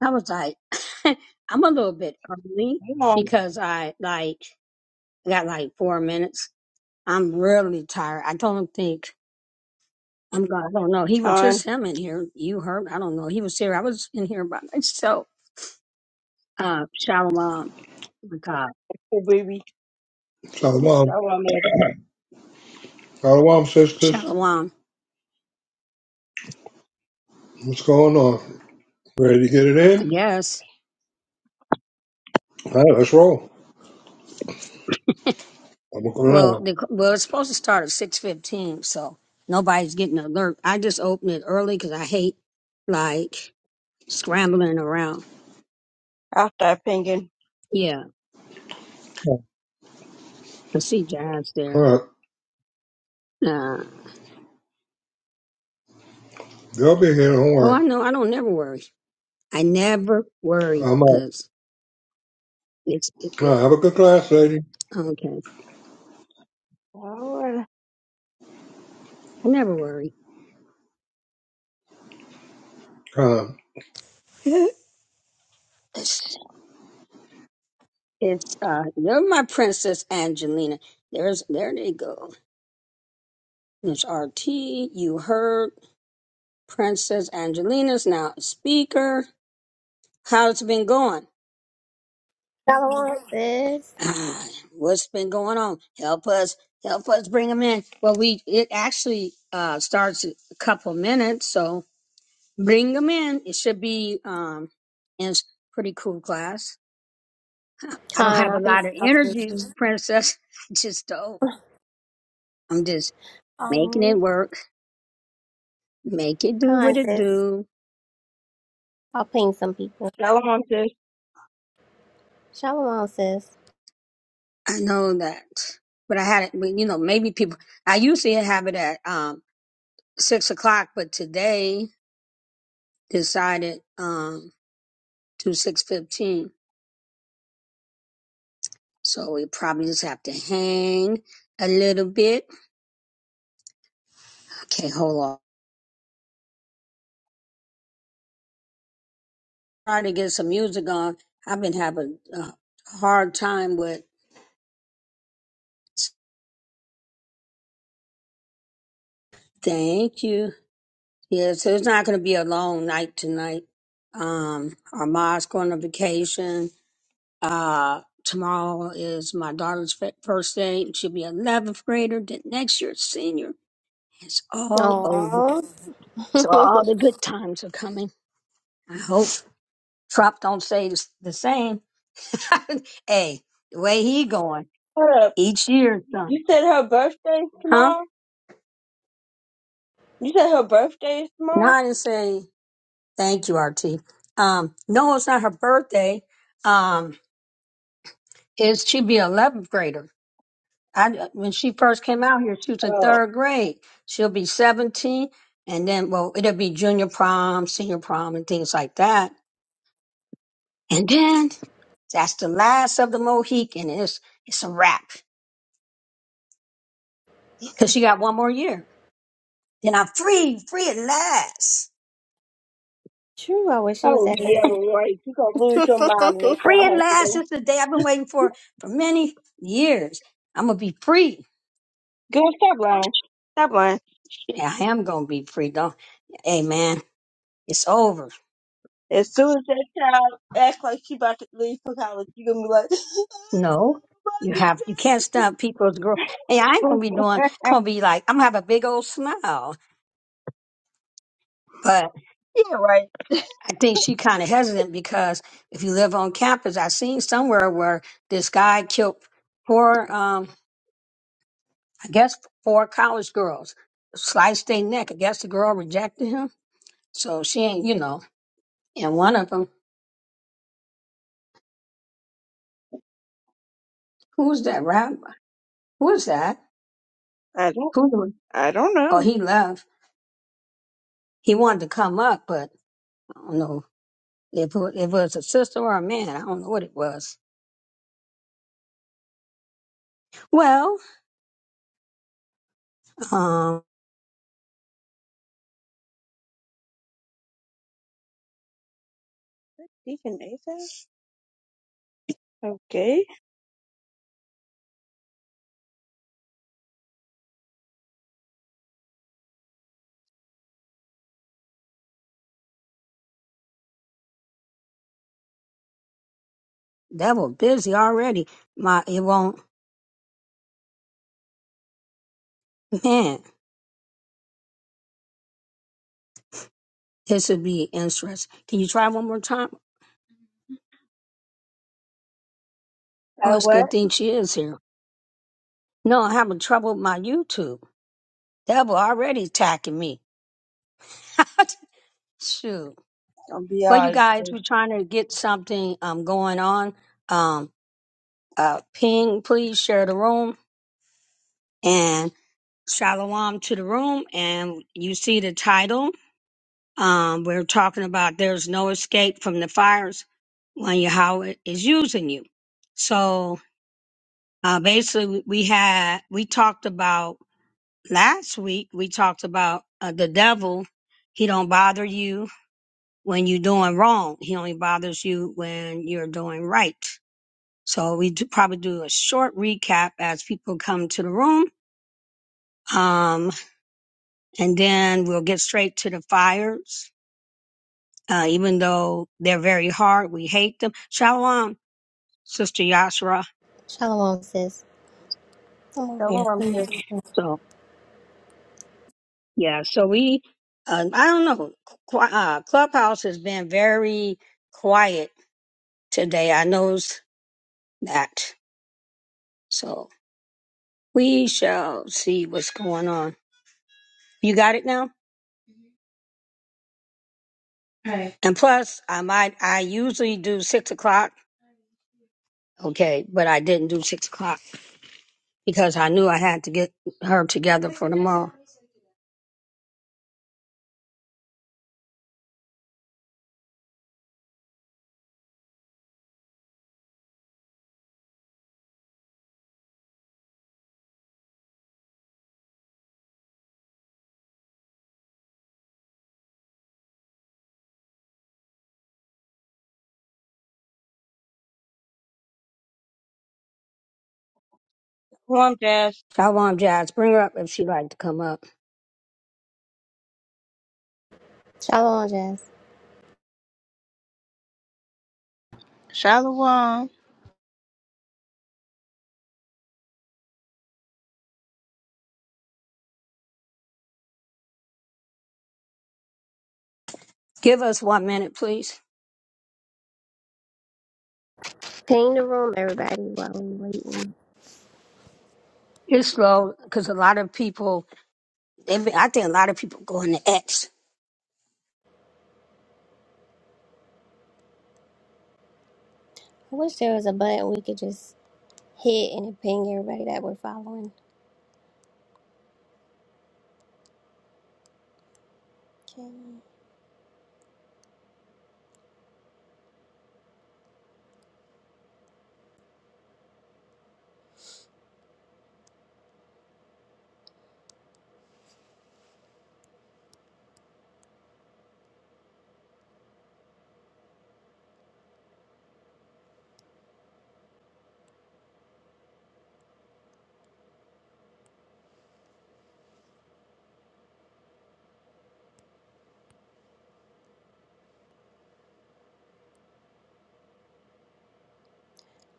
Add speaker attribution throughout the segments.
Speaker 1: I was like, I'm a little bit early
Speaker 2: Come on,
Speaker 1: because I like got like four minutes. I'm really tired. I don't think I'm gonna. I don't know. He was just
Speaker 2: Con.
Speaker 1: him in here. You heard? I don't know. He was here. I was in here by myself. Uh, shalom. Oh my God,
Speaker 2: Hey, baby.
Speaker 3: Shalom.
Speaker 2: Shalom, Eddie.
Speaker 3: Shalom, sisters.
Speaker 1: shalom.
Speaker 3: What's going on? Ready to get it
Speaker 1: I
Speaker 3: in?
Speaker 1: guess.
Speaker 3: All right, let's roll. I'm going to
Speaker 1: Well,
Speaker 3: go
Speaker 1: the, well, it's supposed to start at six fifteen, so nobody's getting alert. I just opened it early because I hate like scrambling around.
Speaker 2: I'll start pinging.
Speaker 1: Yeah,
Speaker 3: now.
Speaker 1: I see Jazz
Speaker 3: All
Speaker 1: there.
Speaker 3: right.
Speaker 1: Uh,
Speaker 3: They'll be here. Don't
Speaker 1: Oh, I
Speaker 3: worry.
Speaker 1: know. I don't never worry. I never worry
Speaker 3: I'm out. All
Speaker 1: because it's it, it,
Speaker 3: right, have a good class, lady.
Speaker 1: okay.
Speaker 2: Alright.
Speaker 1: I never worry.
Speaker 3: Um,
Speaker 1: It's, it's uh, you're my princess Angelina. There's there they go. There's RT. You heard Princess Angelina's now a speaker. How's it been going?
Speaker 4: Follow on, sis.
Speaker 1: Ah, what's been going on? Help us, help us bring them in. Well, we it actually uh starts in a couple minutes, so Bring them in. It should be um, in s- pretty cool class. I don't
Speaker 4: Con,
Speaker 1: have a
Speaker 4: I'll be
Speaker 1: lot of
Speaker 4: talking to
Speaker 1: energy,
Speaker 4: you.
Speaker 1: princess. I just don't. I'm just making it
Speaker 4: Oh,
Speaker 1: work. Make it do what
Speaker 4: Con,
Speaker 1: it
Speaker 4: sis.
Speaker 1: do.
Speaker 4: I'll ping some people.
Speaker 2: Shalom says,
Speaker 4: Shalom, sis.
Speaker 1: I know that, but I had it. but, You know, maybe people. I usually have it at um, six o'clock, but today decided um, to six fifteen. So we probably just have to hang a little bit. Okay, hold on. try to get some music on. I've been having a hard time with. Thank you. Yeah, so it's not going to be a long night tonight. Um, Armand's going on vacation. Uh, tomorrow is my daughter's fir- first day. She'll be 11th grader. Then next year, senior. It's all over.
Speaker 4: Oh,
Speaker 1: So all the good times are coming. I hope Trump don't say the s- the same. hey, the way he going
Speaker 2: hold up.
Speaker 1: each year, son.
Speaker 2: You said her birthday is
Speaker 1: Huh?
Speaker 2: tomorrow? You said her birthday is
Speaker 1: No,
Speaker 2: tomorrow?
Speaker 1: I didn't say. Thank you, RT. Um, no, it's not her birthday. Um, it's she'd be an eleventh grader. I when she first came out here, she was in
Speaker 2: Oh,
Speaker 1: third grade. She'll be seventeen, and then well, it'll be junior prom, senior prom, and things like that. And then that's the last of the Mohican. It's it's a wrap because she got one more year. Then I'm free, free at last,
Speaker 4: True, I wish it was
Speaker 2: oh
Speaker 4: that
Speaker 2: yeah,
Speaker 4: easy.
Speaker 2: right. you going to lose your mind next time
Speaker 1: free
Speaker 2: I
Speaker 1: at
Speaker 2: have to
Speaker 1: last.
Speaker 2: go.
Speaker 1: It's the day I've been waiting for for many years. I'm gonna be free.
Speaker 2: Girl, stop lying. Stop lying.
Speaker 1: Yeah, I am gonna be free. Don't, hey man, it's over.
Speaker 2: As soon as that child acts like she about to leave for college, you going to be like,
Speaker 1: No, you have you can't stop people's growth. Hey, I
Speaker 2: I
Speaker 1: ain't gonna
Speaker 2: don't
Speaker 1: be
Speaker 2: know
Speaker 1: doing.
Speaker 2: if
Speaker 1: I'm
Speaker 2: I can
Speaker 1: gonna be like I'm gonna have a big old smile. But
Speaker 2: take it." yeah, right.
Speaker 1: I think she kind of hesitant because if you live on campus, I seen somewhere where this guy killed four, um, I guess four college girls, sliced their neck. I guess the girl rejected him, so she ain't you know. And one of them, who's that rabbi? Who's that?
Speaker 2: I don't,
Speaker 1: Who? the-
Speaker 2: I don't
Speaker 1: Oh,
Speaker 2: know.
Speaker 1: he left. he wanted to come up, but I don't know if it, if it was a sister or a man. I don't know what it was. Well, um,
Speaker 2: Deacon Nathan? Okay.
Speaker 1: that was busy already. My it won't man. This would be interesting. Can you try one more time? Oh, it's a good thing she is here. No, I'm having trouble with my YouTube. Devil already attacking me. Shoot.
Speaker 2: I'll be
Speaker 1: Well, you
Speaker 2: alright.
Speaker 1: guys, we're trying to get something um going on. Um, uh, ping, please share the room. Shalom to the room, and you see the title. Um, we're talking about there's no escape from the fires when Yahweh is using you. So uh, basically, we had we talked about last week. We talked about uh, the devil. He don't bother you when you're doing wrong. He only bothers you when you're doing right. So we do probably do a short recap as people come to the room. Um, and then we'll get straight to the fires. Uh, even though they're very hard, we hate them. Shalom, Sister Yashra.
Speaker 4: Shalom, sis. I'm over here
Speaker 2: Shalom, Tess.
Speaker 4: pinging.
Speaker 1: So yeah, so we, uh, I don't know. Qu- uh, Clubhouse has been very quiet today. I knows that. So we shall see what's going on. You got it now. Right. And plus, I might. I usually do six o'clock. Okay, but I didn't do six o'clock because I knew I had to get her together for tomorrow.
Speaker 2: Shalom, Tess.
Speaker 1: Shalom, Jazz. Bring her up if she'd like to come up.
Speaker 4: Shalom, Jess.
Speaker 5: Shalom.
Speaker 1: Give us one minute, please.
Speaker 4: Ping the room, everybody, while we waiting.
Speaker 1: It's slow because a lot of people, they be- I think a lot of people go into X.
Speaker 4: I wish there was a button we could just hit and it ping everybody that we're following. Okay.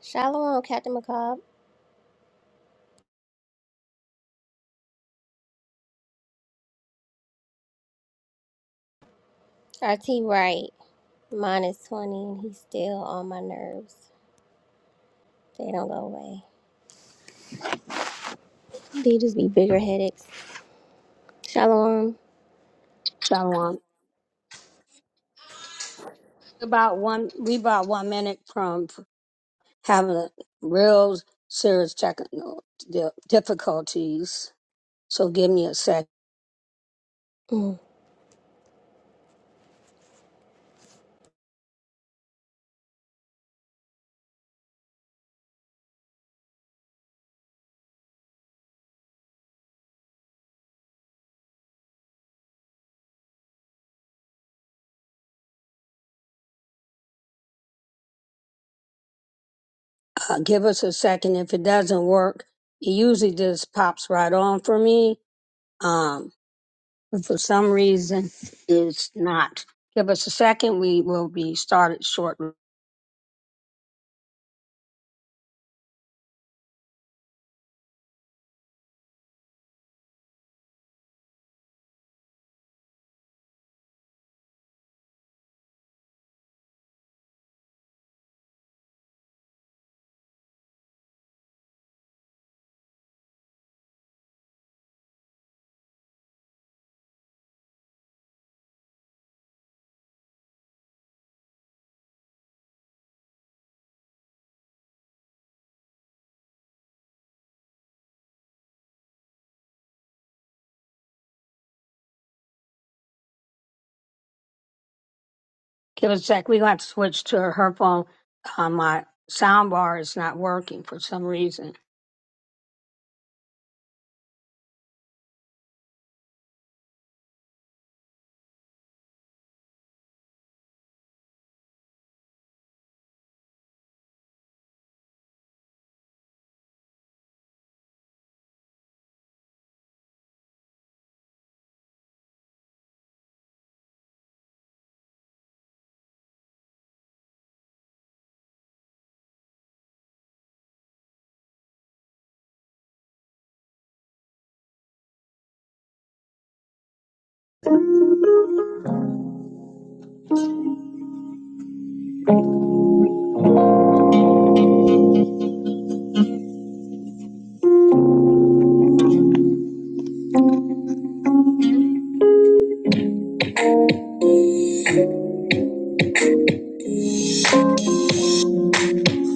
Speaker 4: Shalom, Captain McCobb. RT Wright, minus 20, and he's still on my nerves. They don't go away. They just be bigger headaches. Shalom.
Speaker 1: Shalom. About one, we about one minute from having a real serious technical di- difficulties. So give me a sec.
Speaker 4: Mm.
Speaker 1: Uh, give us a second. If it doesn't work, it usually just pops right on for me. Um, But for some reason, it's not. Give us a second. We will be started shortly. Give us a sec. We're going to have to switch to her phone. Uh, my sound bar is not working for some reason.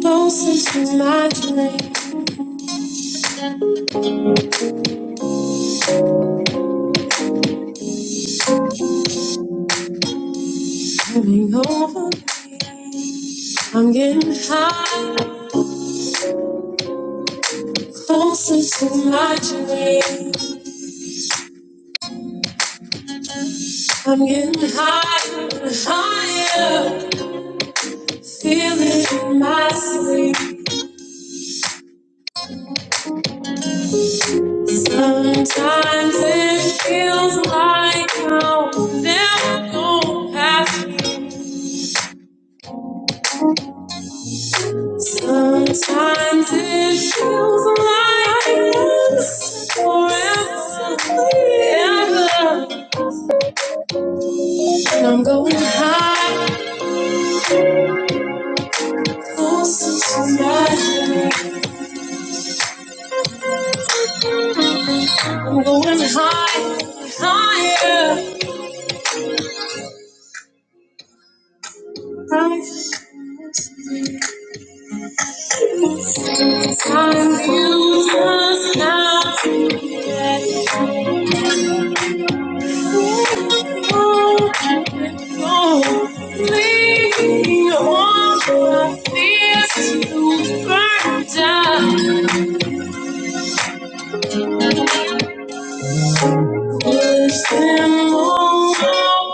Speaker 1: Closest to my flame, coming over I'm getting high. Closest to my dream, I'm getting higher and higher. Feel it in my sleep. Sometimes it feels like I'll never go past you. Sometimes it feels like it's forever. And I'm going high, closer to God. I'm going high, higher. Higher. Some you just got to get Leave on the fears you burned out. Push them all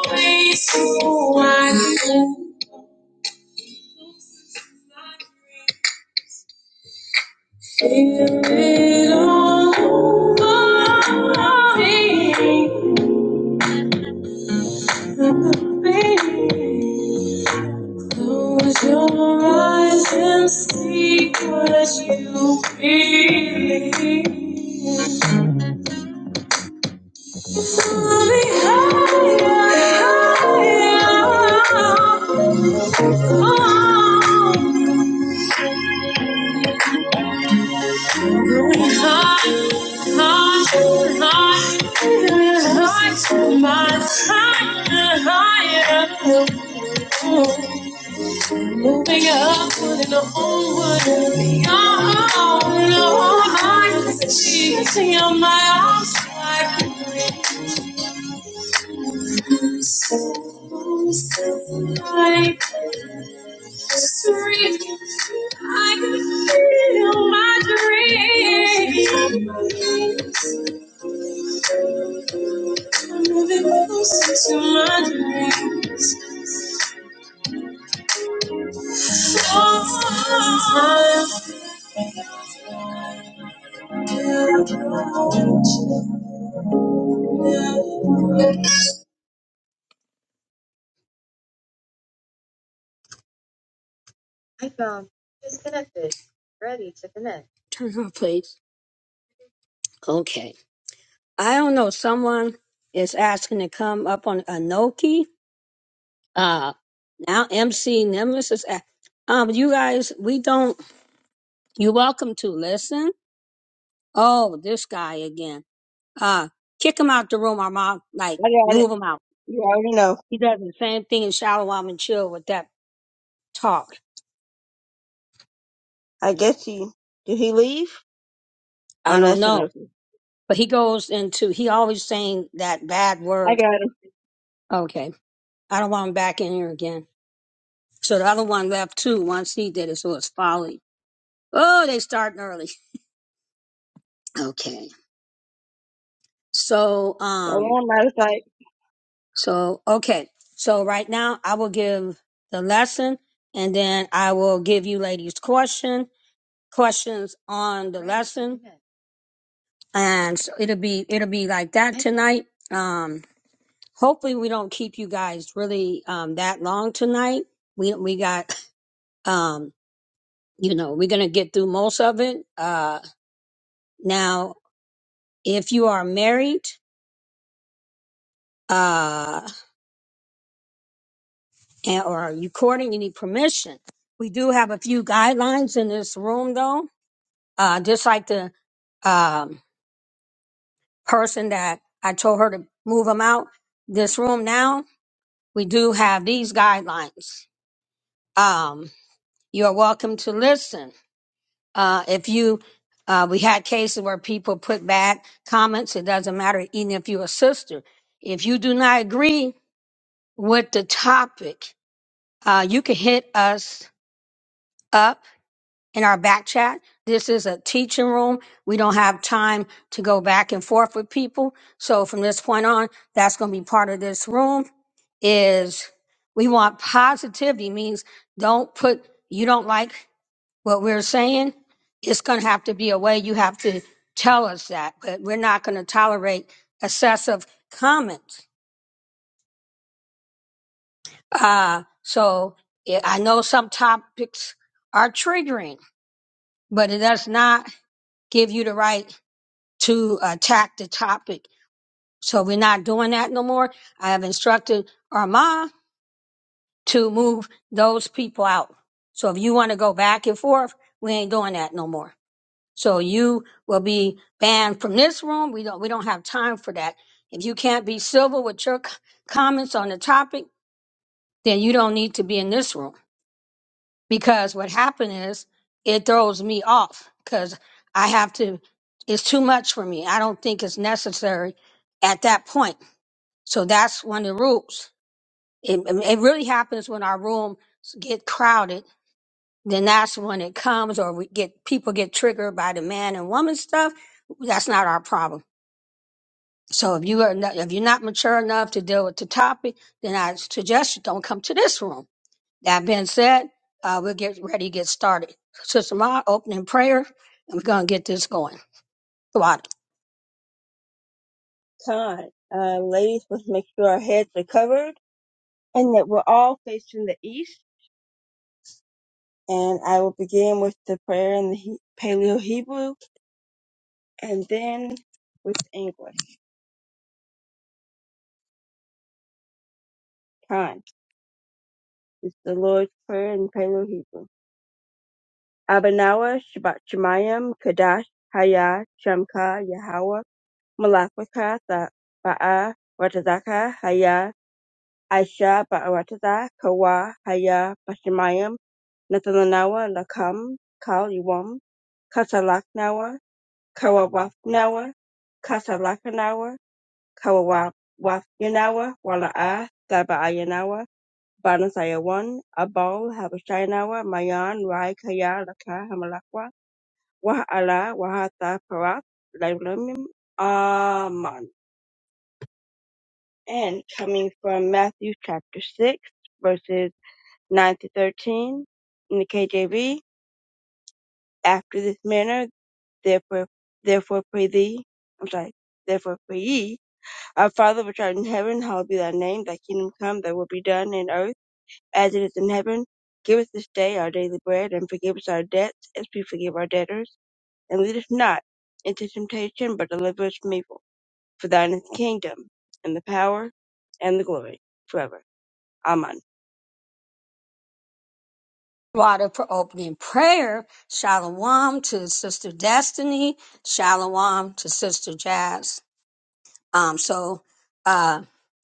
Speaker 1: away so I can feel it all over me. Close your eyes and see what you feel. Mommy, higher, higher. Oh, higher, higher, higher. My higher, higher. Oh. Moving up, putting the onward and beyond. Oh, my, she's on my arms, so I can breathe. I'm So, so I just breathe. I can feel my dreams. I'm moving closer to my dreams. Sometimes Turn it off, please. Okay. I don't know. Someone is asking to come up on Anoki. Uh, now MC Nimbus is. a- Um, you guys, we don't. You're welcome to listen. Oh, this guy again. Uh, kick him out the room. Our mom, like,
Speaker 2: I got it.
Speaker 1: move him out.
Speaker 2: You already know.
Speaker 1: He does the same thing in Shalom and Chill with that talk.
Speaker 2: I guess he did. He leave? Oh,
Speaker 1: I
Speaker 2: no,
Speaker 1: don't
Speaker 2: that's
Speaker 1: know.
Speaker 2: enough.
Speaker 1: But he goes into, he always saying that bad
Speaker 2: I
Speaker 1: word.
Speaker 2: got him.
Speaker 1: Okay. I don't want him back in here again. So the other one left too. Once he did it, so it's folly. Oh, they starting early. Okay. So,
Speaker 2: So now
Speaker 1: um,
Speaker 2: I'm out of fact,
Speaker 1: so, okay. So right now I will give the lesson and then I will give you ladies question, questions on the, and so it'll be, it'll be like that tonight. Um. hopefully we don't keep you guys really um that long tonight we we got um you know we're gonna get through most of it uh now if you are married uh and, or are you courting you need permission we do have a few guidelines in this room though uh just like the um person that i told her to move them out this room now we do have these guidelines um you're welcome to listen Uh, if you, uh, we had cases where people put bad comments. It doesn't matter, even if you're a sister. If you do not agree with the topic, uh, you can hit us up in our back chat. This is a teaching room. We don't have time to go back and forth with people. So from this point on, that's going to be part of this room is we want positivity means don't put, you don't like what we're saying, it's going to have to be a way you have to tell us that, but we're not going to tolerate excessive comments. Uh, so yeah, I know some topics are triggering, but it does not give you the right to attack the topic. So we're not doing that no more. I have instructed Arma to move those people out. So if you want to go back and forth, we ain't doing that no more. So you will be banned from this room. We don't we don't have time for that. If you can't be civil with your c- comments on the topic, then you don't need to be in this room because what happened is it throws me off because I have to. It's too much for me. I don't think it's necessary at that point. So that's one of the rules. It, it really happens when our rooms get crowded. Then that's when it comes, or we get people get triggered by the man and woman stuff. That's not our problem So if you are not, if you're not mature enough to deal with the topic, then I suggest you don't come to this room. That being said, uh, we'll get ready to get started. Sister Ma, opening prayer, and we're gonna get this going. Water,
Speaker 2: time. Uh, ladies, let's make sure our heads are covered and that we're all facing the east. And I will begin with the prayer in the he- Paleo Hebrew and then with English. Time. It's the Lord's Prayer in Paleo Hebrew. Abanawa Shabbat Shemayim Kadash Haya Shamka Yahweh Malakwika the Ba'a Ratazaka Haya Aisha Ba'arataza Kawa Haya Bashamayam Nathalanawa Lakam Kal Iwam Kasalaknawa Kawawafnawa Kasalakanawa Kawawafyanawa Wala'a Thaba'ayanawa Banasayawan Abal Habashayanawa Mayan Rai Kaya Laka Hamalakwa Wa'ala Wahata Parat Lailamim Aman and coming from Matthew chapter 6, verses 9 to 13 in the KJV, after this manner, therefore, therefore pray thee, I'm sorry, therefore pray ye, our Father which art in heaven, hallowed be thy name, thy kingdom come, thy will be done in earth as it is in heaven. Give us this day our daily bread, and forgive us our debts as we forgive our debtors, and lead us not into temptation, but deliver us from evil. For thine is the kingdom, and the power, and the glory, forever. Amen.
Speaker 1: water for opening prayer. Shalom to Sister Destiny. Shalom to Sister Jazz. Um, so uh,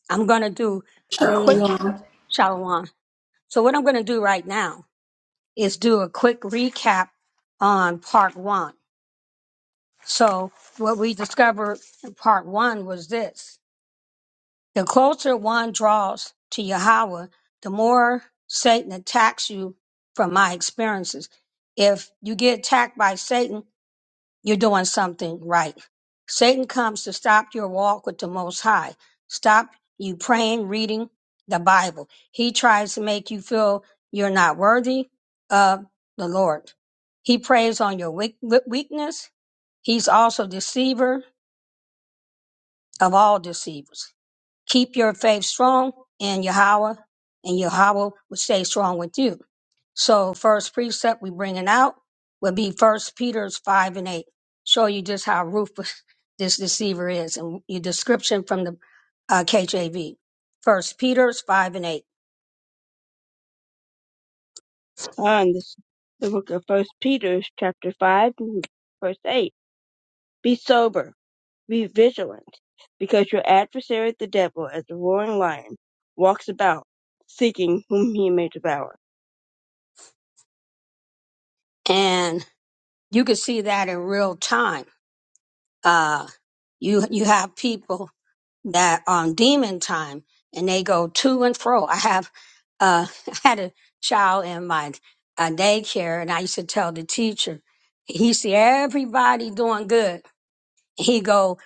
Speaker 1: I'm gonna do a quick
Speaker 6: Shalom.
Speaker 1: shalom. So what I'm gonna do right now is do a quick recap on part one So what we discovered in part one was this. The closer one draws to Yahweh, the more Satan attacks you from my experiences. If you get attacked by Satan, you're doing something right. Satan comes to stop your walk with the Most High, stop you praying, reading the Bible. He tries to make you feel you're not worthy of the Lord. He preys on your weak- weakness. He's also deceiver of all deceivers. Keep your faith strong in Yahweh, and Yahweh will stay strong with you. So, first precept we bringing out would be First Peter's five and eight. Show you just how ruthless this deceiver is, and your description from the uh, KJV. First Peter's five and eight,
Speaker 2: on this, the book of First Peter, chapter five, and verse eight. Be sober, be vigilant, because your adversary, the devil, as a roaring lion, walks about seeking whom he may devour.
Speaker 1: and you can see that in real time. Uh, you you have people. that on demon time and they go to and fro. I have uh I had a child in my uh, daycare and I used to tell the teacher, he see everybody doing good. He go,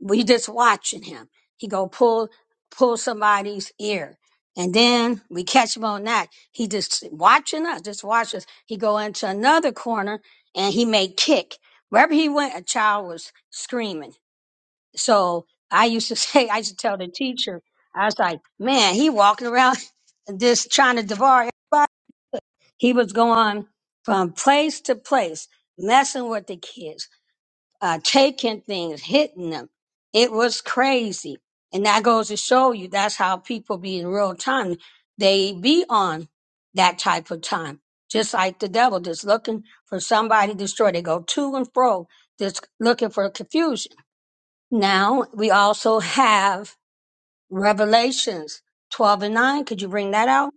Speaker 1: we just watching him. He go pull pull somebody's ear. And then we catch him on that. He just watching us, just watch us. He go into another corner and he may kick. Wherever he went, a child was screaming. So I used to say, I used to tell the teacher, I was like, man, he walking around just trying to devour everybody. He was going from place to place, messing with the kids, uh, taking things, hitting them. It was crazy. And that goes to show you that's how people be in real time. They be on that type of time, just like the devil, just looking for somebody to destroy. They go to and fro, just looking for confusion. Now we also have Revelations 12 and 9. Could you bring that out?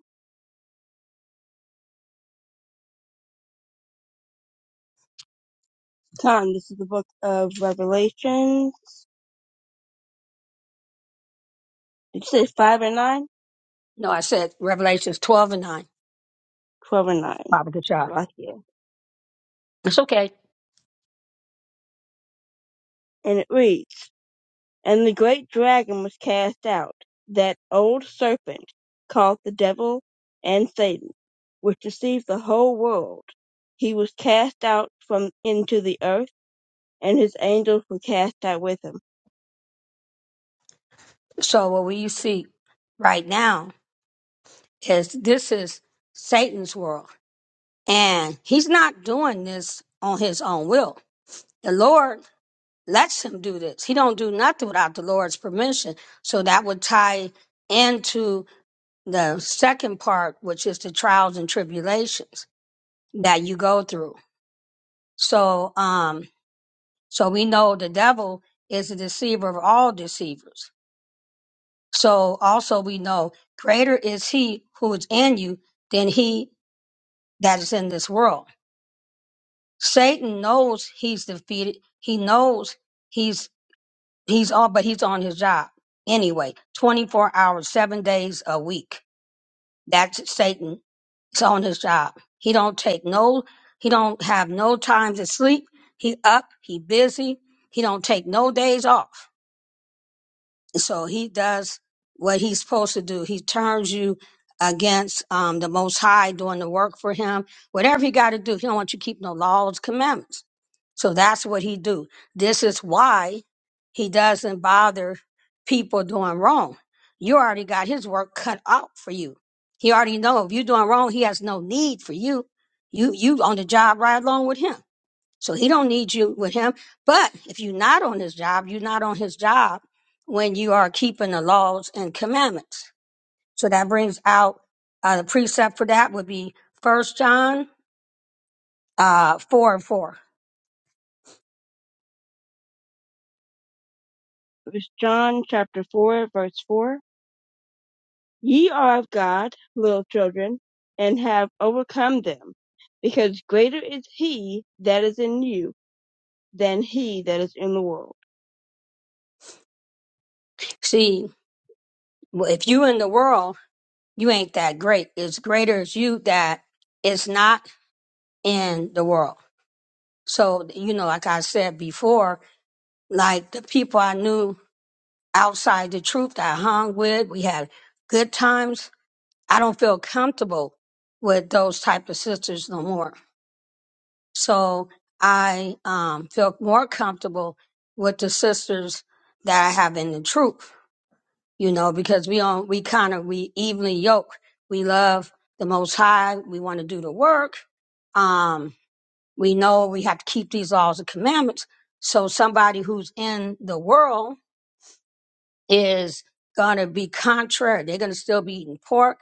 Speaker 2: Tom, this is the book of Revelation. Did you say five and nine?
Speaker 1: No, I said Revelations 12 and 9.
Speaker 2: Twelve and nine.
Speaker 1: Baba
Speaker 2: It's
Speaker 1: Kachaf.
Speaker 2: right here.
Speaker 1: It's okay.
Speaker 2: And it reads. And the great dragon was cast out, that old serpent, called the devil and Satan, which deceived the whole world. He was cast out from into the earth, and his angels were cast out with him.
Speaker 1: So what we see right now is this is Satan's world. And he's not doing this on his own will. The Lord lets him do this. He don't do nothing without the Lord's permission. So that would tie into the second part, which is the trials and tribulations that you go through So, um, so we know the devil is a deceiver of all deceivers. So also we know greater is he who is in you than he that is in this world. Satan knows he's defeated. He knows he's, he's on, but he's on his job anyway, 24 hours, seven days a week. That's Satan. He's on his job. He don't take no, he don't have no time to sleep. He up, he busy. He don't take no days off So he does what he's supposed to do. He turns you against um, the Most High doing the work for him. Whatever he got to do, he don't want you to keep no laws, commandments. So that's what he do. This is why he doesn't bother people doing wrong. You already got his work cut out for you. He already know if you're doing wrong, he has no need for you. You you on the job right along with him. So he don't need you with him. But if you're not on his job, you're not on his job when you are keeping the laws and commandments. So that brings out uh, the precept for that would be First John uh, four and four.
Speaker 2: It was John chapter 4, verse 4. Ye are of God, little children, and have overcome them, because greater is he that is in you than he that is in the world.
Speaker 1: See, w- if you in the world, you ain't that great. It's greater is you that is not in the world. So you know, like I said before, like the people I knew outside the truth, that I hung with, we had good times I don't feel comfortable with those type of sisters no more. So I um, feel more comfortable with the sisters that I have in the truth, you know, because we on we kind of we evenly yoke. We love the Most High. We want to do the work. Um, we know we have to keep these laws and commandments. So somebody who's in the world is going to be contrary. They're going to still be eating pork.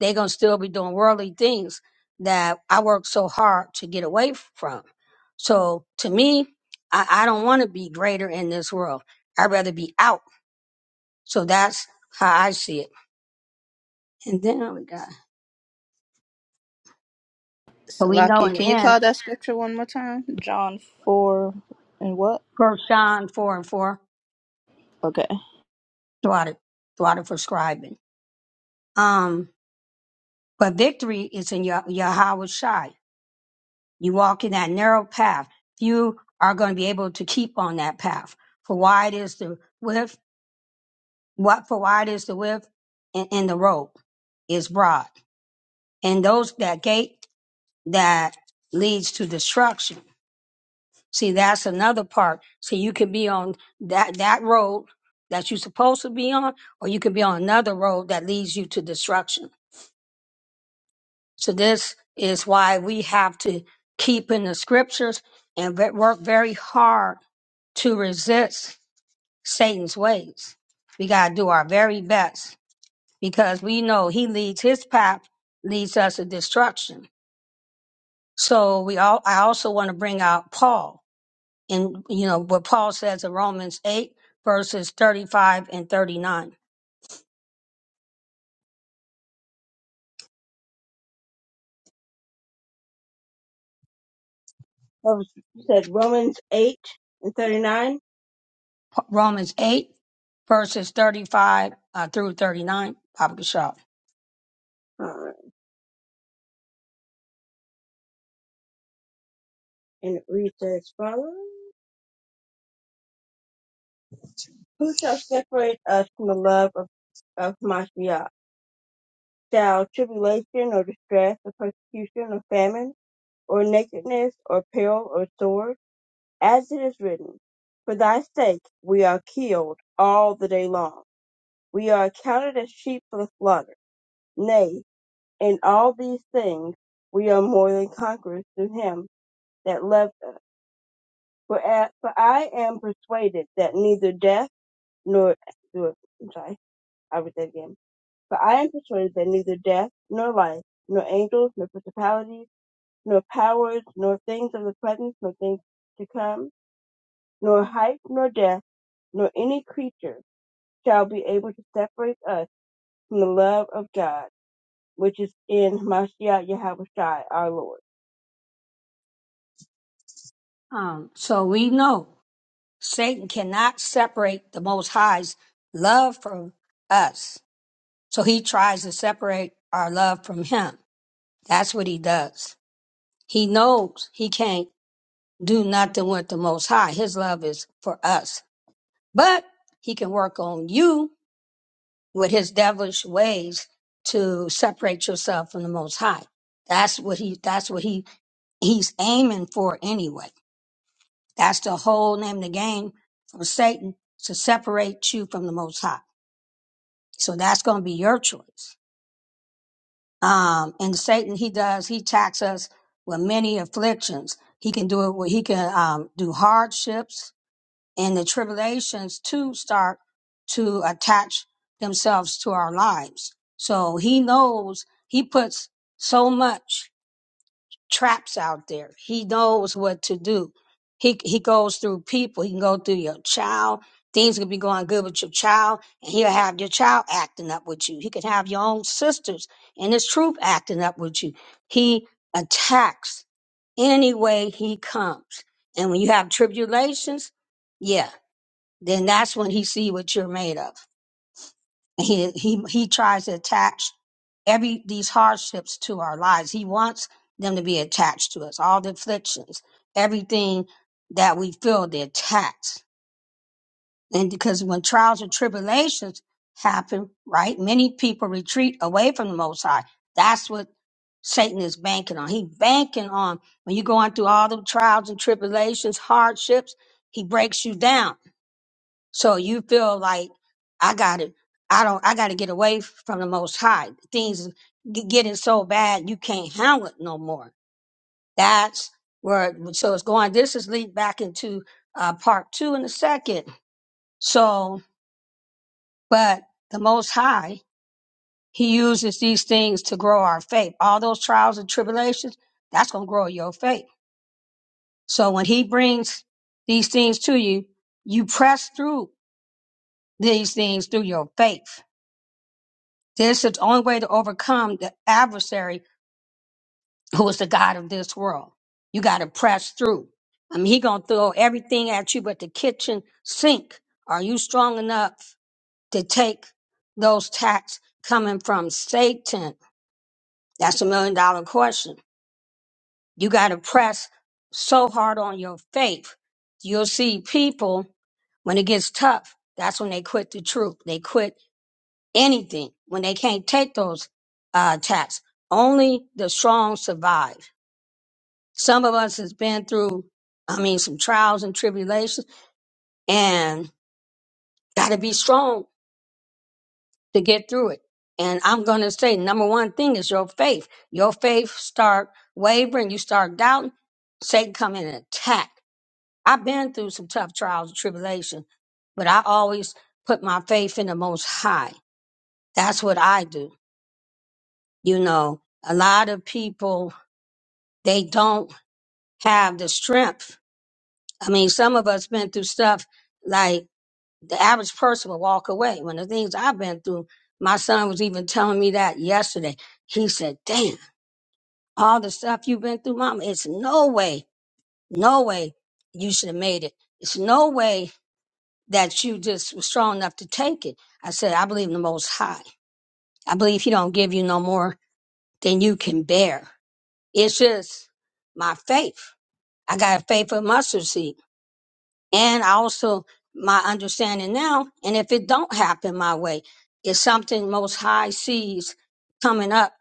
Speaker 1: They're going to still be doing worldly things that I worked so hard to get away from. So to me, I, I don't want to be greater in this world. I'd rather be out. So that's how I see it. And then we got, but we know
Speaker 5: Salakia,
Speaker 1: in
Speaker 5: can
Speaker 1: the
Speaker 5: you
Speaker 1: end,
Speaker 5: call that scripture one more time? John 4 and what?
Speaker 1: First John 4 and 4,
Speaker 5: Okay.
Speaker 1: throughout it, throughout it for scribing. Um, but victory is in Yah- Yahweh Shai. You walk in that narrow path. Few are going to be able to keep on that path. For wide is the width, what for wide is the width, and, and the road is broad. And those that gate that leads to destruction. See, that's another part. So you could be on that that road that you're supposed to be on, or you could be on another road that leads you to destruction. So this is why we have to keep in the scriptures and ve- work very hard to resist Satan's ways. We got to do our very best because we know he leads his path, leads us to destruction. So we all, I also want to bring out Paul and, you know, what Paul says in Romans 8 verses 35 and 39.
Speaker 2: That was said Romans 8 and 39.
Speaker 1: Pa- Romans 8 verses 35 uh, through 39, Papa Bishop.
Speaker 2: All right. and it reads as follows: Who shall separate us from the love of, of Mashiach? Shall tribulation or distress or persecution or famine or nakedness or peril or sword? As it is written, For thy sake we are killed all the day long. We are accounted as sheep for the slaughter. Nay, in all these things we are more than conquerors through him that loved us. For, a- for I am persuaded that neither death nor, I'm sorry, I read that again. But I am persuaded that neither death, nor life, nor angels, nor principalities, nor powers, nor things of the present, nor things to come, nor height, nor depth, nor any creature shall be able to separate us from the love of God, which is in Mashiach Yahushua our Lord.
Speaker 1: Um, so we know Satan cannot separate the Most High's love from us So he tries to separate our love from him. That's what he does. He knows he can't do nothing with the Most High. His love is for us. But he can work on you with his devilish ways to separate yourself from the Most High. That's what he, that's what he, he's aiming for anyway. That's the whole name of the game for Satan to separate you from the Most High. So that's going to be your choice. Um, and Satan, he does, he attacks us with many afflictions. He can do it where he can um, do hardships and the tribulations to start to attach themselves to our lives. So he knows he puts so much traps out there. He knows what to do. He he goes through people. He can go through your child. Things could be going good with your child, and he'll have your child acting up with you. He could have your own sisters and his troop acting up with you. He attacks any way he comes. And when you have tribulations, yeah, then that's when he see what you're made of he he he tries to attach every these hardships to our lives he wants them to be attached to us all the afflictions everything that we feel they're attached. and because when trials and tribulations happen right many people retreat away from the most high that's what satan is banking on he banking on when you're going through all the trials and tribulations hardships he breaks you down so you feel like I got to I don't. I got to get away from the Most High. Things g- getting so bad you can't handle it no more. That's where. So it's going. This is lead back into uh, part two in a second. So, but the Most High, He uses these things to grow our faith. All those trials and tribulations, that's gonna grow your faith. So when He brings these things to you, you press through these things through your faith. This is the only way to overcome the adversary who is the God of this world. You got to press through. I mean, he going to throw everything at you but the kitchen sink. Are you strong enough to take those attacks coming from Satan? That's a million dollar question. You got to press so hard on your faith. You'll see people when it gets tough. That's when they quit the truth. They quit anything when they can't take those uh, attacks. Only the strong survive. Some of us has been through, I mean, some trials and tribulations, and got to be strong to get through it. And I'm going to say, number one thing is your faith. Your faith start wavering, you start doubting. Satan come in and attack. I've been through some tough trials and tribulation, but I always put my faith in the Most High. That's what I do. You know, a lot of people they don't have the strength. I mean, some of us been through stuff like the average person will walk away. When the things I've been through, my son was even telling me that yesterday. He said, "Damn, all the stuff you've been through, mama, it's no way, no way you should have made it. It's no way that you just was strong enough to take it." I said, "I believe in the Most High. I believe He don't give you no more than you can bear. It's just my faith. I got a faith of mustard seed." and also my understanding now and if it don't happen my way it's something most high sees coming up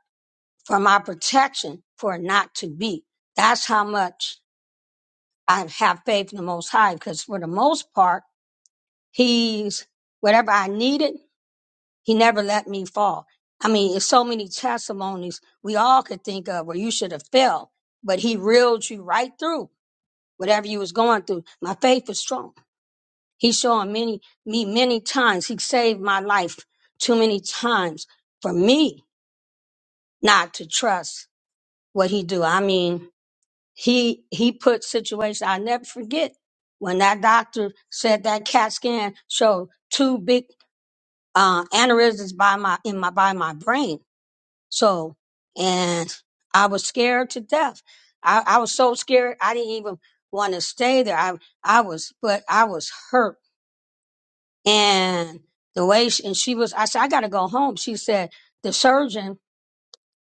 Speaker 1: for my protection for it not to be that's how much i have faith in the most high because for the most part he's whatever i needed he never let me fall i mean it's so many testimonies we all could think of where you should have fell but he reeled you right through whatever you was going through my faith was strong He showed many me many times. He saved my life too many times for me not to trust what he do. I mean, he he put situations I never forget when that doctor said that CAT scan showed two big uh, aneurysms by my in my by my brain. So and I was scared to death. I, I was so scared I didn't even want to stay there. I I was but I was hurt and the way she, and she was i said i gotta go home she said the surgeon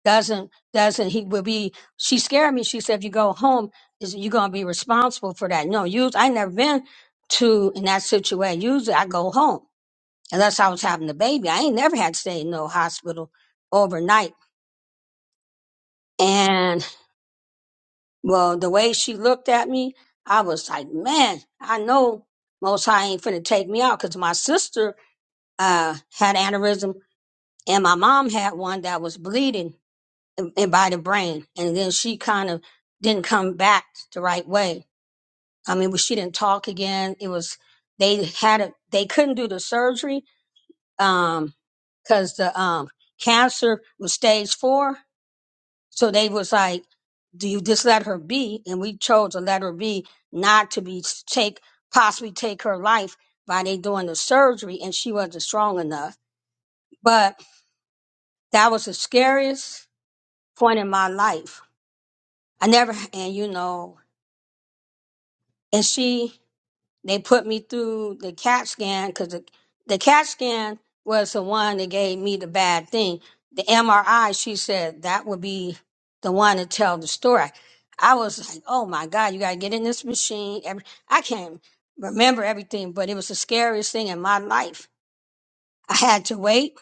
Speaker 1: doesn't doesn't he will be she scared me she said if you go home is you gonna be responsible for that no use i never been to in that situation usually i go home unless i was having a baby i ain't never had to stay in no hospital overnight and well the way she looked at me i was like man i know most high ain't finna take me out because my sister uh had aneurysm and my mom had one that was bleeding in, in by the brain and then she kind of didn't come back the right way i mean she didn't talk again it was they had a they couldn't do the surgery um because the um cancer was stage four so they was like do you just let her be and we chose to let her be not to be take possibly take her life by they doing the surgery and she wasn't strong enough but that was the scariest point in my life. I never, and you know, and she, they put me through the CAT scan because the, the CAT scan was the one that gave me the bad thing. The MRI, she said that would be the one to tell the story. I was like, oh my God, you got to get in this machine. Every, I can't remember everything, but it was the scariest thing in my life. I had to wait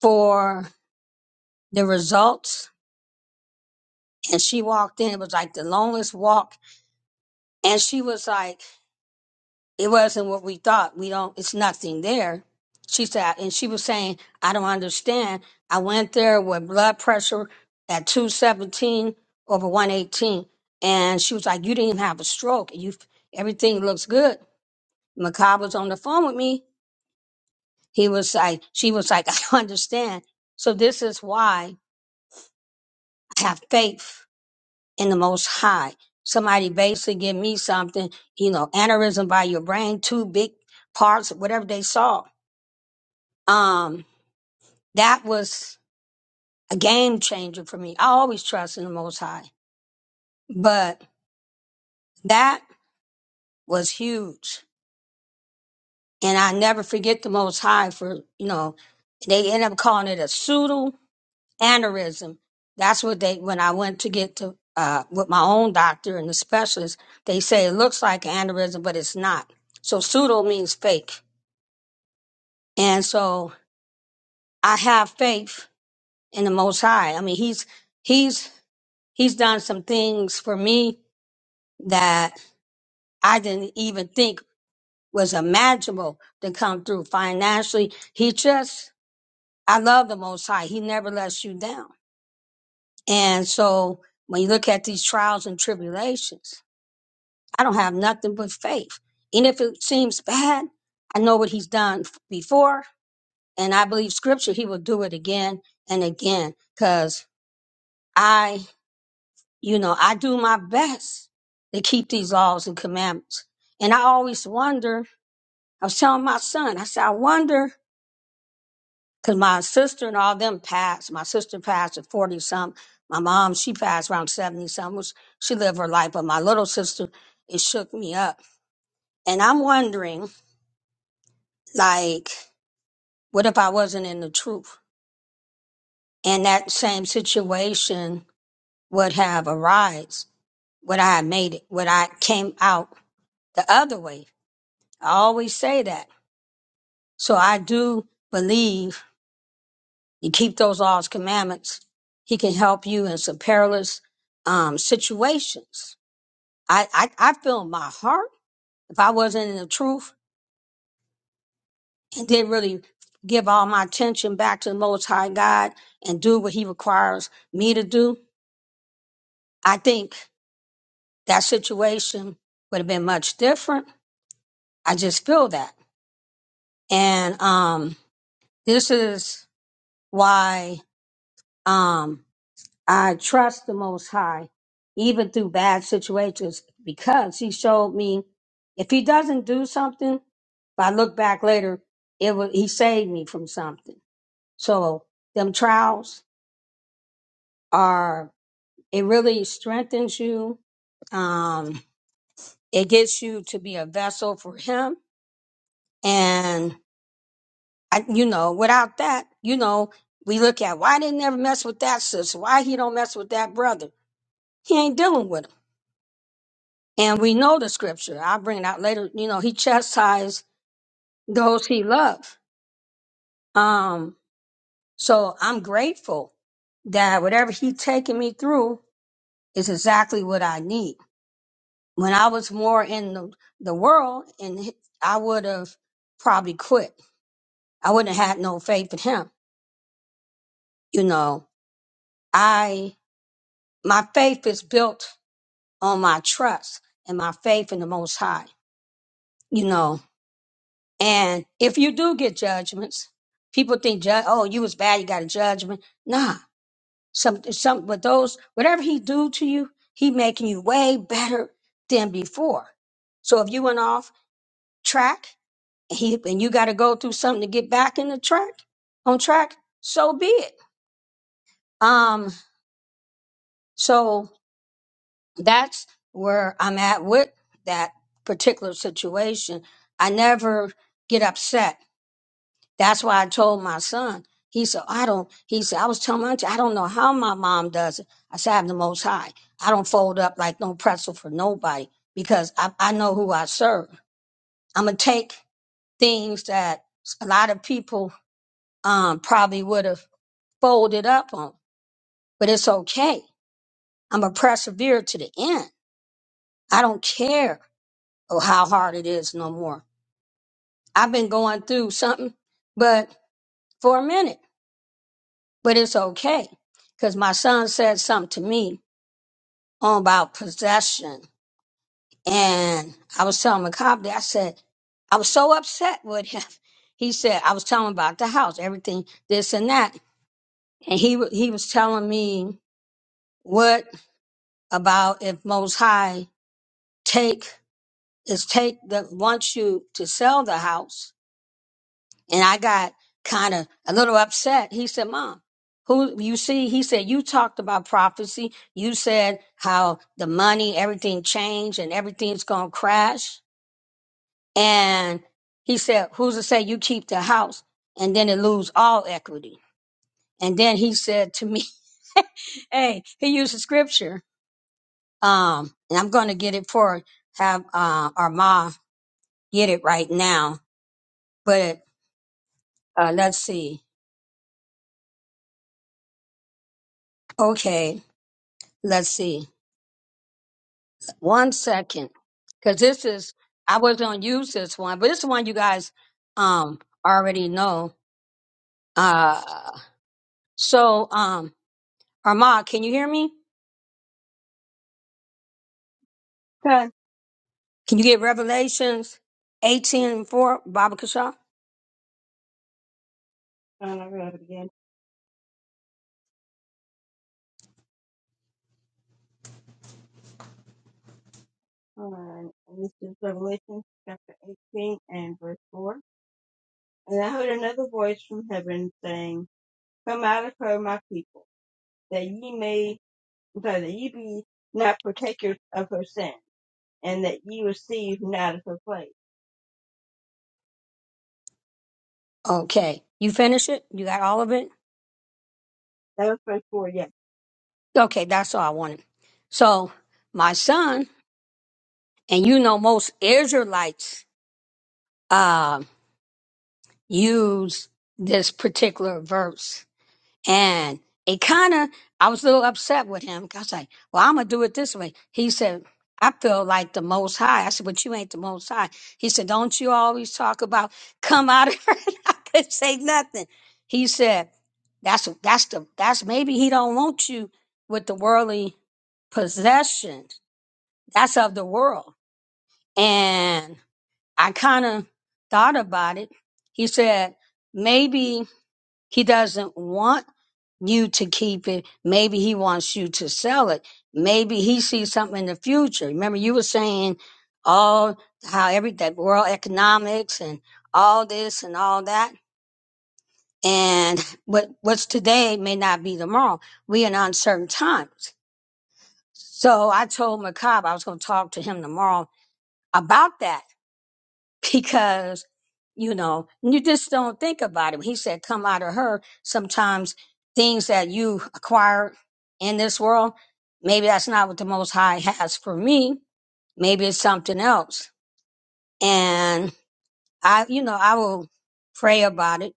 Speaker 1: for the results, and she walked in. It was like the longest walk, and she was like, it wasn't what we thought. We don't, it's nothing there. She said, and she was saying, I don't understand. I went there with blood pressure at 217 over 118. And she was like, you didn't even have a stroke. You, everything looks good. Macabre was on the phone with me. He was like, she was like, I don't understand. So this is why I have faith in the most high. Somebody basically give me something, you know, aneurysm by your brain, two big parts, whatever they saw Um, that was a game changer for me. I always trust in the Most High, but that was huge. And I never forget the Most High for, you know, they end up calling it a pseudo aneurysm. That's what they, when I went to get to, uh, with my own doctor and the specialist, they say it looks like an aneurysm, but it's not. So pseudo means fake. And so I have faith in the Most High. I mean, he's, he's, he's done some things for me that I didn't even think was imaginable to come through financially. He just, I love the Most High. He never lets you down. And so when you look at these trials and tribulations, I don't have nothing but faith. And if it seems bad, I know what He's done f- before. And I believe scripture, He will do it again and again. Cause I, you know, I do my best to keep these laws and commandments. And I always wonder I was telling my son, I said, I wonder, because my sister and all them passed. My sister passed at 40 something. My mom, she passed around 70 something. Was- She lived her life. But my little sister, it shook me up. And I'm wondering, like, what if I wasn't in the truth? And that same situation would have arise. Would I have made it? Would I came out the other way? I always say that. So I do believe you keep those laws, commandments, he can help you in some perilous um, situations. I, I, I feel in my heart, if I wasn't in the truth and didn't really give all my attention back to the Most High God and do what he requires me to do, I think that situation would have been much different. I just feel that. And um, this is why um, I trust the Most High, even through bad situations, because He showed me if He doesn't do something, if I look back later, it would He saved me from something. So them trials are it really strengthens you. Um, it gets you to be a vessel for Him, and I, you know, without that, you know, we look at why they never mess with that sister, why he don't mess with that brother. He ain't dealing with 'em. And we know the scripture. I'll bring it out later. You know, he chastised those he loved. Um, so I'm grateful that whatever he taking me through is exactly what I need. When I was more in the, the world and he- I would have probably quit. I wouldn't have had no faith in him. You know, I, my faith is built on my trust and my faith in the most high, you know. And if you do get judgments, people think, ju- oh, you was bad, you got a judgment. Nah, some, some, but those, whatever he do to you, he making you way better than before. So if you went off track and he, and you got to go through something to get back in the track, on track, so be it. Um, so that's where I'm at with that particular situation. I never get upset That's why I told my son. He said, I don't, he said, I was telling my auntie, I don't know how my mom does it. I said, I have the most high. I don't fold up like no pretzel for nobody because I, I know who I serve. I'm going to take things that a lot of people um, probably would have folded up on, but it's okay. I'm going to persevere to the end. I don't care how hard it is no more. I've been going through something, but for a minute. but it's okay because my son said something to me on about possession, and I was telling McCobb, I said I was so upset with him. He said I was telling him about the house, everything, this and that, and he wa- he was telling me what about if Most High take is take the wants you to sell the house and I got kind of a little upset. He said, "Mom, who you see?" He said, "You talked about prophecy. You said how the money, everything changed, and everything's gonna crash." And he said, "Who's to say you keep the house and then it lose all equity?" And then he said to me, "Hey, he used a scripture, um, and I'm gonna get it for have uh, our mom get it right now, but." Uh, let's see. Okay, let's see. One second, because this is I was gonna use this one, but this is one you guys um already know. Uh, so um, Armand, can you hear me?
Speaker 2: Done.
Speaker 1: Can you get Revelations eighteen and four, Baba Kasha?
Speaker 2: John, I read it again. Um, and this is Revelation chapter 18 and verse 4. And I heard another voice from heaven saying, Come out of her, my people, that ye may so that ye be not partakers of her sin, and that ye receive not of her plague.
Speaker 1: Okay, you finish it. You got all of it.
Speaker 2: That was verse 4, yeah.
Speaker 1: Okay, that's all I wanted. So my son, and you know most Israelites um use this particular verse And it kind of, I was a little upset with him. 'cause I was like, well, I'm going to do it this way. He said, I feel like the most high. I said, but you ain't the most high. He said, don't you always talk about come out of her? And I couldn't say nothing. He said, that's, that's the, that's maybe he don't want you with the worldly possessions. That's of the world. And I kind of thought about it. He said, maybe he doesn't want you to keep it. Maybe he wants you to sell it. Maybe he sees something in the future. Remember, you were saying all how every that world economics and all this and all that, and what what's today may not be tomorrow. We in uncertain times. So I told McCobb I was going to talk to him tomorrow about that because you know you just don't think about it. he said come out of her sometimes things that you acquire in this world maybe that's not what the most high has for me maybe it's something else and i you know i will pray about it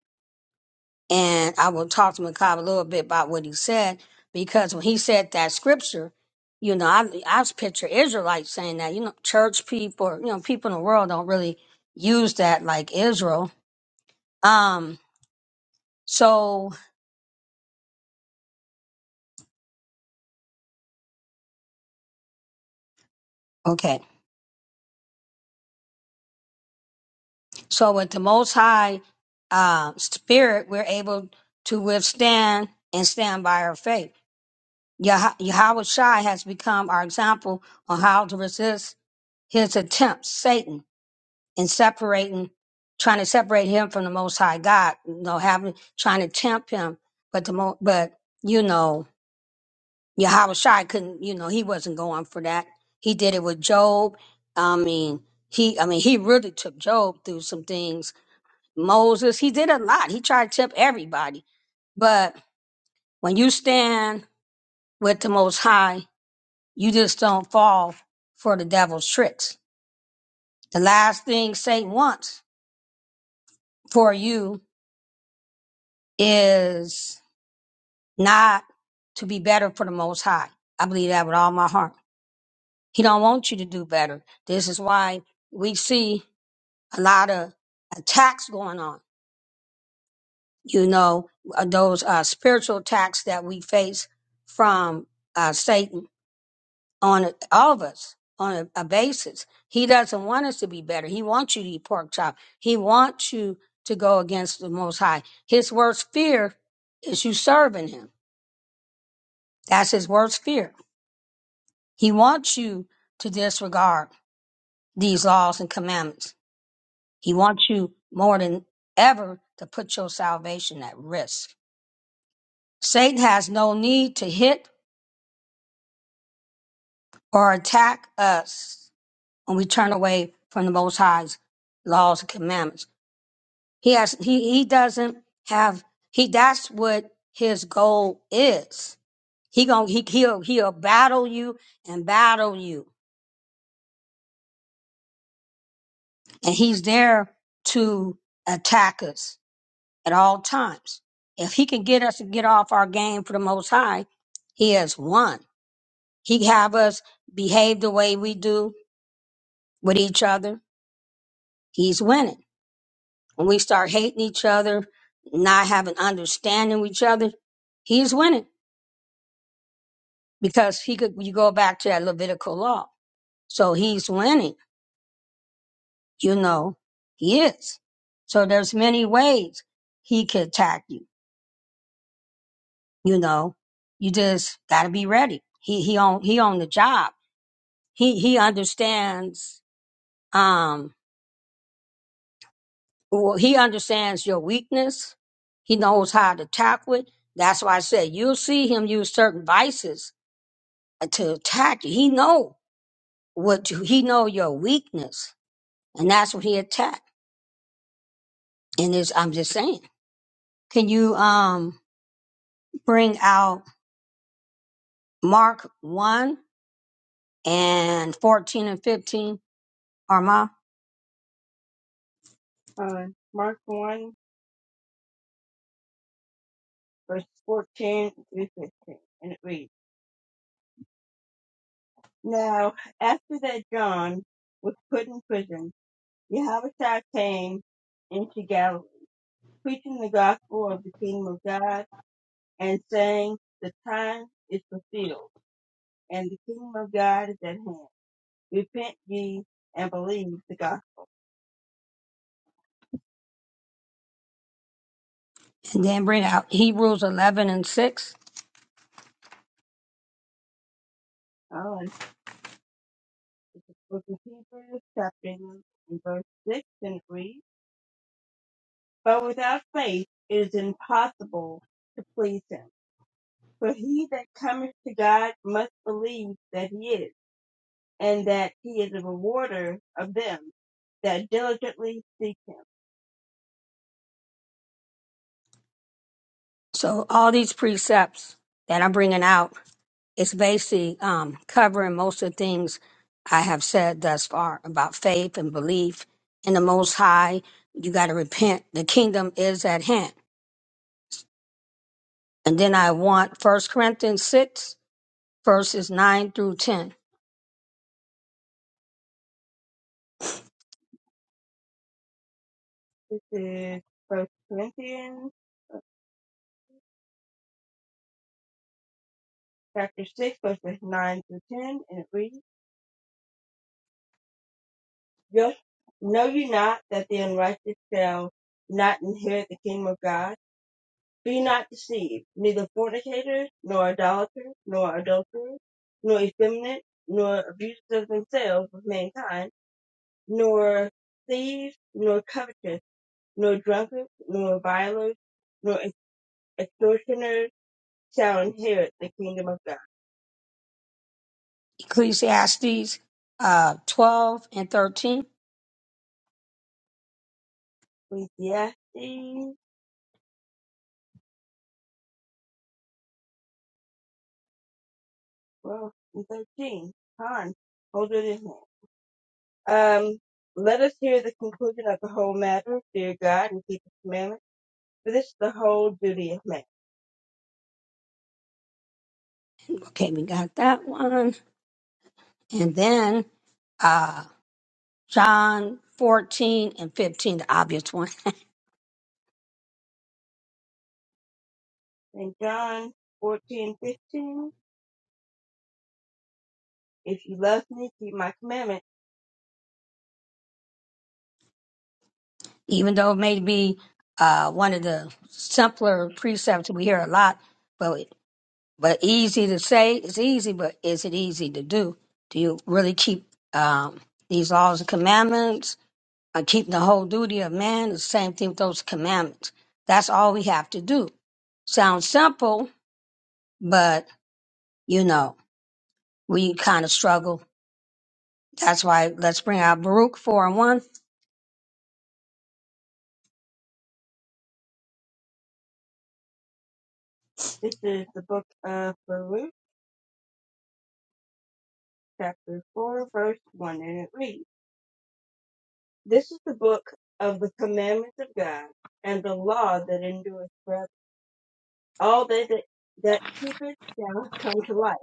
Speaker 1: and i will talk to mccall a little bit about what he said because when he said that scripture you know i i picture israelites saying that you know church people you know people in the world don't really use that like israel Um, so okay. So with the most high uh spirit, we're able to withstand and stand by our faith. Yah- Yahweh Shai has become our example on how to resist his attempts, Satan, in separating, trying to separate him from the Most High God. You know, having trying to tempt him, but the mo- but you know. Yahushua couldn't, you know, he wasn't going for that. He did it with Job. I mean, he, I mean, he really took Job through some things. Moses, he did a lot. He tried to tip everybody. But when you stand with the Most High, you just don't fall for the devil's tricks. The last thing Satan wants for you is not to be better for the Most High. I believe that with all my heart. He don't want you to do better. This is why we see. a lot of attacks going on. You know, uh, those uh, spiritual attacks that we face from uh, Satan on a- all of us on a, a basis. He doesn't want us to be better. He wants you to eat pork chop. He wants you to go against the Most High. His worst fear is you serving him. That's his worst fear. He wants you to disregard these laws and commandments. He wants you more than ever to put your salvation at risk. Satan has no need to hit or attack us when we turn away from the Most High's laws and commandments. He has he he doesn't have he. That's what his goal is. He gonna he he'll he'll battle you and battle you, and he's there to attack us at all times. If he can get us to get off our game for the Most High, he has won. He have us behave the way we do with each other he's winning. When we start hating each other, not having understanding of each other, he's winning because he could. You go back to that Levitical law, so he's winning. You know, he is. So there's many ways he could attack you. You know, you just got to be ready. He he on he on the job. He he understands. Um, well, he understands your weakness. He knows how to tackle it. That's why I said you'll see him use certain vices to attack you. He know what you, he know your weakness, and that's what he attacked. And it's, I'm just saying, can you um bring out Mark one and fourteen and fifteen, Arma,
Speaker 2: Um, Mark 1, verse 14 through 15, and it reads, Now, after that John was put in prison, Yahweh came into Galilee, preaching the gospel of the kingdom of God, and saying, The time is fulfilled, and the kingdom of God is at hand. Repent ye and believe the gospel.
Speaker 1: and then bring out Hebrews eleven and six.
Speaker 2: Oh, It's the book of Hebrews, chapter 11, and verse 6, and it reads, But without faith it is impossible to please him. For he that cometh to God must believe that he is, and that he is a rewarder of them that diligently seek him.
Speaker 1: So all these precepts that I'm bringing out it's basically um, covering most of the things I have said thus far about faith and belief in the Most High. You got to repent. The kingdom is at hand. And then I want First Corinthians 6, verses 9 through 10,
Speaker 2: This is 1 Corinthians, chapter 6, verses 9 through 10, and it reads, Just know you not that the unrighteous shall not inherit the kingdom of God? Be not deceived, neither fornicator, nor idolater, nor adulterer, nor effeminate, nor abusers of themselves with mankind, nor thieves, nor covetous, nor drunkards, nor revilers, nor extortioners shall inherit the kingdom of God.
Speaker 1: Ecclesiastes uh, 12 and 13.
Speaker 2: Ecclesiastes 12 and 13. Con, hold it in hand. Um, let us hear the conclusion of the whole matter. Fear God and keep His commandments, for this is the whole duty of man.
Speaker 1: Okay, we got that one. And then uh, John 14 and 15, the obvious one.
Speaker 2: In John 14 15, if you love me, keep my commandment.
Speaker 1: even though it may be uh, one of the simpler precepts we hear a lot, but but easy to say, it's easy, but is it easy to do? Do you really keep um, these laws and commandments? Uh, keeping the whole duty of man, the same thing with those commandments. That's all we have to do. Sounds simple, but you know, we kind of struggle. That's why let's bring out Baruch 4 and 1
Speaker 2: This is the book of Baruch, chapter 4, verse 1, and it reads, This is the book of the commandments of God, and the law that endureth forever. All they that, that keep it shall come to life,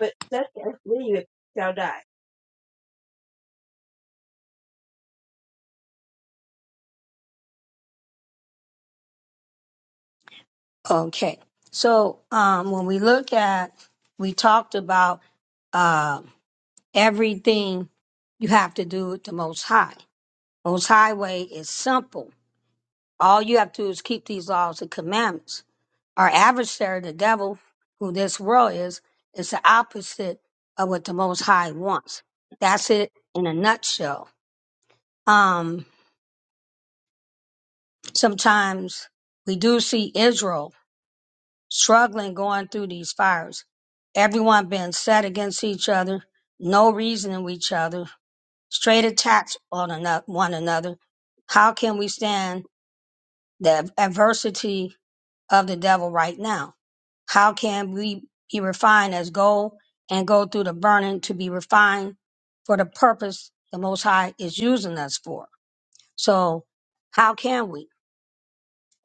Speaker 2: but such as leave it shall die.
Speaker 1: Okay. So um, when we look at, we talked about uh, everything you have to do with the Most High. Most High way is simple. All you have to do is keep these laws and commandments. Our adversary, the devil, who this world is, is the opposite of what the Most High wants. That's it in a nutshell. Um, sometimes we do see Israel struggling going through these fires. Everyone being set against each other, no reasoning with each other, straight attacks on ano- one another. How can we stand the adversity of the devil right now? How can we be refined as gold and go through the burning to be refined for the purpose the Most High is using us for? So, how can we?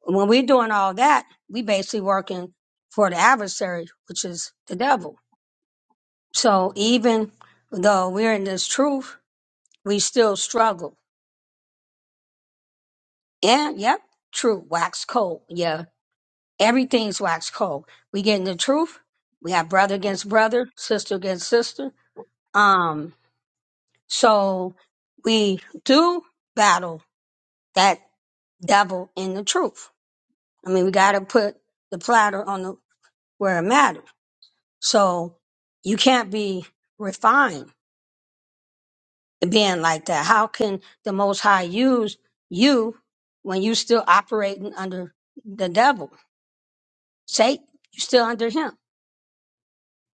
Speaker 1: When we're doing all that, we basically working for the adversary, which is the devil. So even though we're in this truth, we still struggle. And yep, true, wax cold. Yeah, everything's wax cold. We get in the truth. We have brother against brother, sister against sister. Um, so we do battle that devil in the truth. I mean, we got to put the platter on the where it matters. So you can't be refined to being like that. How can the Most High use you when you still operating under the devil, Satan? You still under him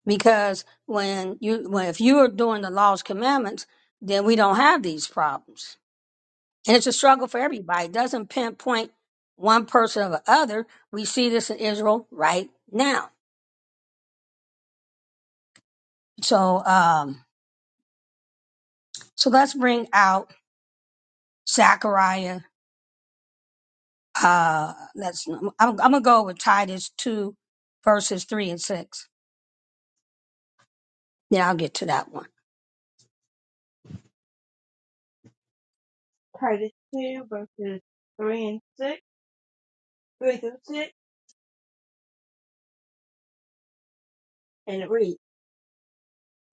Speaker 1: because when you when if you are doing the law's commandments, then we don't have these problems. And it's a struggle for everybody. It doesn't pinpoint one person or the other. We see this in Israel right now. So um, so let's bring out Zechariah Uh, let's. I'm, I'm gonna go with Titus two, verses three and six. Yeah, I'll get to that one.
Speaker 2: Titus 2, verses 3 and 6, 3 through 6, and it reads,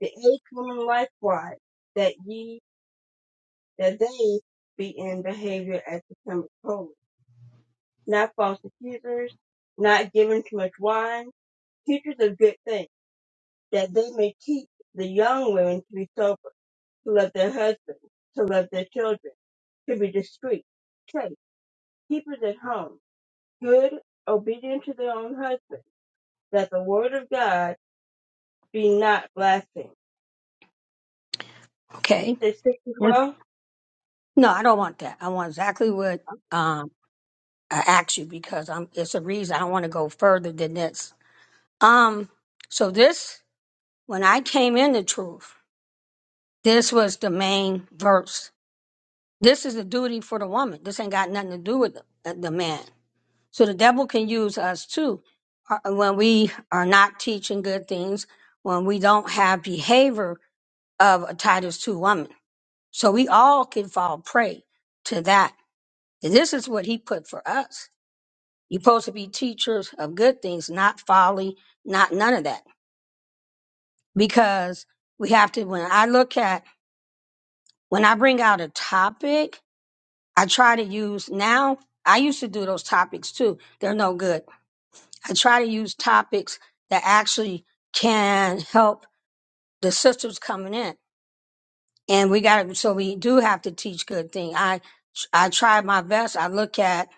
Speaker 2: The eighth woman likewise, that ye that they be in behavior as become holy, not false accusers, not given too much wine, teachers of good things, that they may teach the young women to be sober, to love their husbands, to love their children, to be discreet, chaste, keepers at home, good, obedient to their own husbands, that the word of God be not blasphemed. It
Speaker 1: Okay.
Speaker 2: says 6 to
Speaker 1: Yes.
Speaker 2: 12.
Speaker 1: No, I don't want that. I want exactly what um I asked you because I'm. It's a reason I don't want to go further than this. Um. So this, when I came in the truth, this was the main verse This is a duty for the woman. This ain't got nothing to do with the, uh, the man. So the devil can use us too uh, when we are not teaching good things, when we don't have behavior of a Titus 2 woman. So we all can fall prey to that. And this is what he put for us. You're supposed to be teachers of good things, not folly, not none of that. Because we have to, when I look at, when I bring out a topic, I try to use now. I used to do those topics too. They're no good. I try to use topics that actually can help the sisters coming in. And we got to, so we do have to teach good thing. I, I try my best. I look at,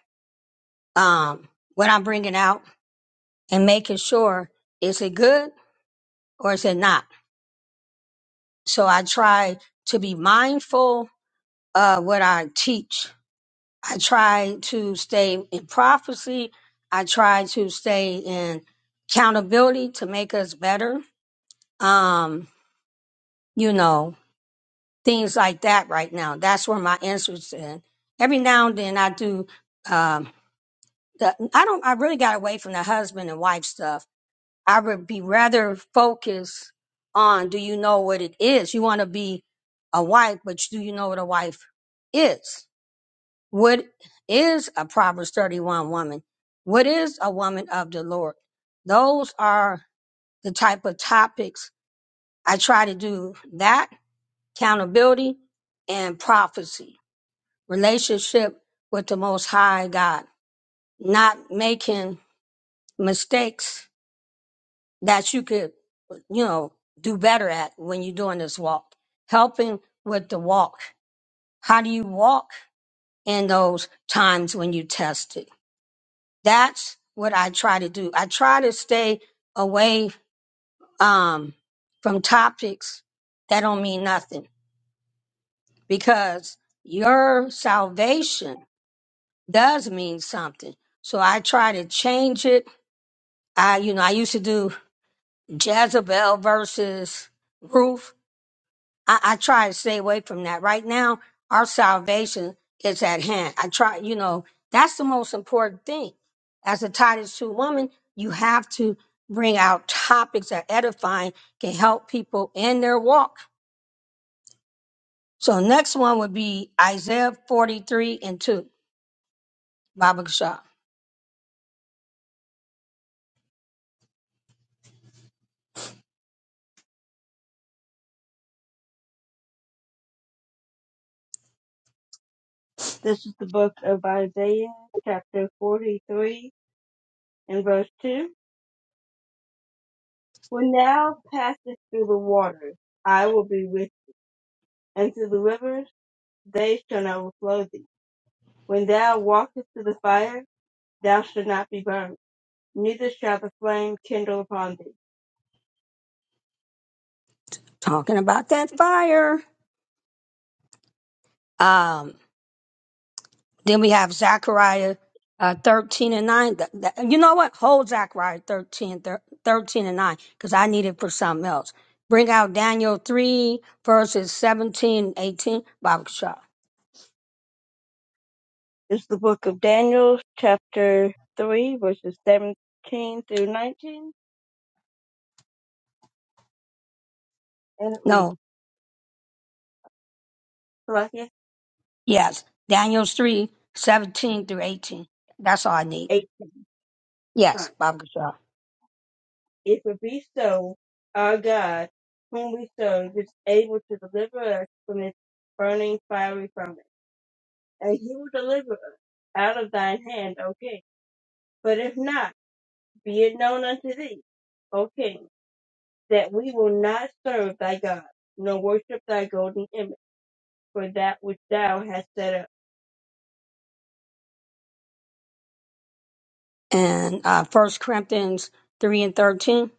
Speaker 1: um, what I'm bringing out and making sure is it good or is it not? So I try to be mindful of what I teach I try to stay in prophecy. I try to stay in accountability to make us better. Um, you know, things like that right now. That's where my interest in. Every now and then I do um the, I don't I really got away from the husband and wife stuff. I would be rather focused on do you know what it is? You want to be a wife, but do you know what a wife is? What is a Proverbs 31 woman? What is a woman of the Lord? Those are the type of topics I try to do that accountability and prophecy, relationship with the Most High God, not making mistakes that you could, you know, do better at when you're doing this walk, helping with the walk. How do you walk in those times when you tested? That's what I try to do. I try to stay away um, from topics that don't mean nothing because your salvation does mean something. So I try to change it. I, you know, I used to do Jezebel versus Ruth I, I try to stay away from that. Right now, our salvation is at hand. I try, you know, that's the most important thing. As a Titus 2 woman, you have to bring out topics that edifying can help people in their walk. So next one would be Isaiah 43 and 2, Baba Gashar.
Speaker 2: This is the book of Isaiah, chapter 43, and verse 2. When thou passest through the waters, I will be with thee, and through the rivers, they shall not overflow thee. When thou walkest through the fire, thou shalt not be burned, neither shall the flame kindle upon thee.
Speaker 1: Talking about that fire. Um, Then we have Zechariah uh, 13 and 9. Th- th- you know what? Hold Zechariah 13, thir- 13 and 9 because I need it for something else. Bring out Daniel 3, verses seventeen eighteen. 18. Bible shop.
Speaker 2: It's the book of Daniel, chapter 3, verses 17 through 19, and it reads,
Speaker 1: No,
Speaker 2: Colossians
Speaker 1: yes. Daniel 3 17 through 18. That's all I need.
Speaker 2: 18,
Speaker 1: Yes, Bible shop.
Speaker 2: If it be so, our God, whom we serve, is able to deliver us from this burning fiery furnace and he will deliver us out of thine hand, okay? But if not, be it known unto thee, okay, that we will not serve thy God, nor worship thy golden image, for that which thou hast set up.
Speaker 1: And uh, 1 Corinthians 3 and 13.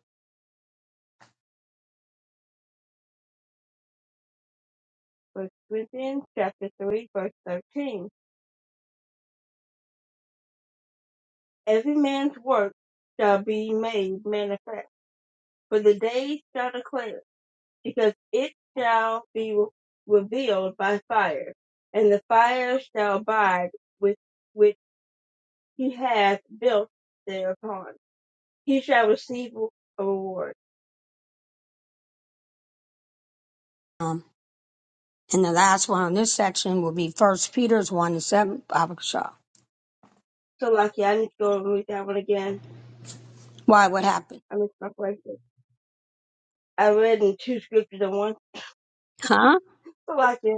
Speaker 2: First Corinthians chapter 3, verse 13. Every man's work shall be made manifest, for the day shall declare, it, because it shall be revealed by fire, and the fire shall abide with, with he hath built thereupon. He shall receive a reward.
Speaker 1: Um, and the last one on this section will be First Peter's 1 and 7. Bible shop.
Speaker 2: So, Lucky, I need to go and read that one again.
Speaker 1: Why? What happened?
Speaker 2: I missed my question. I read in two scriptures at once.
Speaker 1: Huh?
Speaker 2: So, Lucky,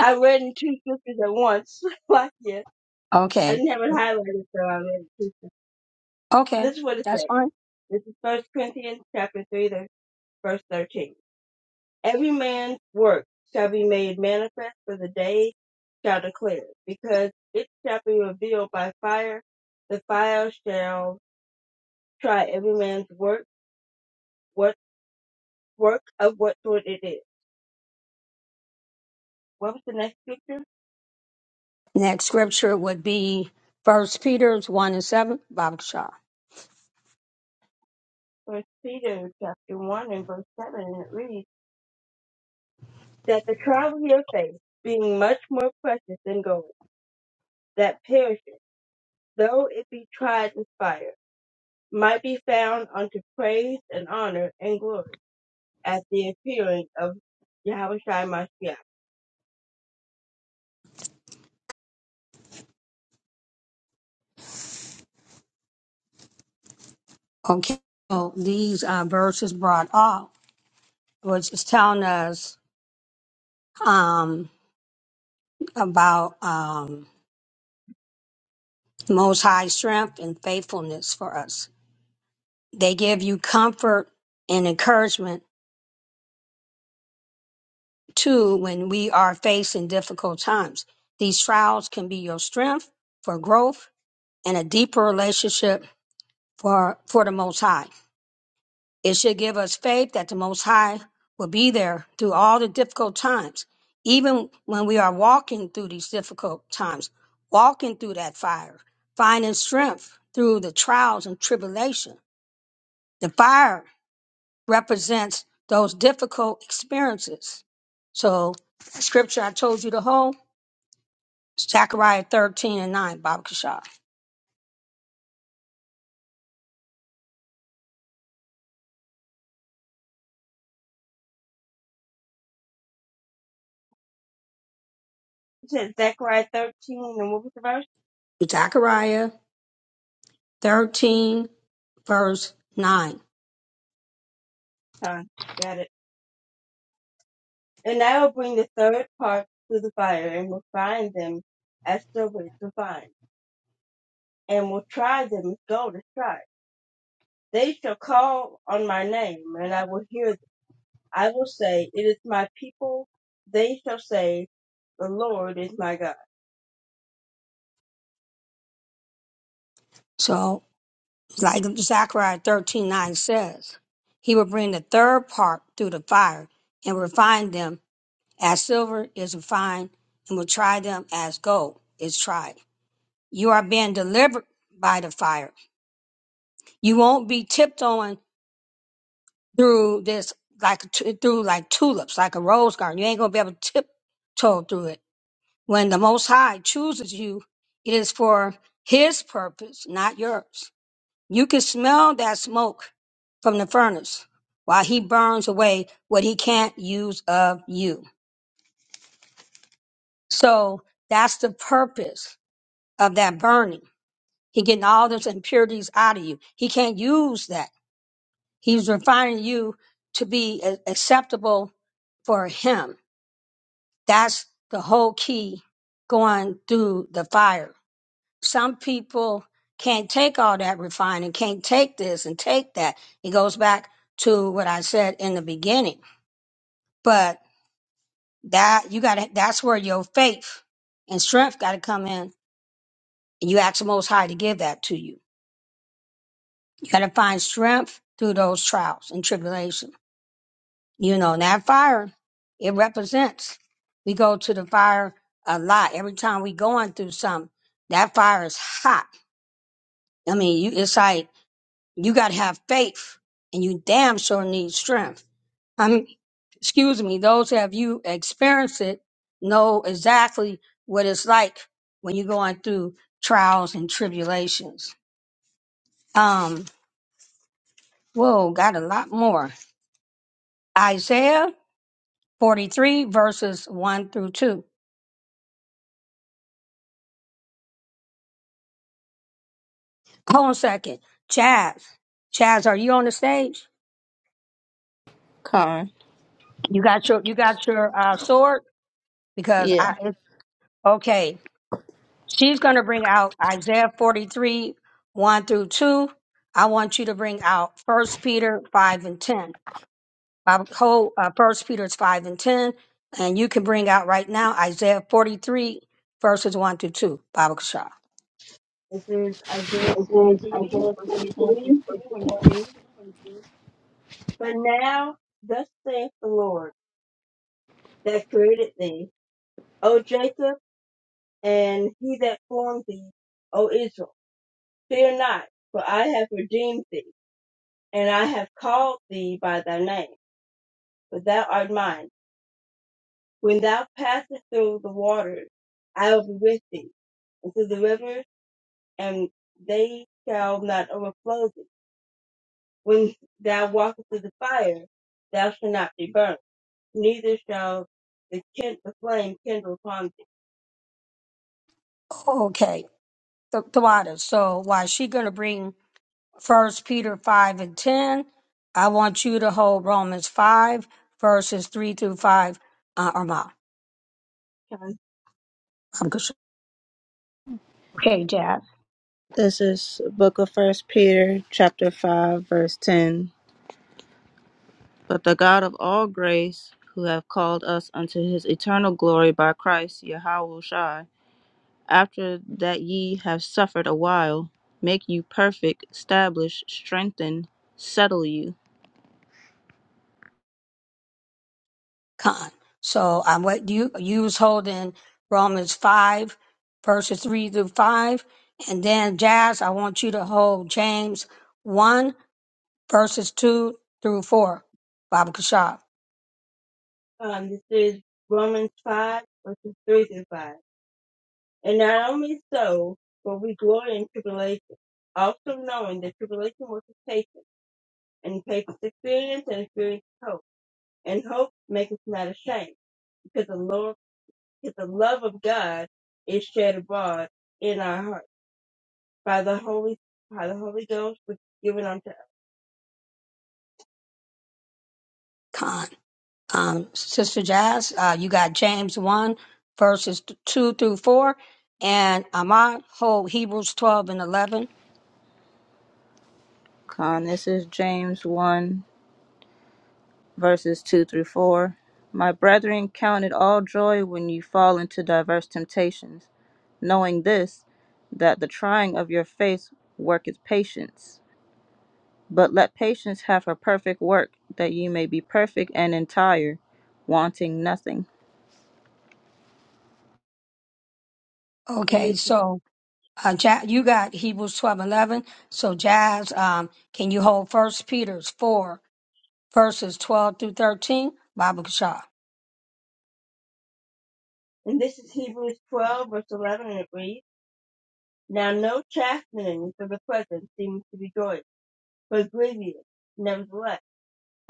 Speaker 2: I read in two scriptures at once. So Lucky, I
Speaker 1: Okay.
Speaker 2: didn't have it highlighted, so I read it two scriptures. So
Speaker 1: Okay,
Speaker 2: This is what it
Speaker 1: that's
Speaker 2: says.
Speaker 1: fine.
Speaker 2: This is First Corinthians chapter 3, the- verse 13. Every man's work shall be made manifest for the day shall declare, it, because it shall be revealed by fire. The fire shall try every man's work, what work of what sort it is. What was the next scripture?
Speaker 1: Next scripture would be First Peter's one and seven, Bob Shaw.
Speaker 2: First Peter chapter one and verse seven, and it reads that the trial of your faith, being much more precious than gold, that perishes, though it be tried with fire, might be found unto praise and honor and glory at the appearing of Yahweh Shai Mashiach. It
Speaker 1: Okay, so these uh, verses brought up, which is telling us um, about um, Most High strength and faithfulness for us. They give you comfort and encouragement too when we are facing difficult times. These trials can be your strength for growth and a deeper relationship for for the Most High. It should give us faith that the Most High will be there through all the difficult times, even when we are walking through these difficult times, walking through that fire, finding strength through the trials and tribulation. The fire represents those difficult experiences. So, the scripture I told you to hold, Zechariah 13 and 9, Baba Kishar.
Speaker 2: says Zechariah thirteen and what was the verse?
Speaker 1: Zechariah 13, verse 9.
Speaker 2: Time. And I will bring the third part to the fire, and will find them as silver to find, and will try them as gold is tried. They shall call on my name, and I will hear them. I will say, It is my people. They shall say, The Lord is my God.
Speaker 1: So, Like Zechariah thirteen nine says, He will bring the third part through the fire and refine them as silver is refined and will try them as gold is tried. You are being delivered by the fire. You won't be tiptoeing through this like t- through like tulips, like a rose garden. You ain't gonna be able to tiptoe through it. When the Most High chooses you, it is for His purpose, not yours. You can smell that smoke from the furnace while he burns away what he can't use of you. So that's the purpose of that burning. He getting all those impurities out of you. He can't use that. He's refining you to be a- acceptable for him. That's the whole key going through the fire. some people can't take all that refining, can't take this and take that. It goes back to what I said in the beginning. But that you got to that's where your faith and strength got to come in. And you ask the Most High to give that to you. You got to find strength through those trials and tribulation. You know, and that fire, it represents. We go to the fire a lot. Every time we going through something, that fire is hot. I mean, you, it's like You got to have faith, and you damn sure need strength. I mean, excuse me, those who have you experienced it know exactly what it's like when you're going through trials and tribulations. Um, whoa, got a lot more. Isaiah 43 verses 1 through 2. Hold on a second. Chaz, Chaz, are you on the stage?
Speaker 5: Con.
Speaker 1: You got your, you got your, uh, sword? Because
Speaker 5: Yeah.
Speaker 1: I, it, okay. She's going to bring out Isaiah 43, 1 through 2. I want you to bring out First Peter 5 and 10. My whole uh, 1 Peter's 5 and 10. And you can bring out right now Isaiah 43, verses 1 through 2, Baba Kasha.
Speaker 2: This is Isaiah
Speaker 5: This is
Speaker 2: 43,
Speaker 5: Isaiah
Speaker 2: verses 1 through
Speaker 5: 43.
Speaker 2: 2,
Speaker 5: verse
Speaker 2: and it
Speaker 5: one.
Speaker 2: reads, But now, thus saith the Lord that created thee, O Jacob, and he that formed thee, O Israel. Fear not, for I have redeemed thee, and I have called thee by thy name, for thou art mine. When thou passest through the waters, I will be with thee, and through the rivers, and they shall not overflow thee. When thou walkest through the fire, thou shalt not be burnt, neither shall the, kin- the flame kindle upon thee.
Speaker 1: Okay, the, the So while she's going to bring First Peter 5 and 10, I want you to hold Romans 5, verses 3 through 5, uh, Arma.
Speaker 2: Con-
Speaker 5: This is book of First Peter, chapter 5, verse 10. But the God of all grace, who have called us unto his eternal glory by Christ Yahweh Shai, after that ye have suffered a while, make you perfect, establish, strengthen, settle you.
Speaker 1: con. So I what you you was holding Romans five verses three through five, and then Jazz, I want you to hold James one verses two through four. Baba Kashab
Speaker 2: um, This is Romans 5, verses 3 through 5. And not only so, but we glory in tribulation, also knowing that tribulation worketh patience, and patience experience, and experience hope. And hope maketh not ashamed, because the Lord, because the love of God is shed abroad in our hearts by the Holy, by the Holy Ghost, which is given unto us.
Speaker 1: Khan. Um, Sister Jazz, uh, you got James one verses two through four, and Ahmad hold Hebrews twelve and eleven.
Speaker 5: Con, this is James 1, verses 2 through 4. My brethren, count it all joy when you fall into diverse temptations, knowing this, that the trying of your faith worketh patience. But let patience have her perfect work, that ye may be perfect and entire, wanting nothing.
Speaker 2: And
Speaker 1: Okay,
Speaker 2: this is,
Speaker 1: so uh, ja- you got Hebrews twelve and eleven. So Jazz, um, can you hold First Peter's four? verses 12 through 13, Bible Kashaf.
Speaker 2: and this is Hebrews 12, verse 11, and it reads, Now no chastening for the present seems to be joy, but grievous. Nevertheless,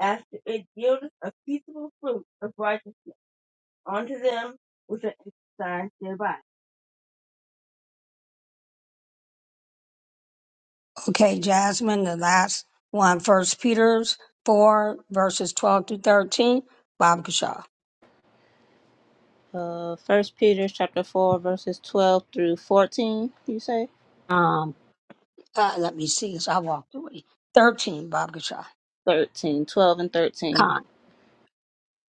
Speaker 2: after it yieldeth a peaceable fruit of righteousness unto them which are exercised thereby.
Speaker 1: Okay, Jasmine, the last one, First Peter's 4, verses 12 through 13, Bible Kashaf.
Speaker 5: Uh, 1 Peter chapter 4, verses 12 through 14, you say?
Speaker 1: Um, uh, let me see as I walked away. 13, Bible Kashaf.
Speaker 5: 13, 12 and 13.
Speaker 1: Con.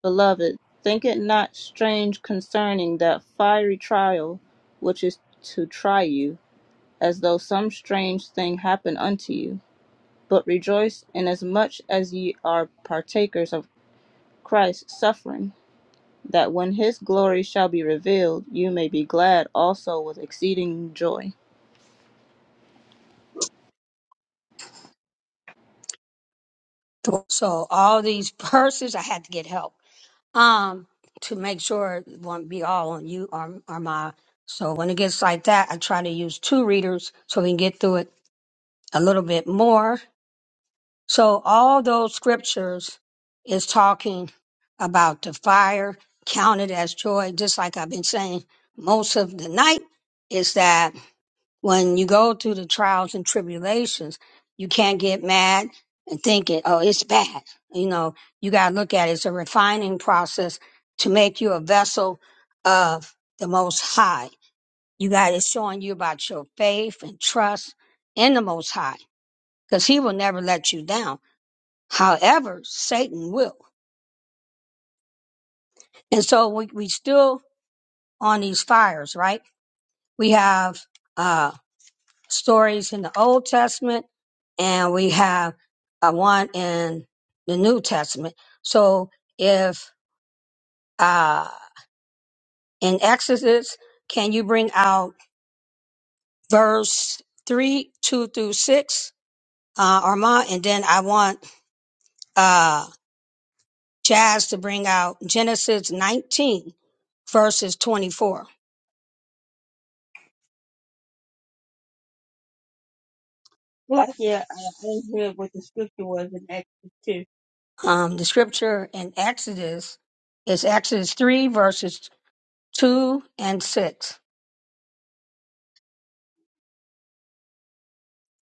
Speaker 5: Beloved, think it not strange concerning that fiery trial which is to try you, as though some strange thing happened unto you. But rejoice inasmuch as ye are partakers of Christ's suffering, that when his glory shall be revealed, you may be glad also with exceeding joy.
Speaker 1: So all these verses, I had to get help um, to make sure it won't be all on you or, or my. So when it gets like that, I try to use two readers so we can get through it a little bit more So all those scriptures is talking about the fire counted as joy, just like I've been saying most of the night, is that when you go through the trials and tribulations, you can't get mad and thinking, oh, it's bad. You know, you got to look at it. It's a refining process to make you a vessel of the Most High. You got it's showing you about your faith and trust in the Most High because He will never let you down However, Satan will. And so we, we still on these fires, right? We have uh, stories in the Old Testament and we have uh, one in the New Testament. So if uh, in Exodus, can you bring out verse 3, 2 through 6, uh, Armand? And then I want uh, Jazz to bring out Genesis 19, verses 24.
Speaker 2: Plus, yeah, I, I didn't hear what the scripture was in Exodus
Speaker 1: Um, the scripture in Exodus is Exodus 3, verses 2 and 6.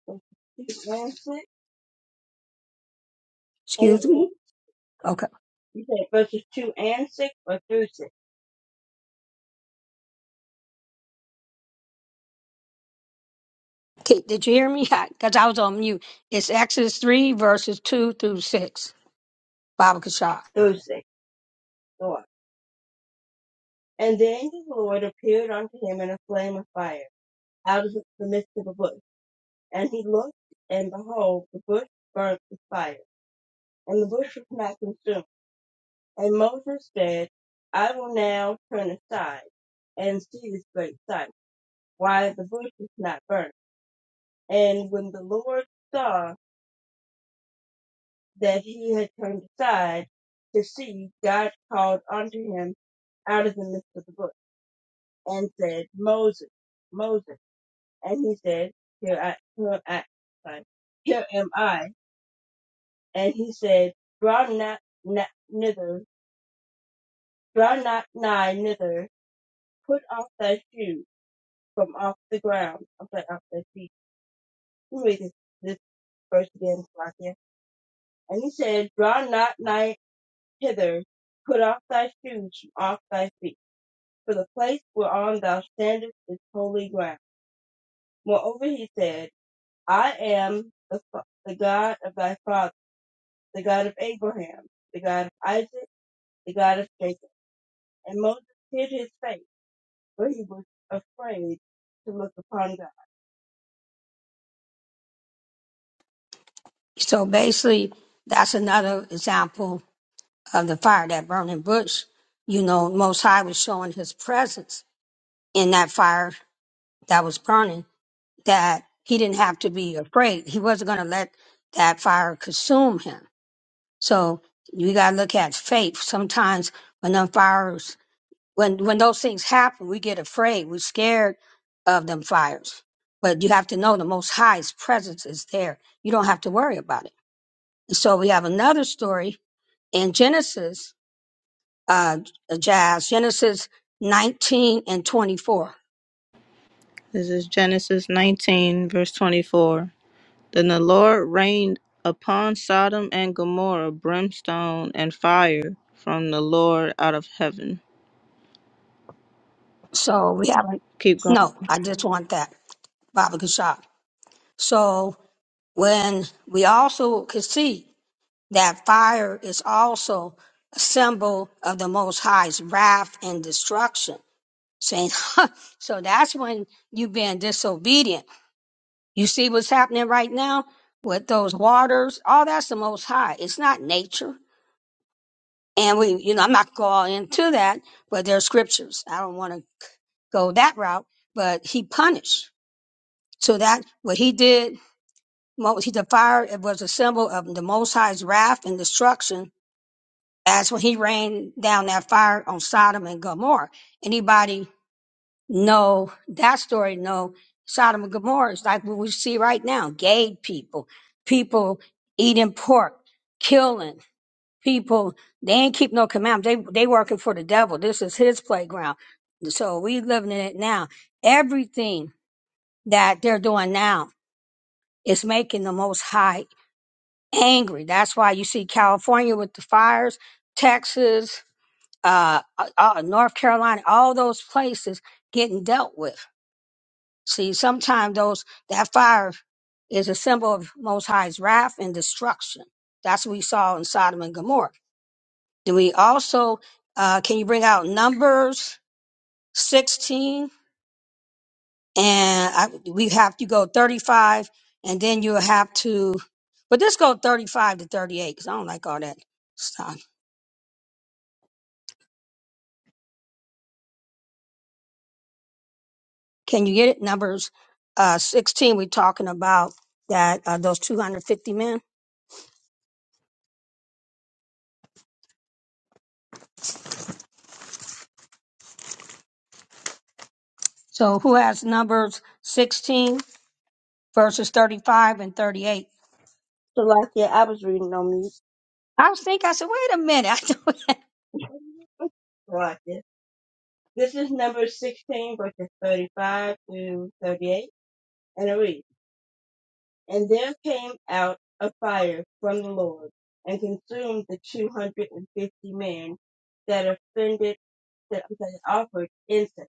Speaker 2: 2. Verses 2 and 6? And it
Speaker 1: Excuse me?
Speaker 2: reads,
Speaker 1: Okay.
Speaker 2: you said verses 2 and 6 or through 6?
Speaker 1: Okay, Did you hear me? Because I was on mute. It's Exodus 3, verses 2 through 6, Baba Kashar.
Speaker 2: Through 6. Go on. And the angel of the Lord appeared unto him in a flame of fire out of the midst of a bush. And he looked, and behold, the bush burnt with fire, and the bush was not consumed And Moses said, I will now turn aside and see this great sight, why the bush is not burnt. And when the Lord saw that he had turned aside to see, God called unto him out of the midst of the bush and said, Moses, Moses. And he said, Here I, here I, sorry, here am I. And he said, Draw not, not, nither, draw not nigh, nither, put off thy shoes from off the ground, I'm sorry, off their feet. Let me read this, this verse again, Slovakia. And he said, Draw not nigh hither, put off thy shoes from off thy feet, for the place whereon thou standest is holy ground. Moreover, he said, I am the, fa- the God of thy father, the God of Abraham, the God of Isaac, the God of Jacob. And Moses hid his face, for he was afraid to look upon God.
Speaker 1: So basically, that's another example of the fire, that burning bush. You know, Most High was showing his presence in that fire that was burning, that he didn't have to be afraid. He wasn't going to let that fire consume him So you gotta look at faith. Sometimes when them fires, when when those things happen, we get afraid. We're scared of them fires. But you have to know the Most High's presence is there. You don't have to worry about it. And so we have another story in Genesis, uh, Jazz Genesis 19 and 24.
Speaker 5: This is Genesis 19, verse 24. Then the Lord rained upon Sodom and Gomorrah brimstone and fire from the Lord out of heaven.
Speaker 1: So we haven't.
Speaker 5: Keep going.
Speaker 1: No, I just want that Baba Kashab. So when we also could see. that fire is also a symbol of the Most High's wrath and destruction. Saying, so that's when you being disobedient. You see what's happening right now with those waters. All that's the Most High. It's not nature. And we, you know, I'm not going all into that, but there's scriptures. I don't want to go that route, but he punished. So that what he did, mo- he the fire, it was a symbol of the Most High's wrath and destruction That's when he rained down that fire on Sodom and Gomorrah. Anybody know that story? Know Sodom and Gomorrah is like what we see right now. Gay people, people eating pork, killing people. They ain't keep no commandments. They they working for the devil. This is his playground. So we living in it now. Everything that they're doing now is making the most high angry. That's why you see California with the fires, Texas, uh, uh, uh, North Carolina, all those places getting dealt with. See, sometimes those that fire is a symbol of Most High's wrath and destruction. That's what we saw in Sodom and Gomorrah. Then we also uh, can you bring out Numbers sixteen and I, we have to go thirty five, and then you'll have to, but let's go thirty five to thirty eight because I don't like all that. Can you get it? Numbers uh, 16, we're talking about that uh, those 250 men. So who has Numbers 16 verses 35 and 38?
Speaker 2: Slovakia, I was reading on mute.
Speaker 1: I was thinking, I said, wait a minute. I do
Speaker 2: Slovakia. This is number 16, verses 35 through 38, and it reads, And there came out a fire from the Lord, and consumed the 250 men that offended, that, that offered incense.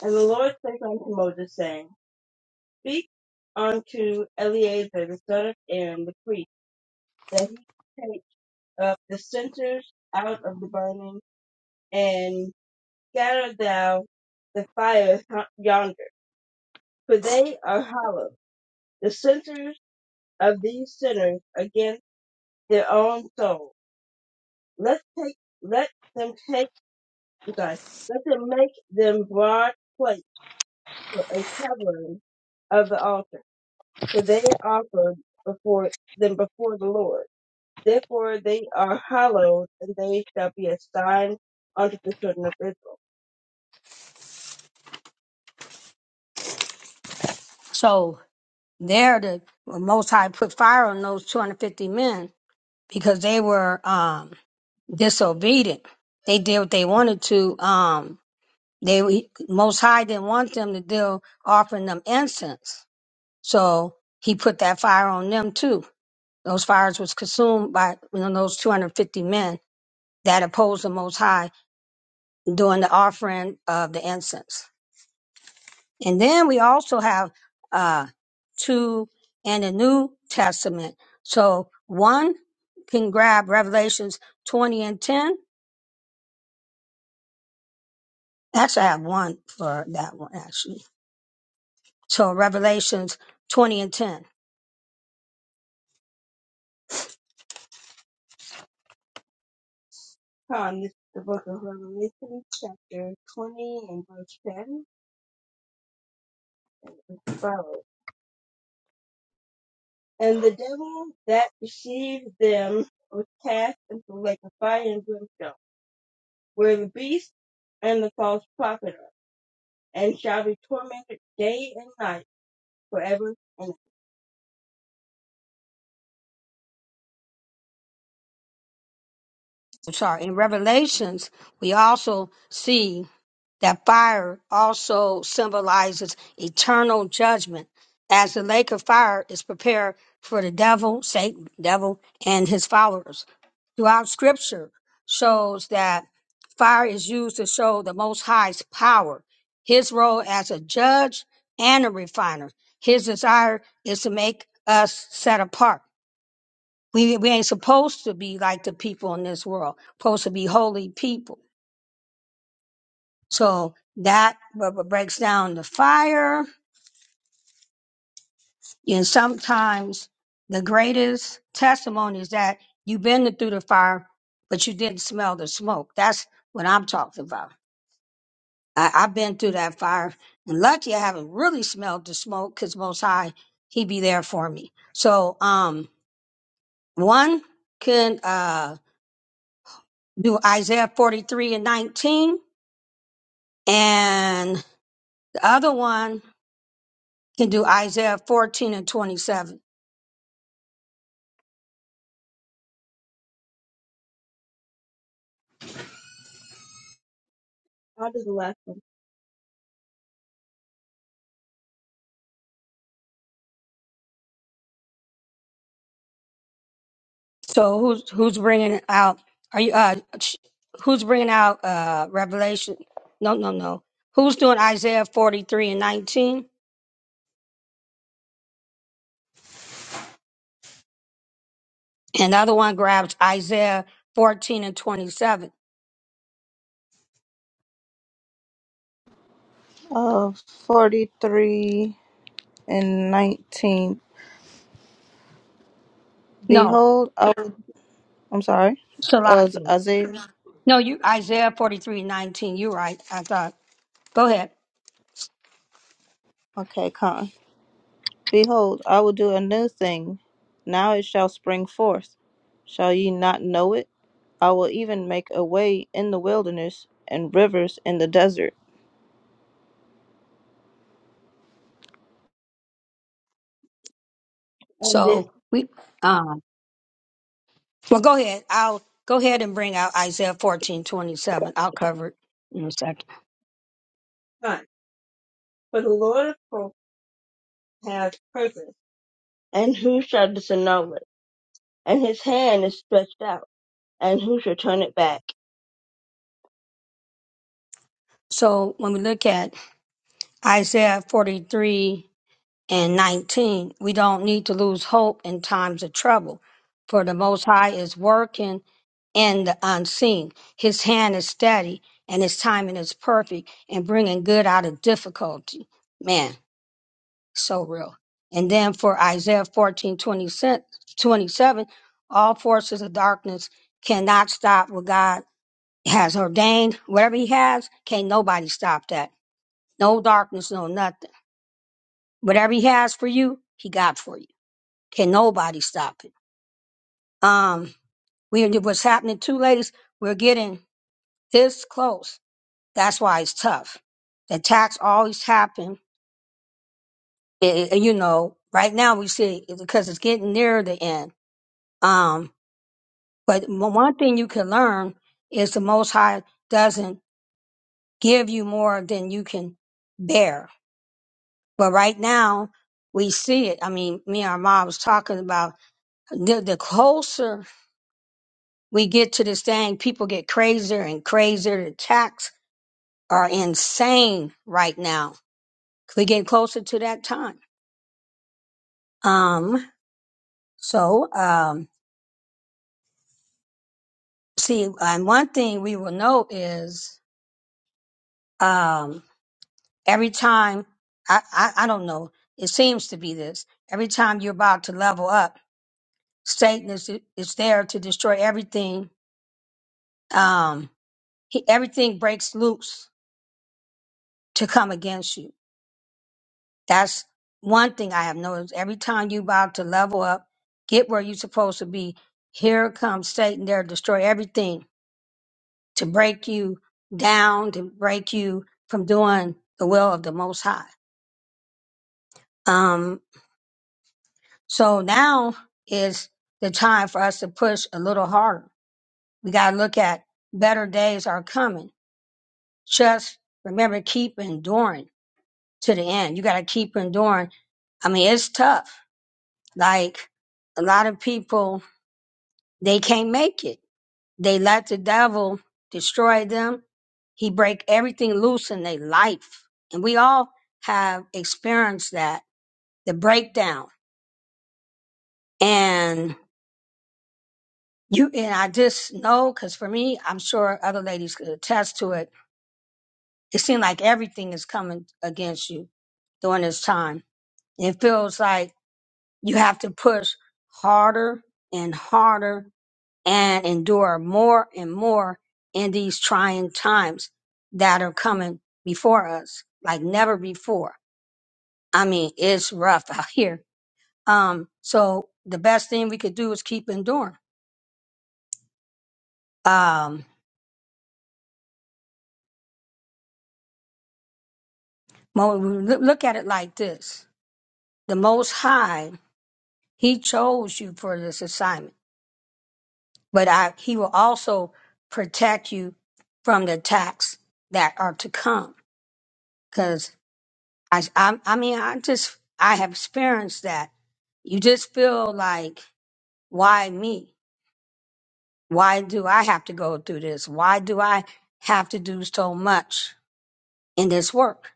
Speaker 2: And the Lord spake unto Moses, saying, Speak unto Eleazar the son of Aaron the priest, that he take up the censers out of the burning, and scatter thou the fire yonder, for they are hollow the centers of these sinners against their own soul. Let take let them take I'm sorry, let them make them broad plates for a covering of the altar, for they offered before them before the Lord. Therefore they are hallowed, and they shall be a sign unto the children of Israel.
Speaker 1: so there, the Most High put fire on those 250 men because they were um, disobedient. They did what they wanted to. Um, they Most High didn't want them to deal offering them incense, so He put that fire on them too Those fires was consumed by you know, those 250 men that opposed the Most High during the offering of the incense. And then we also have uh, two in the New Testament. So one can grab Revelations 20 and 10. Actually, I have one for that one, actually. So Revelations 20 and 10.
Speaker 2: Con, this is the book of Revelation, chapter 20 and verse 10, and it follows. And the devil that deceived them was cast into the lake of fire and brimstone, where the beast and the false prophet are, and shall be tormented day and night forever and ever.
Speaker 1: I'm sorry. In Revelations, we also see That fire also symbolizes eternal judgment, as the lake of fire is prepared for the devil, Satan, devil, and his followers. Throughout scripture shows that fire is used to show the Most High's power, his role as a judge and a refiner. His desire is to make us set apart. We, we ain't supposed to be like the people in this world, supposed to be holy people so that b- b- breaks down the fire. And sometimes the greatest testimony is that you've been through the fire, but you didn't smell the smoke. That's what I'm talking about. I, I've been through that fire, and lucky I haven't really smelled the smoke because Most High, He be there for me. So, um, one can uh, do Isaiah 43 and 19, and the other one can do Isaiah 14 and 27
Speaker 2: How does the last one
Speaker 1: So who's who's bringing out? Are you uh? sh- Who's bringing out uh Revelation? No, no, no. Who's doing Isaiah forty three and nineteen? And the other one grabs Isaiah fourteen and twenty seven.
Speaker 5: Uh, 43 and 19.
Speaker 1: No,
Speaker 5: Behold, I will, I'm sorry. Uh,
Speaker 1: Salaki.
Speaker 5: Isaiah.
Speaker 1: No, you Isaiah forty three and nineteen. You're right. I thought. Go ahead.
Speaker 5: Okay, con. Behold, I will do a new thing. Now it shall spring forth. Shall ye not know it? I will even make a way in the wilderness and rivers in the desert.
Speaker 2: on this
Speaker 1: So we um. Well, go ahead. I'll go ahead and bring out Isaiah fourteen twenty seven. I'll cover it in a second.
Speaker 2: time? For the Lord of hosts hath purpose, and who shall disannul it? And his hand is stretched out, and who shall turn it back?
Speaker 1: So when we look at Isaiah forty three. and 19. We don't need to lose hope in times of trouble, for the Most High is working in the unseen. His hand is steady, and his timing is perfect in bringing good out of difficulty. Man, so real. And then for Isaiah 14 27, all forces of darkness cannot stop what God has ordained. Whatever he has, can't nobody stop that. No darkness, no nothing. Whatever he has for you, he got for you. Can nobody stop it? Um, we what's happening too, ladies. We're getting this close. That's why it's tough. The attacks always happen. It, it- you know, right now we see it because it's getting nearer the end. Um, but one one thing you can learn is the Most High doesn't give you more than you can bear. But right now we see it. I mean, me and our mom was talking about the, the closer we get to this thing, people get crazier and crazier. The attacks are insane right now. We get closer to that time. Um, so, um, see, and one thing we will know is, um, every time, I, I, I don't know, it seems to be this, every time you're about to level up, Satan is, is there to destroy everything. Um, he, everything breaks loose to come against you That's one thing I have noticed. Every time you about to level up, get where you're supposed to be, here comes Satan there to destroy everything, to break you down, to break you from doing the will of the Most High. Um, so now is the time for us to push a little harder. We got to look at better days are coming. Just remember, keep enduring to the end. You got to keep enduring. I mean, it's tough. Like a lot of people They can't make it. They let the devil destroy them. He break everything loose in their life. And we all have experienced that, the breakdown. And you and I just know, because for me, I'm sure other ladies could attest to it. It seems like everything is coming against you during this time. It feels like you have to push harder and harder and endure more and more in these trying times that are coming before us like never before. I mean, it's rough out here. Um, so the best thing we could do is keep enduring. Um, mo- loo- look at it like this. The most high, he chose you for this assignment, but I, he will also protect you from the attacks that are to come I, I, I mean, I just, I have experienced that. You just feel like, why me? Why do I have to go through this? Why do I have to do so much in this work?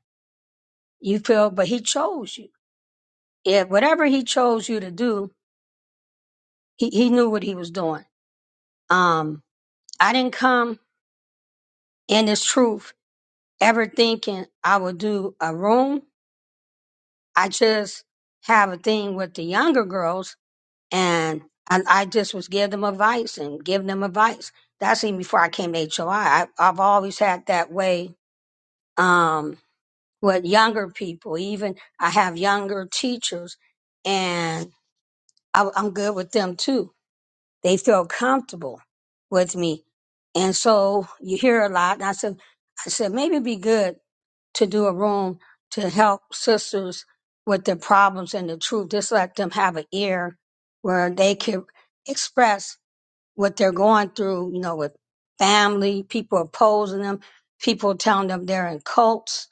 Speaker 1: You feel, but he chose you. Yeah, whatever he chose you to do, he, he knew what he was doing. Um, I didn't come in this truth ever thinking I would do a room. I just have a thing with the younger girls and and I just was give them advice and give them advice. That's even before I came to HOI. I, have always had that way um, with younger people. Even I have younger teachers, and I, I'm good with them too. They feel comfortable with me, and so you hear a lot. And I said, I said maybe it'd be good to do a room to help sisters with their problems and the truth. Just let them have an ear where they can express what they're going through, you know, with family, people opposing them, people telling them they're in cults.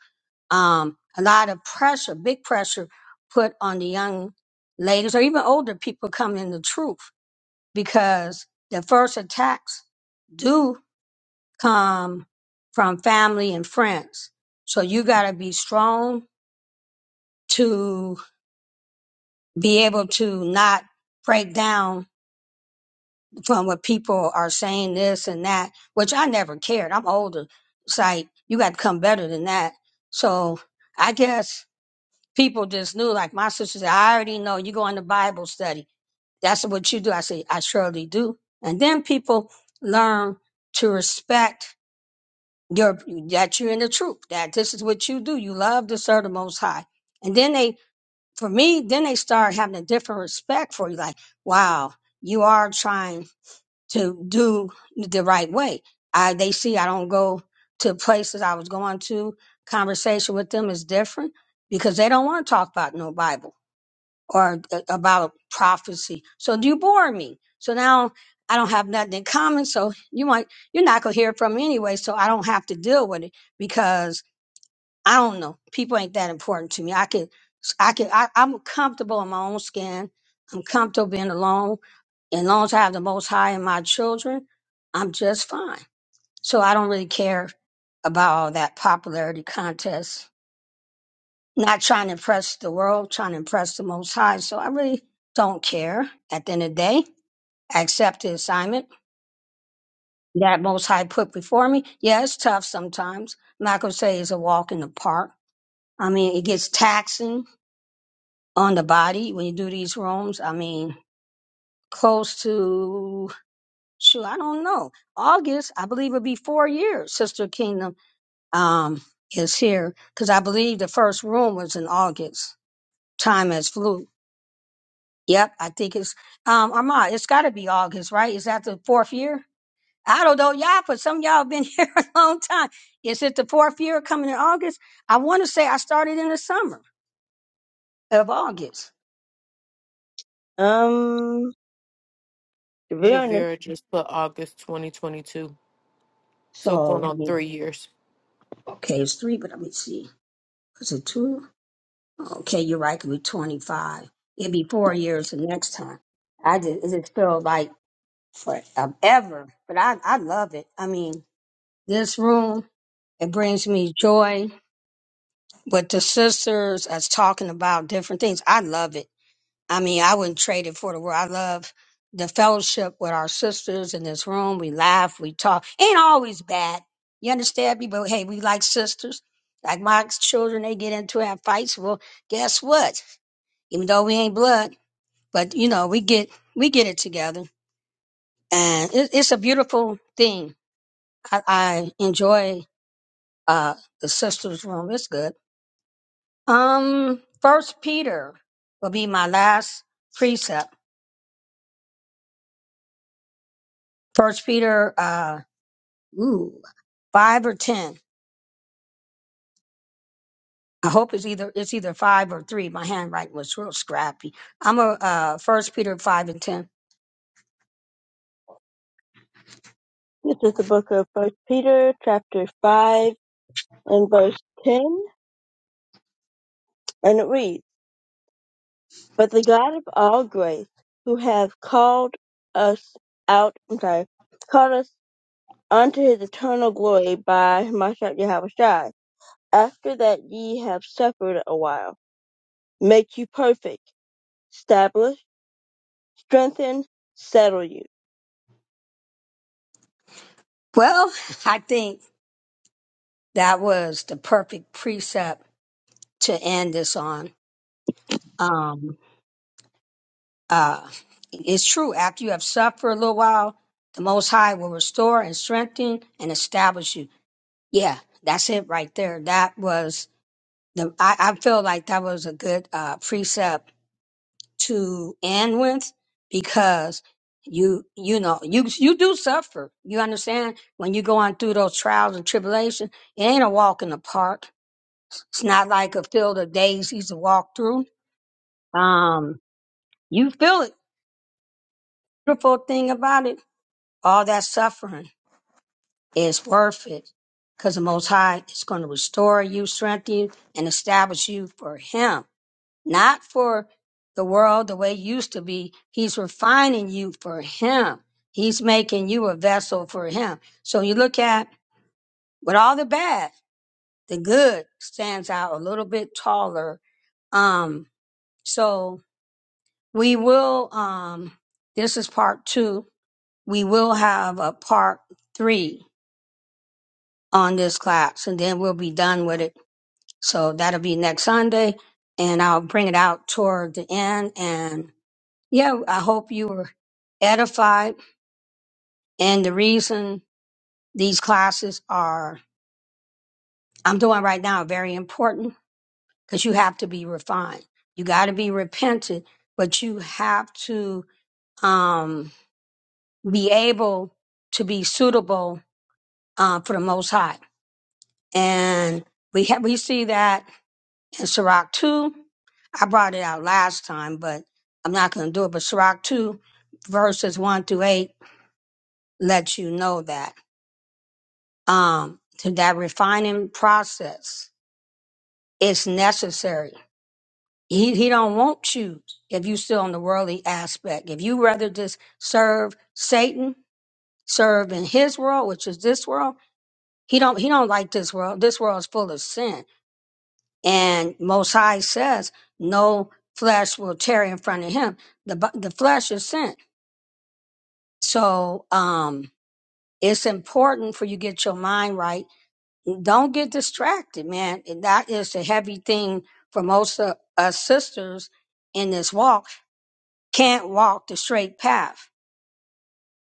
Speaker 1: Um, a lot of pressure, big pressure put on the young ladies or even older people coming in the truth because the first attacks do come from family and friends. So you got to be strong to be able to not break down from what people are saying this and that, which I never cared. I'm older. It's like you got to come better than that. So I guess people just knew, like my sister said, I already know you go into Bible study. That's what you do. I say, I surely do. And then people learn to respect your that you're in the truth, that this is what you do. You love to serve the most high. And then they for me, then they start having a different respect for you, like, wow, you are trying to do the right way. I they see I don't go to places I was going to. Conversation with them is different because they don't want to talk about no Bible or uh, about prophecy. So you bore me. So now I don't have nothing in common. So you might you're not gonna hear from me anyway. So I don't have to deal with it because I don't know. People ain't that important to me. I can, I can, I, I'm comfortable in my own skin. I'm comfortable being alone. And as long as I have the Most High and my children, I'm just fine. So I don't really care about all that popularity contest. Not trying to impress the world, trying to impress the Most High. So I really don't care. At the end of the day, I accept the assignment that Most High put before me. Yeah, it's tough sometimes. I'm not gonna say it's a walk in the park. I mean, it gets taxing on the body when you do these rooms? I mean, close to shoot, I don't know. August, I believe it'll be four years. Sister Kingdom um is here because I believe the first room was in August. Time has flew. Yep, I think it's um Armand. It's got to be August, right? Is that the fourth year? I don't know, y'all, but some of y'all been here a long time. Is it the fourth year coming in August? I want to say I started in the summer of August.
Speaker 2: Um, to be honest,
Speaker 7: Javera just put August 2022. So going
Speaker 1: So, I
Speaker 7: on
Speaker 1: mean,
Speaker 7: three years.
Speaker 1: okay, it's three, but let me see. Was it two? Okay, you're right. It could be 25. It'd be four years the next time. I just, it just felt like forever, but I, I love it. I mean, this room, it brings me joy. But the sisters as talking about different things, I love it. I mean, I wouldn't trade it for the world. I love the fellowship with our sisters in this room. We laugh, we talk. Ain't always bad. You understand me? But hey, we like sisters. Like my children, they get into have fights. Well, guess what? even though we ain't blood, but you know, we get we get it together, and it, it's a beautiful thing. I, I enjoy uh, the sisters' room; it's good. Um, First Peter will be my last precept. First Peter, uh, ooh, five or ten. I hope it's either it's either five or three. My handwriting was real scrappy. I'm a uh, First Peter five and ten.
Speaker 2: this is the book of First Peter, chapter five, and verse ten, and it reads. But the God of all grace, who hath called us out, I'm sorry, called us unto his eternal glory by himself Yahweh Shai, after that ye have suffered a while, make you perfect, establish, strengthen, settle you.
Speaker 1: Well, I think that was the perfect precept to end this on um, uh, it's true. After you have suffered for a little while, the Most High will restore and strengthen and establish you. Yeah, that's it right there. That was the. I, I feel like that was a good uh, precept to end with because you you know you you do suffer. You understand when you go on through those trials and tribulations. It ain't a walk in the park. It's not like a field of daisies to walk through. Um, you feel it. Beautiful thing about it all that suffering is worth it because the Most High is going to restore you, strengthen you, and establish you for Him, not for the world the way it used to be. He's refining you for Him, He's making you a vessel for Him. So you look at with all the bad, the good stands out a little bit taller. Um, so we will, um, this is part two. We will have a part three on this class and then we'll be done with it. So that'll be next Sunday and I'll bring it out toward the end. And yeah, I hope you were edified. And the reason these classes are, I'm doing right now, are very important because you have to be refined. You got to be repentant, but you have to um, be able to be suitable uh, for the Most High. And we have, we see that in Sirach 2 I brought it out last time, but I'm not going to do it. But Sirach 2, verses 1 through 8, lets you know that. Um, to that refining process is necessary. He, he don't want you if you still on the worldly aspect. If you rather just serve Satan, serve in his world, which is this world, he don't, he don't like this world. This world is full of sin. And Most High says, no flesh will tarry in front of him. The, bu- the flesh is sin So um it's important for you get your mind right. Don't get distracted, man. And That is a heavy thing for most of us sisters in this walk. Can't walk the straight path.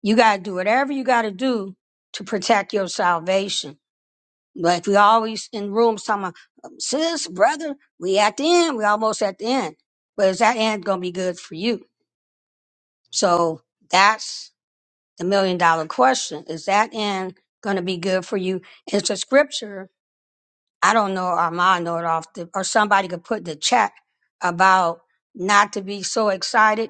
Speaker 1: You gotta do whatever you gotta do to protect your salvation. Like we always in rooms talking about, um, sis, brother, we at the end, we almost at the end. But is that end gonna be good for you? So that's the million dollar question. Is that end going to be good for you? It's a scripture. I don't know, Armand know it off the, or somebody could put in the chat about not to be so excited,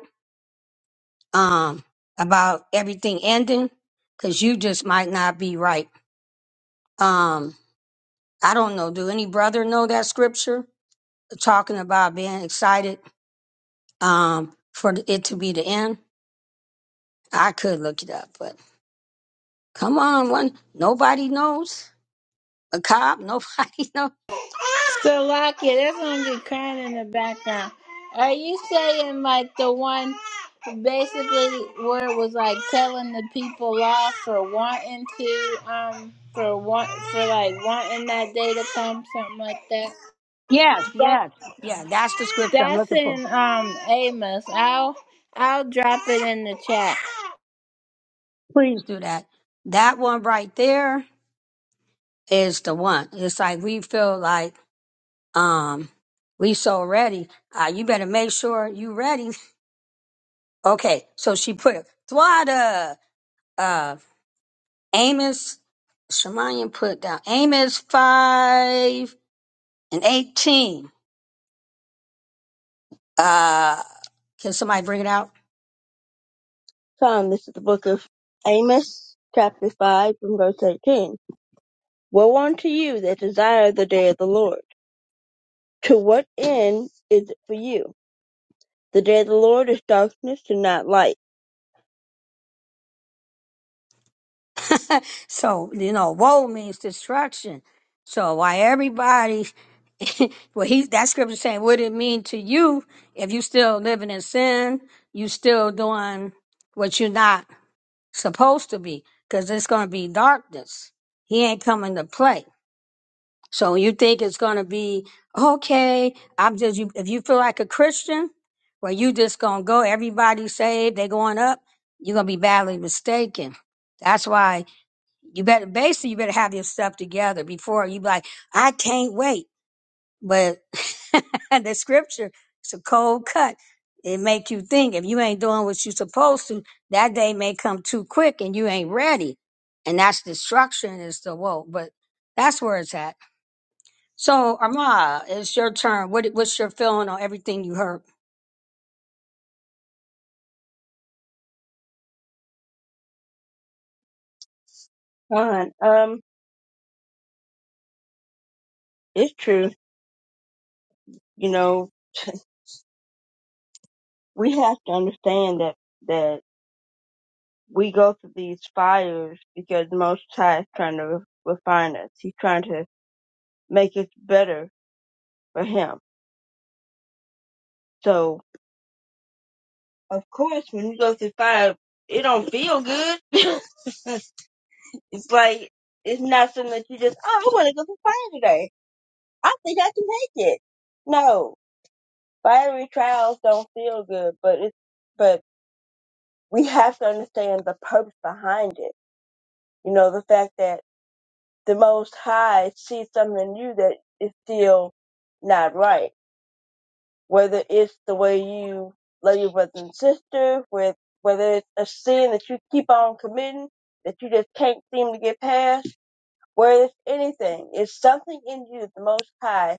Speaker 1: um, about everything ending because you just might not be right. Um, I don't know. Do any brother know that scripture talking about being excited, um, for it to be the end? I could look it up, but come on, one, nobody knows a cop. Nobody knows.
Speaker 6: So, Lucky, there's going to be crying in the background. Are you saying, like, the one basically where it was like telling the people off for wanting to, um, for want, for like wanting that day to come, something like that?
Speaker 1: Yes,
Speaker 6: That
Speaker 1: yes, yeah. That's the scripture I'm
Speaker 6: That's
Speaker 1: looking for.
Speaker 6: in, um, Amos. I'll, I'll drop it in the chat.
Speaker 1: Please do that. That one right there is the one. It's like we feel like um we so ready. Uh, you better make sure you ready. Okay, so she put it. Thwada, uh, Amos, Shemaiah put down Amos five and eighteen. Uh, can somebody bring it out?
Speaker 2: Psalm. this is the book of Amos, chapter 5, from verse 18. Woe unto you that desire the day of the Lord. To what end is it for you? The day of the Lord is darkness and not light.
Speaker 1: so, you know, woe means destruction. So why everybody, well, he, that scripture saying, what it mean to you if you still living in sin, you still doing what you're not supposed to be, because it's going to be darkness. He ain't coming to play. So you think it's going to be, okay, I'm just, you, if you feel like a Christian, well, you just going to go, everybody saved, they going up, you're going to be badly mistaken. That's why you better basically you better have your stuff together before you be like, I can't wait. But the scripture, it's a cold cut. It make you think if you ain't doing what you supposed to, that day may come too quick and you ain't ready. And that's destruction is the woe. But that's where it's at. So Arma, it's your turn. What what's your feeling on everything you heard?
Speaker 2: Fine. Um, it's true. You know, we have to understand that that we go through these fires because the Most High is trying to refine us. He's trying to make us better for Him. So, of course, when you go through fire, it don't feel good. it's like it's not something that you just oh, I want to go through fire today. I think I can make it. No, fiery trials don't feel good, but it's but we have to understand the purpose behind it You know, the fact that the Most High sees something in you that is still not right. Whether it's the way you love your brother and sister, with whether it's a sin that you keep on committing that you just can't seem to get past, whether it's anything, it's something in you that the Most High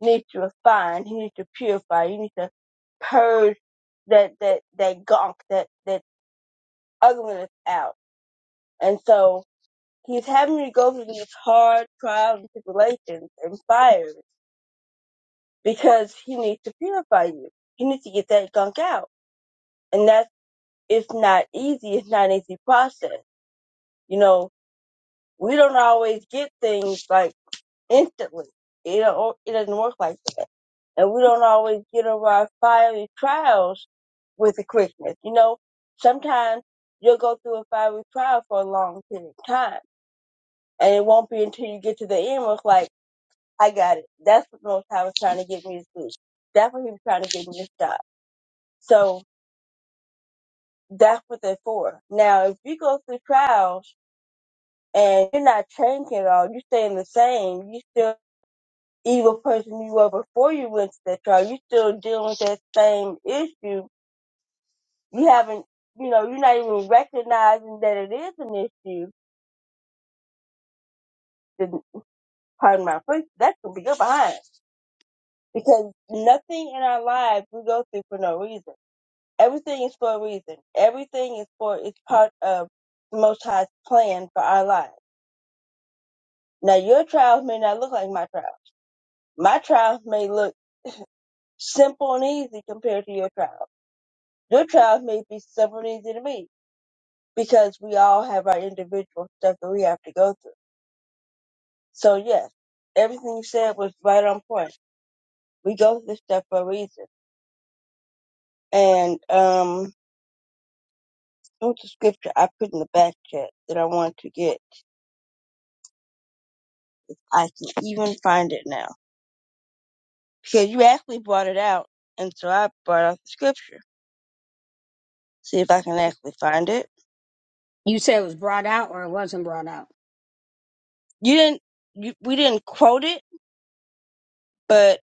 Speaker 2: needs to refine. He needs to purify. You need to purge that that that gunk, that that ugliness out. And so He's having me go through these hard trials and tribulations and fires because he needs to purify you. He needs to get that gunk out. And that's, it's not easy. It's not an easy process. You know, we don't always get things like instantly. It, don't- it doesn't work like that. And we don't always get over our fiery trials with the quickness. You know, sometimes you'll go through a fiery trial for a long period of time. And it won't be until you get to the end where it's like, I got it. That's what North Tower was trying to get me to do. That's what he was trying to get me to stop. So that's what they're for. Now, if you go through trials and you're not changing at all, you're staying the same, you still evil person you were before you went to that trial. you still dealing with that same issue. You haven't, you know, you're not even recognizing that it is an issue. Then, Pardon my French. That's gonna be your behind because nothing in our lives we go through for no reason Everything is for a reason. Everything is for is part of the Most High's plan for our lives. Now, your trials may not look like my trials. My trials may look simple and easy compared to your trials. Your trials may be simple and easy to me because we all have our individual stuff that we have to go through. So yes, everything you said was right on point. We go through this stuff for a reason. And um, what's the scripture I put in the back chat that I want to get? I can even find it now. because you actually brought it out, and so I brought out the scripture. See if I can actually find it.
Speaker 1: You said it was brought out or it wasn't brought out.
Speaker 2: You didn't. You, we didn't quote it, but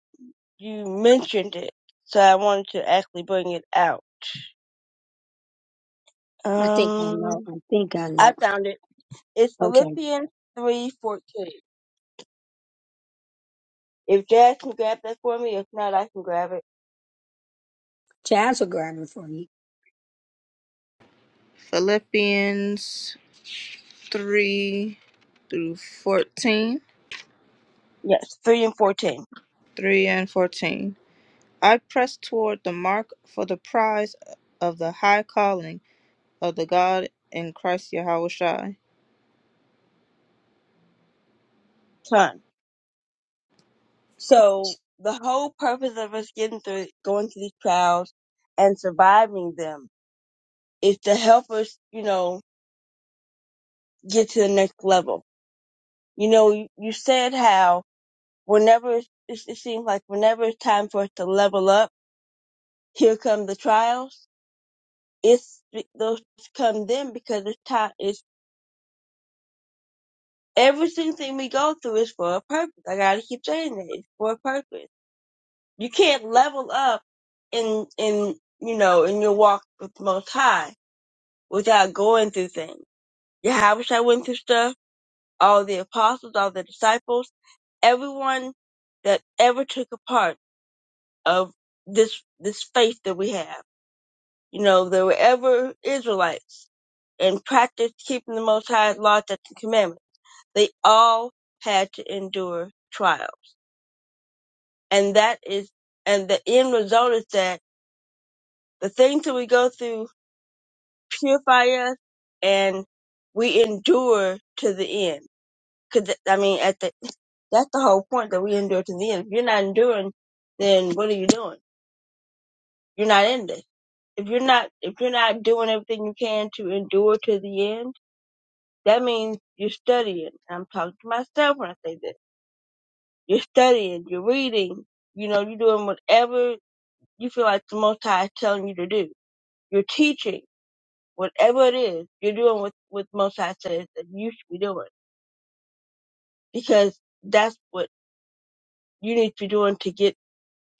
Speaker 2: you mentioned it, so I wanted to actually bring it out.
Speaker 1: I think I
Speaker 2: Um,
Speaker 1: know. I think I
Speaker 2: I
Speaker 1: know.
Speaker 2: found it. It's
Speaker 1: Okay.
Speaker 2: Philippians three fourteen. If Dad can grab that for me, if not, I can grab it.
Speaker 1: Jazz will grab it for you.
Speaker 5: Philippians 3 through 14,
Speaker 2: Yes, three and fourteen.
Speaker 5: 3 and 14. I press toward the mark for the prize of the high calling of the God in Christ Yahushua.
Speaker 2: Ton. So the whole purpose of us getting through, going through these trials, and surviving them is to help us, you know, get to the next level. You know, you, you said how whenever it's, it seems like whenever it's time for us to level up, here come the trials. It's those come then because it's time. It's every single thing we go through is for a purpose. I gotta keep saying that it's for a purpose. You can't level up in in you know in your walk with the Most High without going through things. Yahushua went through stuff. All the apostles, all the disciples, everyone that ever took a part of this this faith that we have. You know, they were ever Israelites and practiced keeping the Most High's law, statutes, and commandments. They all had to endure trials, and that is, and the end result is that the things that we go through purify us, and we endure to the end. Because I mean, at the that's the whole point that we endure to the end. If you're not enduring, then what are you doing? You're not in this. if you're not if you're not doing everything you can to endure to the end, that means you're studying. I'm talking to myself when I say this. You're studying, you're reading, you know, you're doing whatever you feel like the Most High is telling you to do. You're teaching, whatever it is, you're doing what what the Most High says that you should be doing because that's what you need to be doing to get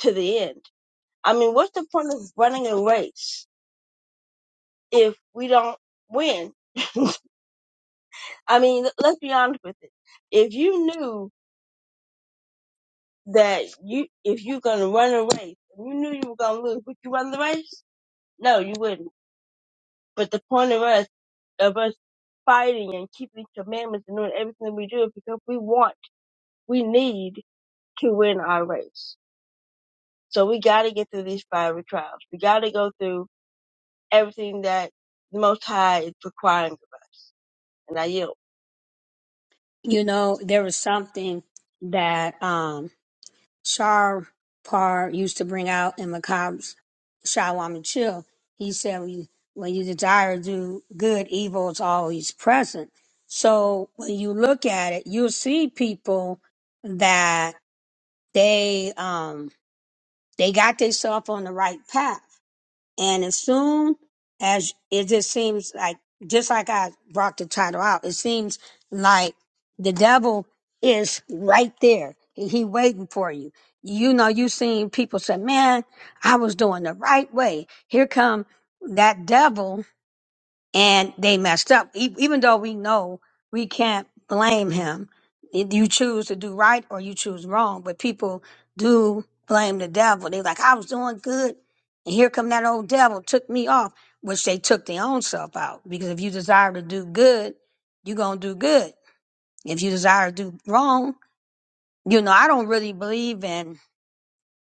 Speaker 2: to the end. I mean, what's the point of running a race if we don't win? I mean, let's be honest with it if you knew that you if you're gonna run a race, and you knew you were gonna lose, would you run the race? No, you wouldn't. But the point of us of us fighting and keeping commandments and doing everything we do is because we want, we need to win our race. So we gotta get through these fiery trials. We gotta go through everything that the Most High is requiring of us. And I yield.
Speaker 1: you know, there was something that um Shar Par used to bring out in Macabre's Shawam and Chill. He said when you, when you desire to do good, evil is always present. So when you look at it, you'll see people that they um they got themselves on the right path and as soon as it just seems like, just like I brought the title out, it seems like the devil is right there. He, he waiting for you. You know, you seen people say, man, I was doing the right way. Here come that devil and they messed up. E- even though we know we can't blame him, If you choose to do right or you choose wrong. But people do blame the devil. They're like, I was doing good, and here come that old devil took me off, which they took their own self out. Because if you desire to do good, you're gonna do good. If you desire to do wrong, you know I don't really believe in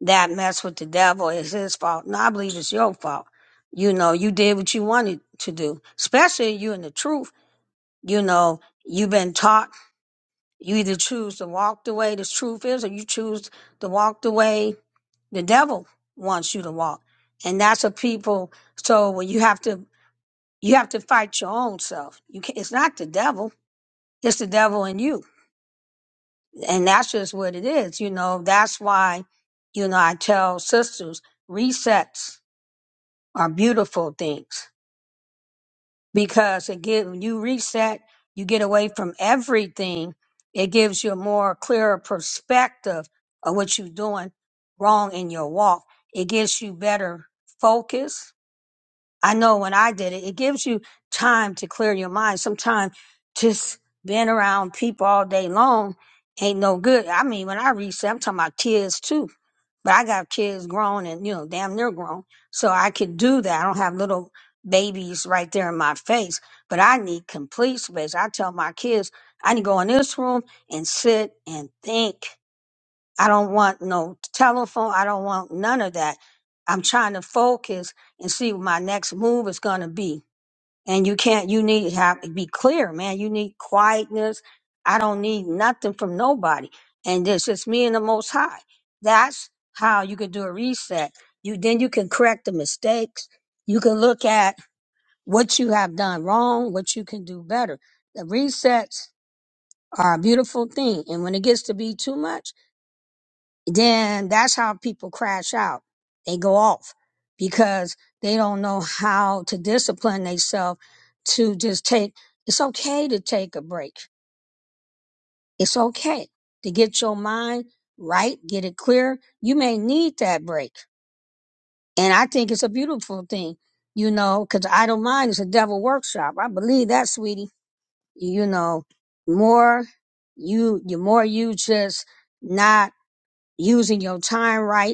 Speaker 1: that mess with the devil. It's his fault. No, I believe it's your fault. You know, you did what you wanted to do, especially you in the truth you know, you've been taught you either choose to walk the way the truth is or you choose to walk the way the devil wants you to walk. And that's what people so when you have to you have to fight your own self. You can it's not the devil, it's the devil in you. And that's just what it is. You know, that's why, you know, I tell sisters, resets are beautiful things because it give when you reset, you get away from everything. It gives you a more clearer perspective of what you're doing wrong in your walk. It gives you better focus I know when I did it, it gives you time to clear your mind. Sometimes just being around people all day long ain't no good. I mean, when I reset, I'm talking about kids too, but I got kids grown and, you know, damn near grown. So I could do that. I don't have little babies right there in my face, but I need complete space. I tell my kids, I need to go in this room and sit and think I don't want no telephone. I don't want none of that. I'm trying to focus and see what my next move is going to be. And you can't, you need to have, be clear, man. You need quietness. I don't need nothing from nobody. And it's just me and the most high. That's how you can do a reset. You, then you can correct the mistakes. You can look at what you have done wrong, what you can do better. The resets are a beautiful thing. And when it gets to be too much, then that's how people crash out. They go off because they don't know how to discipline themselves to just take, it's okay to take a break. It's okay to get your mind right, get it clear. You may need that break. And I think it's a beautiful thing, you know, because idle mind is a devil workshop. I believe that, sweetie. You know, more you, the more you just not using your time right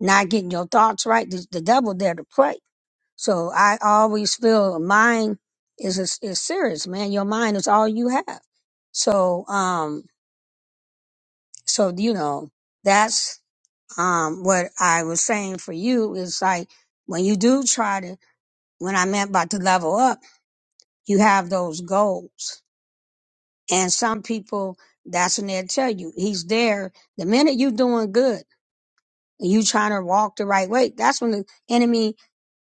Speaker 1: not getting your thoughts right. The, the devil there to play. So I always feel mind is is is serious, man. Your mind is all you have. So um, so you know that's um what I was saying for you is like when you do try to when I meant about to level up, you have those goals, and some people that's when they tell you he's there. The minute you doing good and you trying to walk the right way, that's when the enemy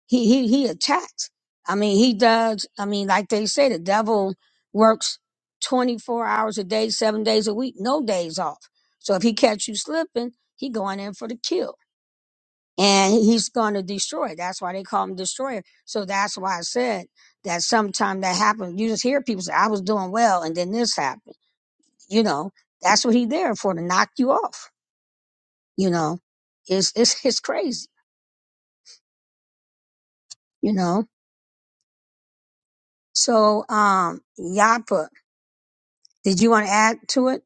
Speaker 1: he he he attacks. I mean, he does. I mean, like they say, the devil works twenty four hours a day, seven days a week, no days off. So if he catch you slipping, he going in for the kill, and he's going to destroy. That's why they call him destroyer. So that's why I said that sometimes that happens. You just hear people say, "I was doing well," and then this happened. You know, that's what he there for to knock you off. You know, it's it's it's crazy. You know, so um, Yapa. Did you want to add to it?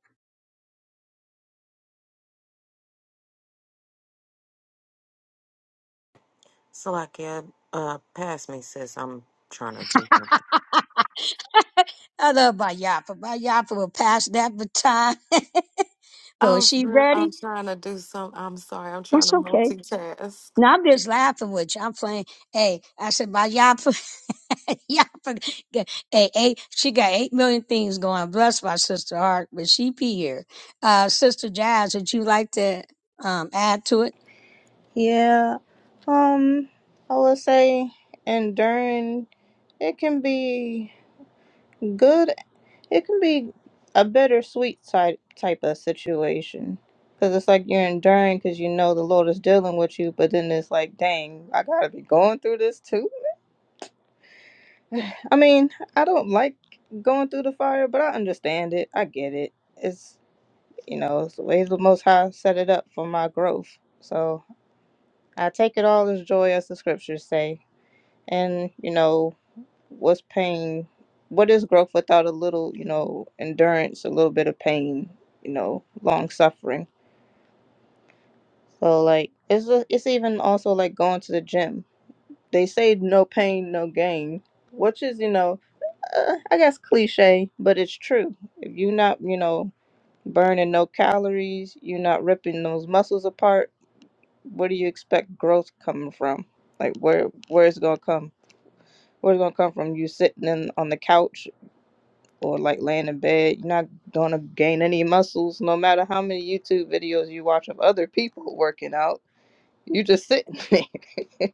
Speaker 7: So I can uh pass me, sis. I'm trying to do something.
Speaker 1: I love Bayapa. Bayapa will pass that baton. but
Speaker 7: Oh,
Speaker 1: was she
Speaker 7: for real?
Speaker 1: ready?
Speaker 7: I'm trying to do some. I'm sorry. I'm trying
Speaker 1: That's
Speaker 7: to
Speaker 1: okay.
Speaker 7: multitask.
Speaker 1: No, I'm just laughing with you. I'm playing. Hey, I said Bayapa. Yapa. got- Hey, hey, she got 8 million things going. Bless my sister heart, but she be here. Uh, sister Jazz, would you like to um, add to it?
Speaker 5: Yeah, um, I would say enduring, it can be good, it can be a bittersweet type, type of situation. Because it's like you're enduring because you know the Lord is dealing with you, but then it's like, dang, I gotta be going through this too? I mean, I don't like going through the fire, but I understand it. I get it. It's you know, it's the way the Most High set it up for my growth. So I take it all as joy, as the scriptures say. And you know, what's pain? What is growth without a little, you know, endurance, a little bit of pain, you know, long suffering. So like, it's a, it's even also like going to the gym. They say no pain, no gain, which is you know uh, I guess cliche, but it's true. If you're not, you know, burning no calories, you're not ripping those muscles apart. Where do you expect growth coming from? Like where where it's gonna come? Where's gonna come from? You sitting in on the couch or like laying in bed. You're not gonna gain any muscles, no matter how many YouTube videos you watch of other people working out. You just sitting there.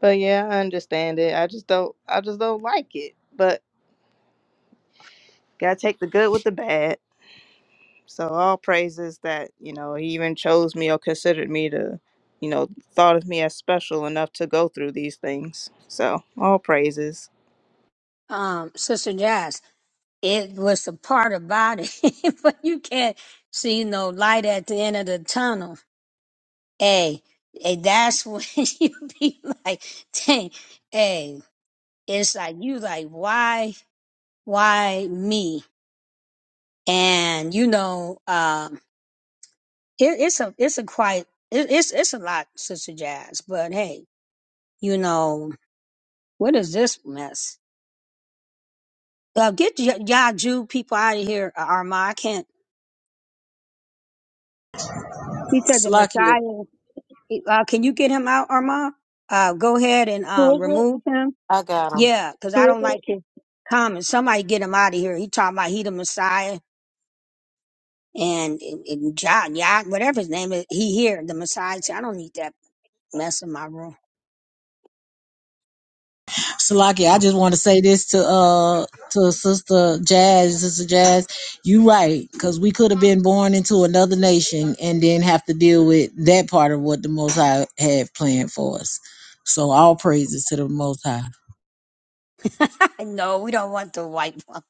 Speaker 5: but yeah, I understand it. I just don't. I just don't like it. But gotta take the good with the bad. So all praises that, you know, he even chose me or considered me to, you know, thought of me as special enough to go through these things. So all praises.
Speaker 1: Um, sister Jazz, it was the part about it, but you can't see no light at the end of the tunnel Hey, hey, that's when you be like, dang, hey, it's like you like, why, why me? And you know, um, it, it's a, it's a quite, it, it's, it's a lot, Sister Jazz. But hey, you know, what is this mess? Uh, get y- y'all Jew people out of here, uh, Armand. I can't. He said the
Speaker 8: Salakia,
Speaker 1: Messiah. Uh, can you get him out, Arma? Uh, go ahead and
Speaker 2: Who
Speaker 1: um,
Speaker 2: is it?
Speaker 1: remove him.
Speaker 7: I got 'em.
Speaker 1: Yeah, because
Speaker 2: Who
Speaker 1: I
Speaker 2: is
Speaker 1: don't like
Speaker 2: it?
Speaker 1: his comments. Somebody get him out of here. He talking about he the Messiah and, and, and John, yeah, whatever his name is. He here, the Messiah. See, I don't need that mess in my room.
Speaker 8: Salakia, I just want to say this to uh to Sister Jazz, Sister Jazz, you right, because we could have been born into another nation and then have to deal with that part of what the Most High had planned for us. So all praises to the Most High.
Speaker 1: no, we don't want the white one.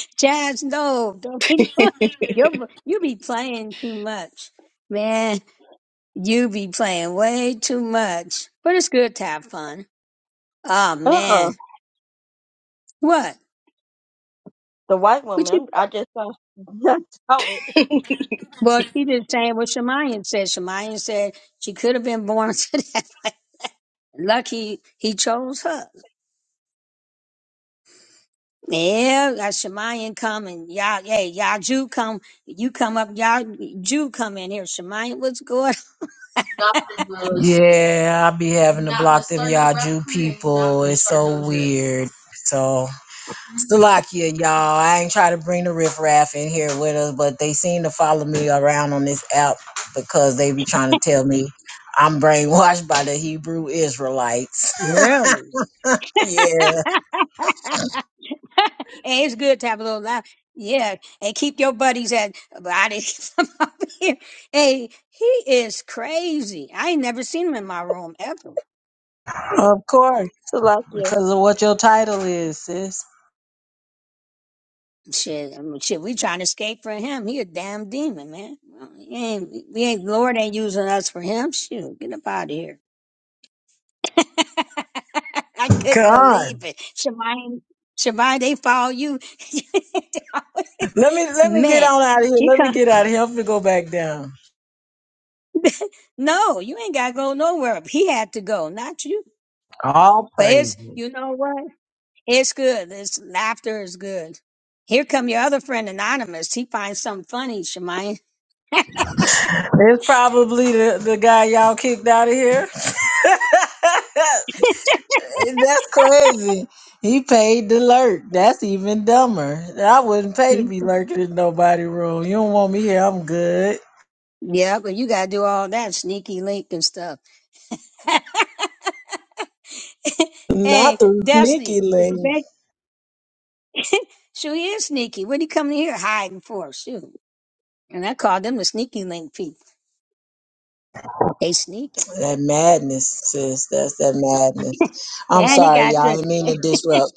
Speaker 1: Jazz, no, don't be doing. You you be playing too much, man. You be playing way too much. But it's good to have fun. Oh man,
Speaker 2: Uh-uh.
Speaker 1: what?
Speaker 2: The white
Speaker 1: What you?
Speaker 2: woman. I just saw, I saw it.
Speaker 1: Well, she just saying what Shemayan said. Shemayan said she could have been born to that. Lucky he chose her. Yeah, got Shemayan come and y'all, hey, y'all Jew come, you come up, y'all Jew come in here. Shemayan, what's good?
Speaker 8: Yeah, I be having to block them y'all Jew people. It's so weird. So. Salakia, y'all. I ain't trying to bring the riffraff in here with us, but they seem to follow me around on this app because they be trying to tell me I'm brainwashed by the Hebrew Israelites.
Speaker 1: Really?
Speaker 8: yeah,
Speaker 1: hey, it's good to have a little laugh. Yeah, and keep your buddies at. But I didn't come up here. Hey, he is crazy. I ain't never seen him in my room ever.
Speaker 8: of course,
Speaker 2: The last year.
Speaker 8: because of what your title is, sis.
Speaker 1: Shit, I mean, shit, we trying to escape from him. He a damn demon, man. Well, He ain't, we ain't Lord ain't using us for him. Shoot, get up out of here. I couldn't
Speaker 8: God,
Speaker 1: believe it. Shemai, Shemai, they follow you.
Speaker 8: let me let me get
Speaker 1: Man,
Speaker 8: on out of here.
Speaker 1: you
Speaker 8: Let me
Speaker 1: come.
Speaker 8: get out of here. I'm gonna go back down.
Speaker 1: No, you ain't got to go nowhere. He had to go, not you.
Speaker 8: All
Speaker 1: But it's,
Speaker 8: praises.
Speaker 1: you know what? It's good. It's laughter is good. Here come your other friend, Anonymous. He finds something funny, Shemai.
Speaker 8: It's probably the, the guy y'all kicked out of here. That's crazy. He paid to lurk. That's even dumber. I wouldn't pay to be lurking in nobody room. You don't want me here. I'm good.
Speaker 1: Yeah, but you got to do all that sneaky link and stuff.
Speaker 8: Not
Speaker 1: hey,
Speaker 8: the
Speaker 1: Destiny,
Speaker 8: sneaky
Speaker 1: it's a
Speaker 8: link.
Speaker 1: big. She is sneaky. What are you coming here hiding for? Shoot. And I called them the sneaky link people. They sneaky.
Speaker 8: That madness, sis. That's that madness. I'm
Speaker 1: And he
Speaker 8: sorry,
Speaker 1: got
Speaker 8: y'all. I
Speaker 1: to
Speaker 8: didn't mean to disrupt.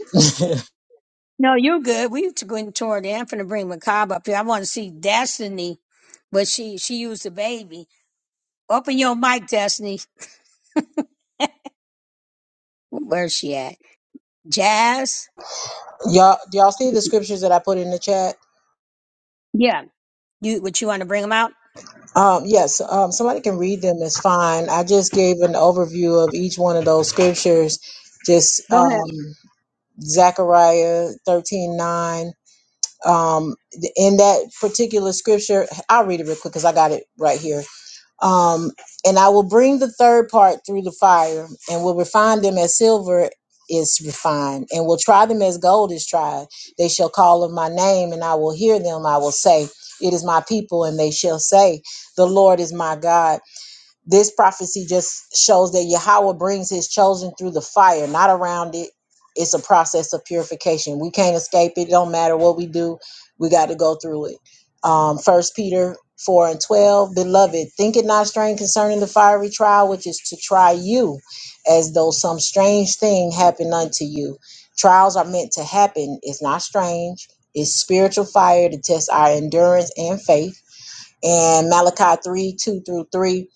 Speaker 1: no, you're good. We used to go in toward there. I'm finna bring Macabre up here. I want to see Destiny, but she she used the baby. Open your mic, Destiny. Where's she at? Jazz.
Speaker 8: y'all, y'all see the scriptures that I put in the chat?
Speaker 1: Yeah. You would you want to bring them out?
Speaker 8: Um, yes. Um, somebody can read them. It's fine. I just gave an overview of each one of those scriptures. Just
Speaker 1: Go ahead.
Speaker 8: um, Zechariah thirteen nine. um in that particular scripture i'll read it real quick because i got it right here um and i will bring the third part through the fire and will refine them as silver is refined and will try them as gold is tried they shall call on my name and i will hear them i will say it is my people and they shall say the lord is my god this prophecy just shows that Yahweh brings his chosen through the fire, not around it. It's a process of purification. We can't escape it. Don't matter what we do, we got to go through it. Um, First Peter four and twelve, beloved, think it not strange concerning the fiery trial, which is to try you, as though some strange thing happened unto you. Trials are meant to happen. It's not strange. It's spiritual fire to test our endurance and faith. And Malachi three two through three,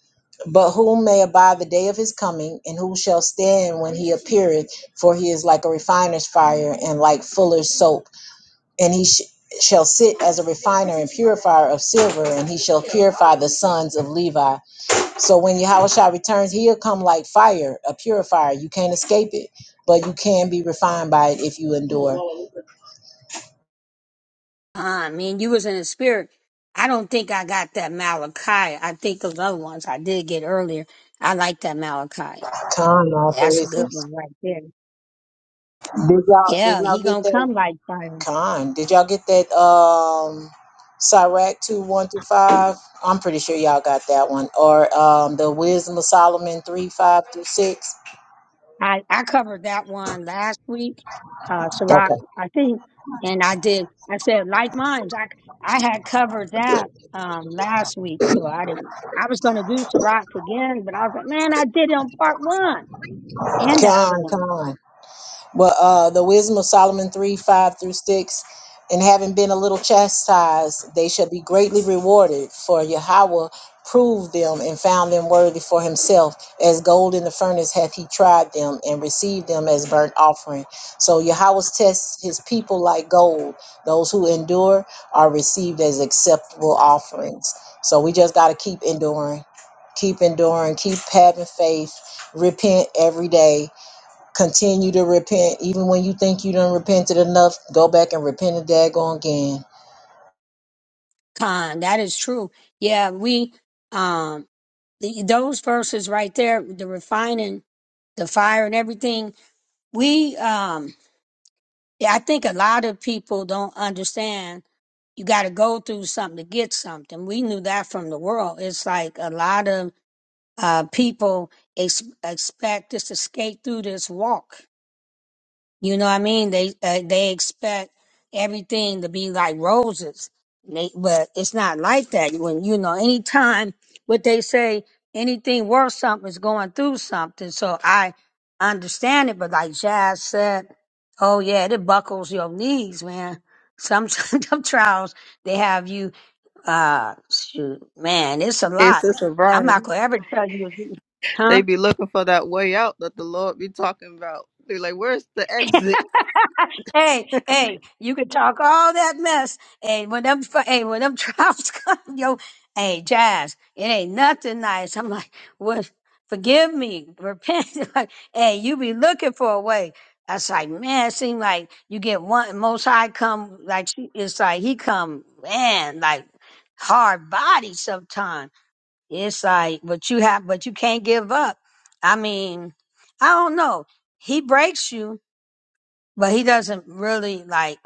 Speaker 8: but whom may abide the day of his coming, and who shall stand when he appeareth? For he is like a refiner's fire, and like fuller's soap. And he sh- shall sit as a refiner and purifier of silver, and he shall purify the sons of Levi. So when Yahushua returns, he'll come like fire, a purifier. You can't escape it, but you can be refined by it if you endure.
Speaker 1: I mean, you was in the spirit. I don't think I got that Malachi. I think those other ones I did get earlier. I like that Malachi.
Speaker 8: Come on,
Speaker 1: That's a good
Speaker 8: praises.
Speaker 1: one right there.
Speaker 8: Did y'all did
Speaker 1: Yeah,
Speaker 8: y'all
Speaker 1: he
Speaker 8: get
Speaker 1: gonna
Speaker 8: that?
Speaker 1: come like fire.
Speaker 8: Con, did y'all get that um Sirach 2 1 through 5? I'm pretty sure y'all got that one. Or um the Wisdom of Solomon 3 5 through 6.
Speaker 1: I, I covered that one last week, uh, Sirach,
Speaker 8: Okay.
Speaker 1: I think, and I did. I said like minds. I I had covered that um last week, so I didn't. I was going to do Sirach again, but I was like, man, I did it on part one and the other
Speaker 8: Con,
Speaker 1: one.
Speaker 8: con. But uh, the wisdom of Solomon 3 5 through 6 and having been a little chastised, they shall be greatly rewarded, for Yahweh proved them and found them worthy for himself. As gold in the furnace hath he tried them and received them as burnt offering. So Yahweh tests his people like gold. Those who endure are received as acceptable offerings. So we just got to keep enduring, keep enduring, keep having faith, repent every day Continue to repent. Even when you think you done repented enough, go back and repent a daggone again.
Speaker 1: Con, that is true. Yeah, we um th- those verses right there, the refining, the fire, and everything. We um Yeah, I think a lot of people don't understand you got to go through something to get something. We knew that from the world. It's like a lot of uh, people ex- expect this to skate through this walk. You know what I mean? They uh, they expect everything to be like roses, they, but it's not like that. When you know, anytime what they say, anything worth something is going through something. So I understand it, but like Jazz said, oh yeah, it buckles your knees, man. Some some trials they have you, uh, shoot, man, it's a
Speaker 5: It's
Speaker 1: lot.
Speaker 5: just a
Speaker 1: I'm not
Speaker 5: Brian.
Speaker 1: gonna ever tell you, huh?
Speaker 5: They be looking for that way out that the Lord be talking about. They're like, where's the exit?
Speaker 1: hey, hey, you can talk all that mess, and when them, fr- hey, when them trials come, yo, hey, Jazz, it ain't nothing nice. I'm like, what? Forgive me, repent. like, hey, you be looking for a way. That's like, man, it seems like you get one most high come like she- it's like he come, man, like hard body sometimes. It's like, but you have, but you can't give up. I mean, I don't know. He breaks you, but he doesn't really like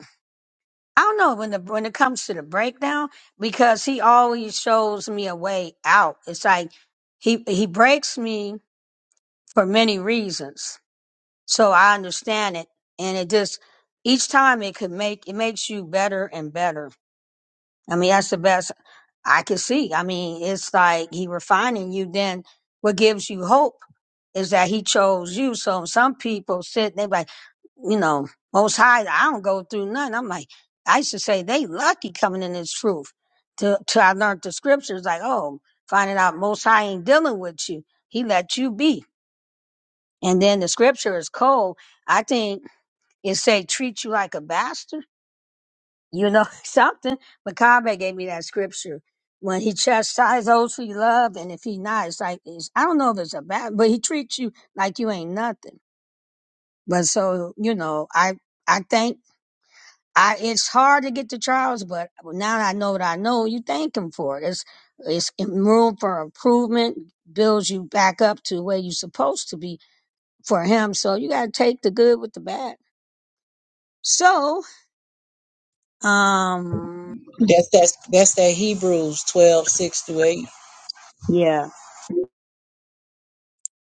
Speaker 1: I don't know when the when it comes to the breakdown because he always shows me a way out. It's like he he breaks me for many reasons. So I understand it and it just each time it could make it makes you better and better. I mean that's the best I can see. I mean it's like he refining you then what gives you hope is that he chose you. So some people sit they like you know, most high, I don't go through nothing. I'm like, I used to say they lucky coming in this truth. Till, till I learned the scriptures, like, oh, finding out most high ain't dealing with you. He let you be. And then the scripture is cold. I think it say treat you like a bastard, you know, something. Makabe gave me that scripture. When he chastises those who he love, and if he not, it's like, it's, I don't know if it's a bad, but he treats you like you ain't nothing. But so, you know, I, I thank I it's hard to get the trials, but now that I know what I know, you thank him for it. It's it's room for improvement, builds you back up to where you're supposed to be for him. So you gotta take the good with the bad. So, um,
Speaker 8: That's that's that's that Hebrews twelve, six through 8.
Speaker 1: yeah,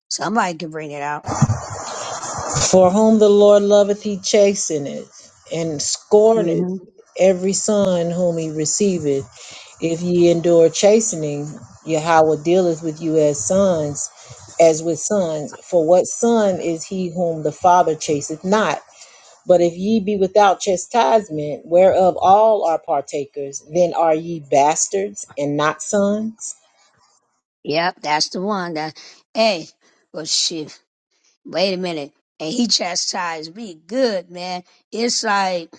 Speaker 1: somebody can bring it out.
Speaker 8: For whom the Lord loveth, he chasteneth, and scorneth
Speaker 1: hmm
Speaker 8: every son whom he receiveth. If ye endure chastening, Yahweh dealeth with you as sons, as with sons. For what son is he whom the Father chasteth not? But if ye be without chastisement, whereof all are partakers, then are ye bastards and not sons?
Speaker 1: Yep, that's the one. That hey, well shit. Wait a minute. And he chastised me. Good man. It's like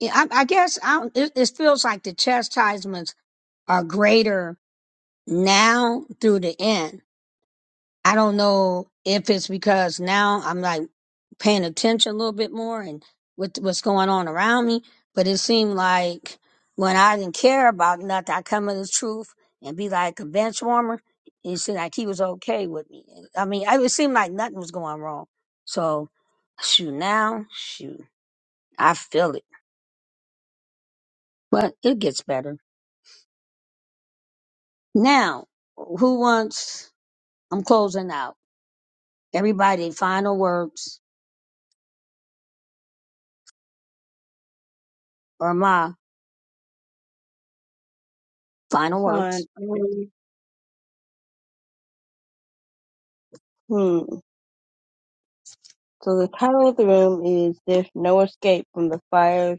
Speaker 1: yeah, I, I guess I, it, it feels like the chastisements are greater now through the end. I don't know if it's because now I'm like paying attention a little bit more and with what's going on around me, but it seemed like when I didn't care about nothing, I come to the truth and be like a bench warmer. It seemed like he was okay with me. I mean, I- it seemed like nothing was going wrong. So, shoot, now, shoot, I feel it, but it gets better. Now, who wants, I'm closing out. Everybody, final words. Or my final words.
Speaker 2: Con. Hmm. So the title of the room is "There's No Escape from the Fires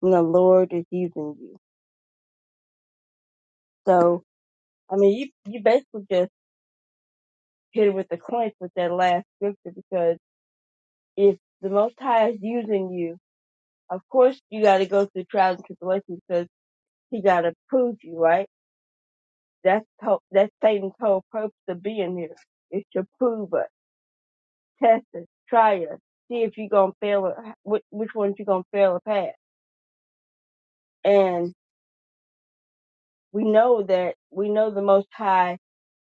Speaker 2: When the Lord Is Using You." So I mean, you you basically just hit it with the clinch with that last scripture because if the Most High is using you, of course you got to go through trials and tribulations because He got to prove you, right? That's to- that's Satan's whole purpose of being here is to prove us, test us, try us, see if you're gonna fail or which, which ones you're gonna fail or pass. And we know that we know the Most High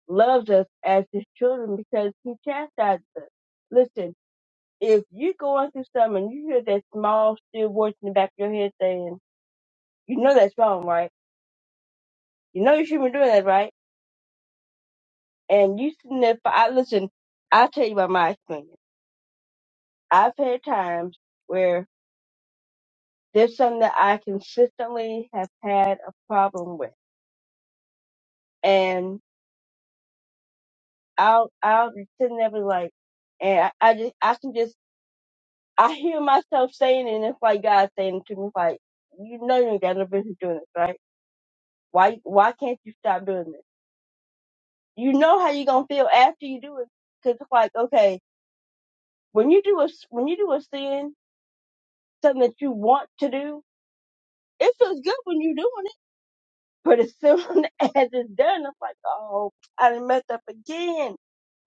Speaker 2: loves us as his children because he chastises us. Listen, if you're going through something and you hear that small, still voice in the back of your head saying, you know that's wrong, right? You know you shouldn't be doing that, right? And you sitting there, for, I listen, I'll tell you about my experience. I've had times where there's something that I consistently have had a problem with. And I'll, I'll be sitting there be like, and I, I just, I can just I hear myself saying it, and it's like God saying it to me, like, you know you ain't got no business doing this, right? Why, why can't you stop doing this? You know how you gonna feel after you do it, 'cause it's like, okay, when you do a, s- when you do a sin, something that you want to do, it feels good when you're doing it, but as soon as it's done, it's like, oh, I done messed up again.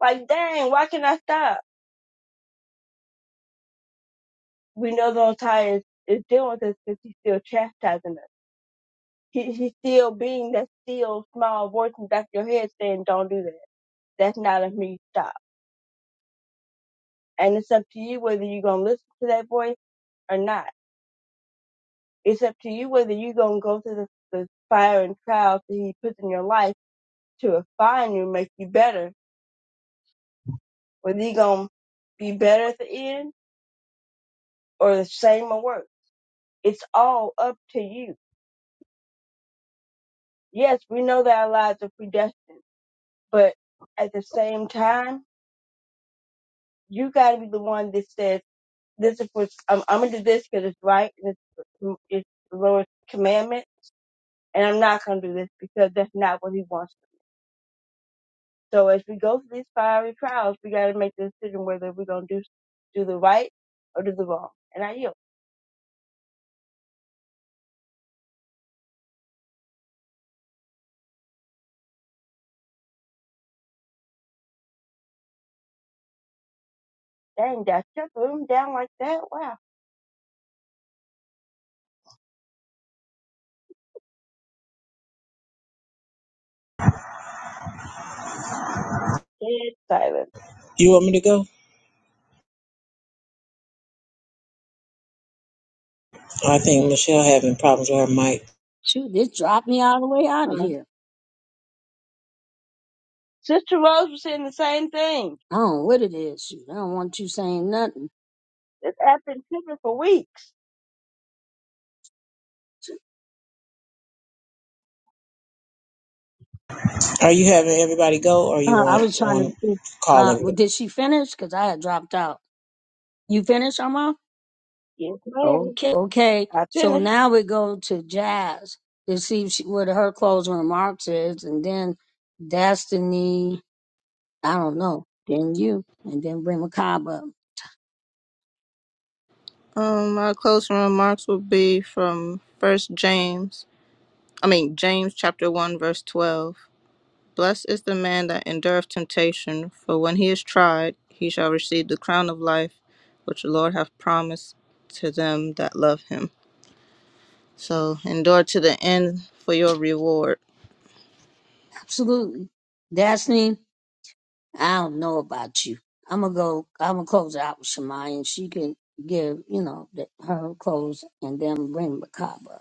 Speaker 2: Like, dang, why can not I stop? We know the Most High is, is dealing with us because he's still chastising us He, he's still being that still small voice in the back of your head saying, don't do that. That's not of me. Stop. And it's up to you whether you're going to listen to that voice or not. It's up to you whether you're going to go through the, the fire and trials that he puts in your life to refine you, make you better, whether you're going to be better at the end or the same or worse. It's all up to you. Yes, we know that our lives are predestined, but at the same time, you got to be the one that says, this is for I'm, I'm gonna do this because it's right and it's it's the Lord's commandment, and I'm not gonna do this because that's not what He wants. So as we go through these fiery trials, we gotta make the decision whether we're gonna do do the right or do the wrong. And I yield. Dang, that shut the room down like that. Wow, dead silence.
Speaker 8: You want me to go? I think Michelle having problems with her mic.
Speaker 1: Shoot, this dropped me all the way out of
Speaker 2: Huh.
Speaker 1: here.
Speaker 2: Sister Rose was saying the same thing.
Speaker 1: I don't know what it is. Shoot, I don't want you saying nothing.
Speaker 2: This app been tripping for weeks.
Speaker 8: Are you having everybody go, or you
Speaker 1: Uh, I
Speaker 8: want
Speaker 1: was trying to
Speaker 8: want to
Speaker 1: see.
Speaker 8: call
Speaker 1: Uh,
Speaker 8: everybody?
Speaker 1: well, did she finish? Because I had dropped out. You finished, Arma?
Speaker 2: Yes, ma'am.
Speaker 1: Okay. Okay.
Speaker 2: I
Speaker 1: So
Speaker 2: finished.
Speaker 1: now we go to Jazz to see if she, what her closing remarks is, and then Destiny. I don't know. Then you, and then bring Macabre up.
Speaker 5: Um, my closing remarks will be from First James. I mean James chapter one verse twelve. Blessed is the man that endureth temptation, for when he is tried, he shall receive the crown of life which the Lord hath promised to them that love him. So endure to the end for your reward.
Speaker 1: Absolutely, Destiny. I don't know about you. I'm gonna go. I'm gonna close it out with Shemai, and she can give you know the, her close, and then bring Macabre. up.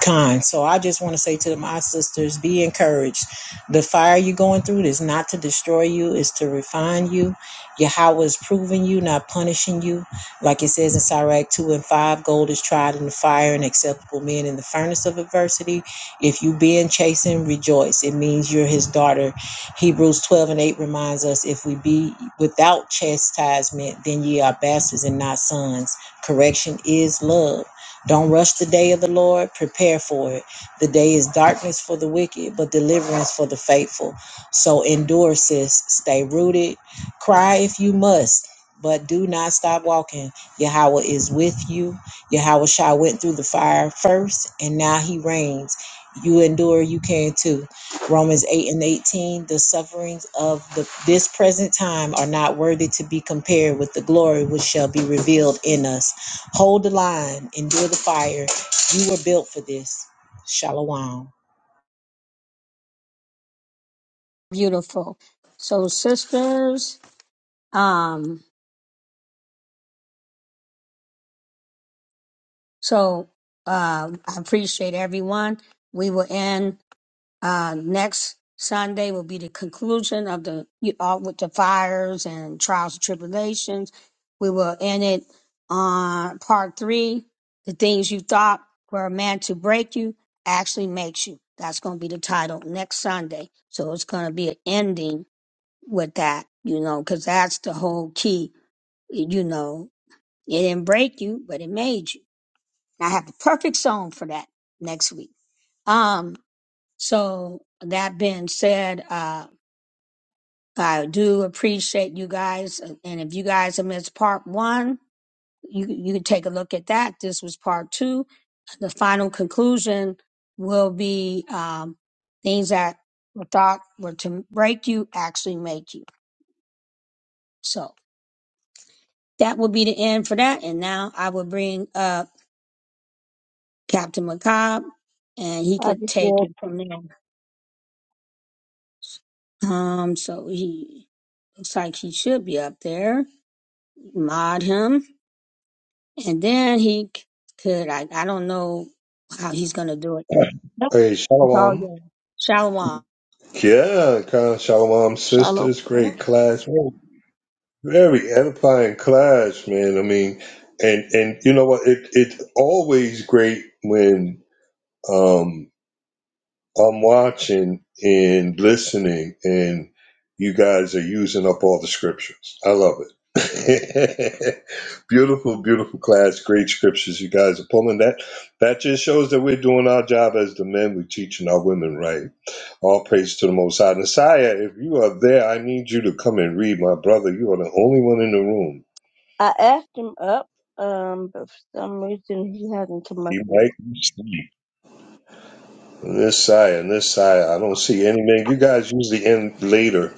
Speaker 8: Kind So I just want to say to my sisters, be encouraged. The fire you're going through is not to destroy you, it's to refine you. Yahweh is proving you, not punishing you. Like it says in Sirach 2 and 5, gold is tried in the fire and acceptable men in the furnace of adversity. If you being chastened, rejoice. It means you're his daughter. Hebrews 12 and 8 reminds us if we be without chastisement, then ye are bastards and not sons. Correction is love. Don't rush the day of the Lord. Prepare for it. The day is darkness for the wicked, but deliverance for the faithful. So endure, sis. Stay rooted. Cry if you must, but do not stop walking. Yahweh is with you. Yahweh Shai went through the fire first, and now he reigns. You endure, you can too. Romans 8 and 18 The sufferings of the, this present time are not worthy to be compared with the glory which shall be revealed in us. Hold the line, endure the fire. You were built for this. Shalom.
Speaker 1: beautiful. So, sisters, um, so uh, I appreciate everyone. We will end uh, next Sunday will be the conclusion of the you all with the fires and trials and tribulations. We will end it on part three. The things you thought were meant to break you actually makes you. That's going to be the title next Sunday. So it's going to be an ending with that, you know, because that's the whole key you know, It didn't break you, but it made you. And I have the perfect song for that next week. Um, so that being said, uh, I do appreciate you guys. And if you guys have missed part one, you, you can take a look at that. This was part two. The final conclusion will be, um, things that were thought were to break you actually make you. So that will be the end for that. And now I will bring up Captain McCobb, and he
Speaker 2: I
Speaker 1: could
Speaker 2: just
Speaker 1: take
Speaker 2: did.
Speaker 1: it from there. Um, so he looks like he should be up there. Mod him, and then he c- could. I, I don't know how he's gonna do it. Nope,
Speaker 3: hey,
Speaker 1: It's all
Speaker 3: Shalom.
Speaker 1: good. Shalom.
Speaker 3: Yeah, kind of Shalom,
Speaker 5: Shalom.
Speaker 3: sisters. Great class. Very very edifying class, man. I mean, and, and you know what? It, it's always great when, um, I'm watching and listening, and you guys are using up all the scriptures. I love it. beautiful, beautiful class. Great scriptures. You guys are pulling that. That just shows that we're doing our job as the men. We're teaching our women right. All praise to the Most High. Messiah, if you are there, I need you to come and read, my brother. You are the only one in the room.
Speaker 2: I asked him up. Um, but for some reason he hasn't come up
Speaker 3: You
Speaker 2: yet.
Speaker 3: might be asleep. And This side and this side, I don't see any man. You guys usually end later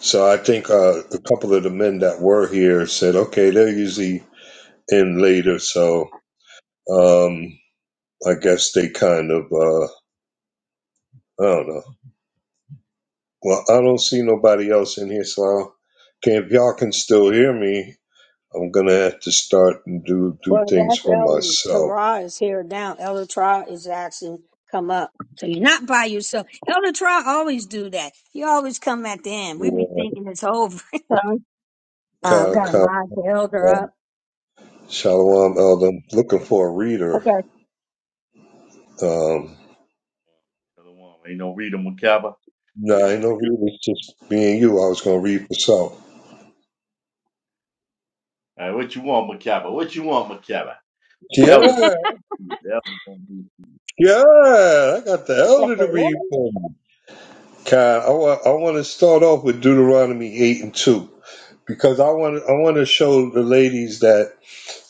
Speaker 3: So I think uh, a couple of the men that were here said, okay, they're usually in later, so um, I guess they kind of, uh, I don't know. Well, I don't see nobody else in here, so I'll, okay, if y'all can still hear me, I'm gonna have to start and do do
Speaker 1: Well,
Speaker 3: things
Speaker 1: that's
Speaker 3: for
Speaker 1: Elder
Speaker 3: myself.
Speaker 1: Tara is here down. Elder Tara is actually come up. So you're not by yourself. Elder Tara always do that. He always come at the end. We be
Speaker 3: Yeah,
Speaker 1: thinking it's over.
Speaker 2: Um,
Speaker 1: Uh,
Speaker 3: Ka-
Speaker 1: got to
Speaker 3: ka-
Speaker 1: mod the elder up.
Speaker 3: Shalom, Elder. I'm looking for a reader.
Speaker 2: okay,
Speaker 3: Um,
Speaker 9: Another one. Ain't no Rita Macabre.
Speaker 3: no,
Speaker 9: Ain't
Speaker 3: I
Speaker 9: no
Speaker 3: ain't no
Speaker 9: Rita.
Speaker 3: reader. It's just me and you. I was gonna read for self.
Speaker 9: All right, what you want, Macabre? What you want, Macabre? The Elder
Speaker 3: Yeah,
Speaker 9: gonna read. The Elder gonna read.
Speaker 3: Yeah, I got the
Speaker 2: Yes,
Speaker 3: elder
Speaker 2: it.
Speaker 3: to read
Speaker 2: is.
Speaker 3: for me. Kai, I want I want to start off with Deuteronomy eight and two because I want I want to show the ladies that.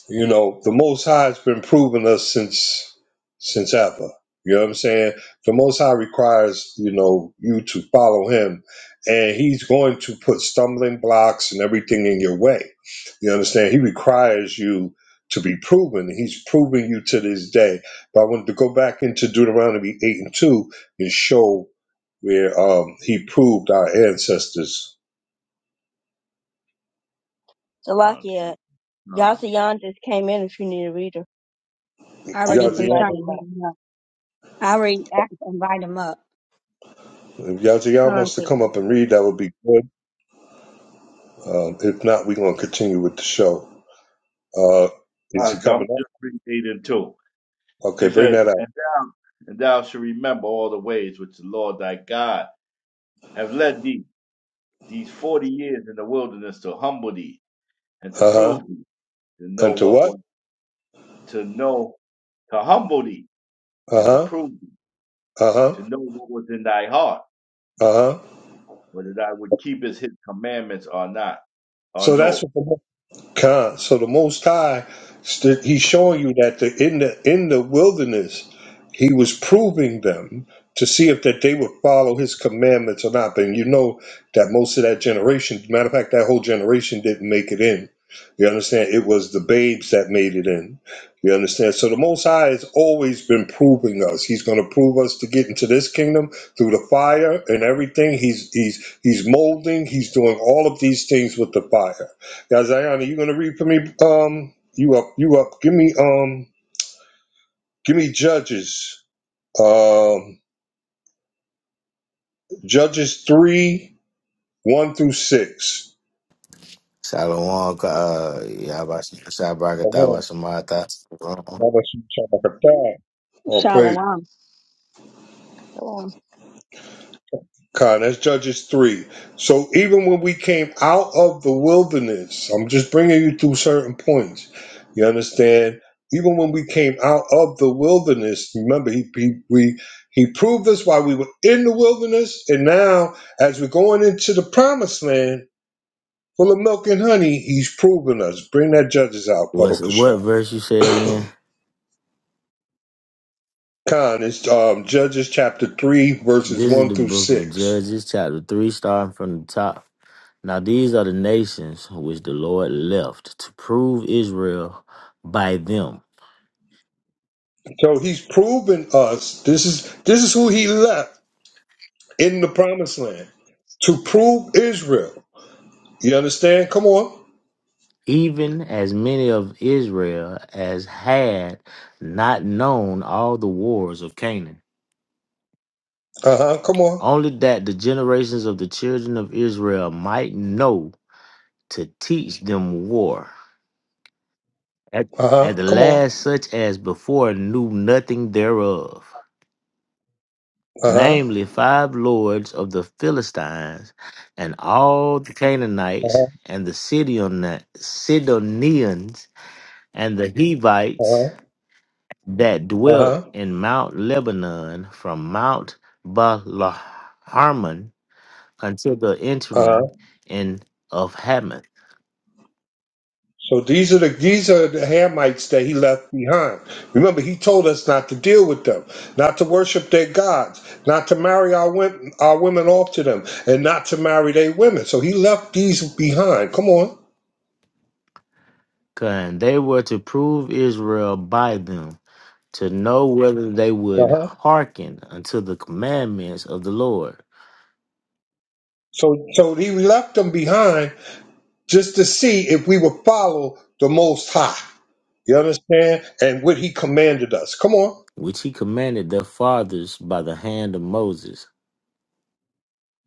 Speaker 3: You know, the Most High has been proving us since since ever. You know what I'm saying? The Most High requires you know you to follow Him, and He's going to put stumbling blocks and everything in your way. You understand? He requires you to be proven. He's proving you to this day. But I wanted to go back into Deuteronomy eight and two and show where um, He proved our ancestors.
Speaker 9: Come on,
Speaker 2: Salakia,
Speaker 9: come on.
Speaker 2: Yasayan just came in if you need a reader.
Speaker 1: I
Speaker 2: I
Speaker 1: already
Speaker 2: just
Speaker 3: Yazzie,
Speaker 1: was
Speaker 2: invited
Speaker 1: trying to
Speaker 2: him
Speaker 1: bring
Speaker 2: up.
Speaker 1: him up. I already asked, to invite him up.
Speaker 3: if Yazzie
Speaker 2: Tom
Speaker 3: wants to
Speaker 2: said
Speaker 3: come
Speaker 2: that.
Speaker 3: up and read, that would be good. Um, if not, we're going to continue with the show. Uh,
Speaker 9: All
Speaker 3: is
Speaker 9: right,
Speaker 3: he
Speaker 9: so I'm
Speaker 3: coming up?
Speaker 9: just reading eight and two.
Speaker 3: Okay,
Speaker 9: It
Speaker 3: bring
Speaker 9: says,
Speaker 3: that out.
Speaker 9: and thou, and thou shall remember all the ways which the Lord thy God have led thee these forty years in the wilderness to humble thee and to
Speaker 3: Uh huh.
Speaker 9: prove thee to know
Speaker 3: Unto
Speaker 9: what
Speaker 3: what?
Speaker 9: was to know to humble thee
Speaker 3: Uh
Speaker 9: and to
Speaker 3: huh.
Speaker 9: prove thee
Speaker 3: Uh huh.
Speaker 9: to know what was in thy heart
Speaker 3: Uh huh.
Speaker 9: whether thou would keep his commandments or not. Uh,
Speaker 3: So that's
Speaker 9: no.
Speaker 3: what. the Con. So the Most High, st- He's showing you that the, in the in the wilderness, He was proving them to see if that they would follow His commandments or not. And you know that most of that generation, matter of fact, that whole generation didn't make it in. You understand? It was the babes that made it in. You understand? So the Most High has always been proving us. He's going to prove us to get into this kingdom through the fire and everything. He's he's he's molding. He's doing all of these things with the fire. Now, Zion, are you gonna read for me? Um, you up? You up? Give me um, give me Judges. Um, Judges three one through six.
Speaker 10: Salomon, uh, Yabashakatawa Samata.
Speaker 3: Oh, praise
Speaker 1: Shalom.
Speaker 2: So,
Speaker 3: Con, that's Judges 3. So even when we came out of the wilderness, I'm just bringing you through certain points. You understand? Even when we came out of the wilderness, remember, he, he, we, he proved us while we were in the wilderness. And now, as we're going into the promised land full of milk and honey, he's proven us. Bring that Judges out, Baba
Speaker 10: What's what
Speaker 3: Kashaw.
Speaker 10: verse you say again?
Speaker 3: Con, it's um, Judges chapter 3, verses
Speaker 10: This is
Speaker 3: 1
Speaker 10: the
Speaker 3: through
Speaker 10: book of
Speaker 3: 6.
Speaker 10: Judges, chapter three, starting from the top. Now these are the nations which the Lord left to prove Israel by them,
Speaker 3: So he's proven us. This is this is who he left in the promised land to prove Israel. You understand? Come on.
Speaker 10: even as many of Israel as had not known all the wars of Canaan,
Speaker 3: Uh huh. Come on.
Speaker 10: only that the generations of the children of Israel might know to teach them war. At,
Speaker 3: Uh
Speaker 10: at
Speaker 3: huh.
Speaker 10: the
Speaker 3: Come on.
Speaker 10: last, such as before knew nothing thereof,
Speaker 3: Uh huh.
Speaker 10: namely five lords of the Philistines, and all the
Speaker 3: Uh
Speaker 10: Canaanites,
Speaker 3: huh.
Speaker 10: and the Sidon- Sidonians, and the
Speaker 3: Uh
Speaker 10: Hivites
Speaker 3: huh.
Speaker 10: that
Speaker 3: Uh
Speaker 10: dwelt
Speaker 3: huh.
Speaker 10: in Mount Lebanon from Mount Baal-Harmon until the
Speaker 3: Uh huh.
Speaker 10: entering in of Hamath.
Speaker 3: So these are the these are the Hamites that he left behind. Remember, he told us not to deal with them, not to worship their gods, not to marry our women, our women off to them, and not to marry their women. So he left these behind. Come on.
Speaker 10: And they were to prove Israel by them. to know whether they would
Speaker 3: Uh-huh.
Speaker 10: hearken unto the commandments of the Lord,
Speaker 3: So, so he left them behind just to see if we would follow the Most High. You understand? And what he commanded us. Come on.
Speaker 10: which he commanded their fathers by the hand of Moses.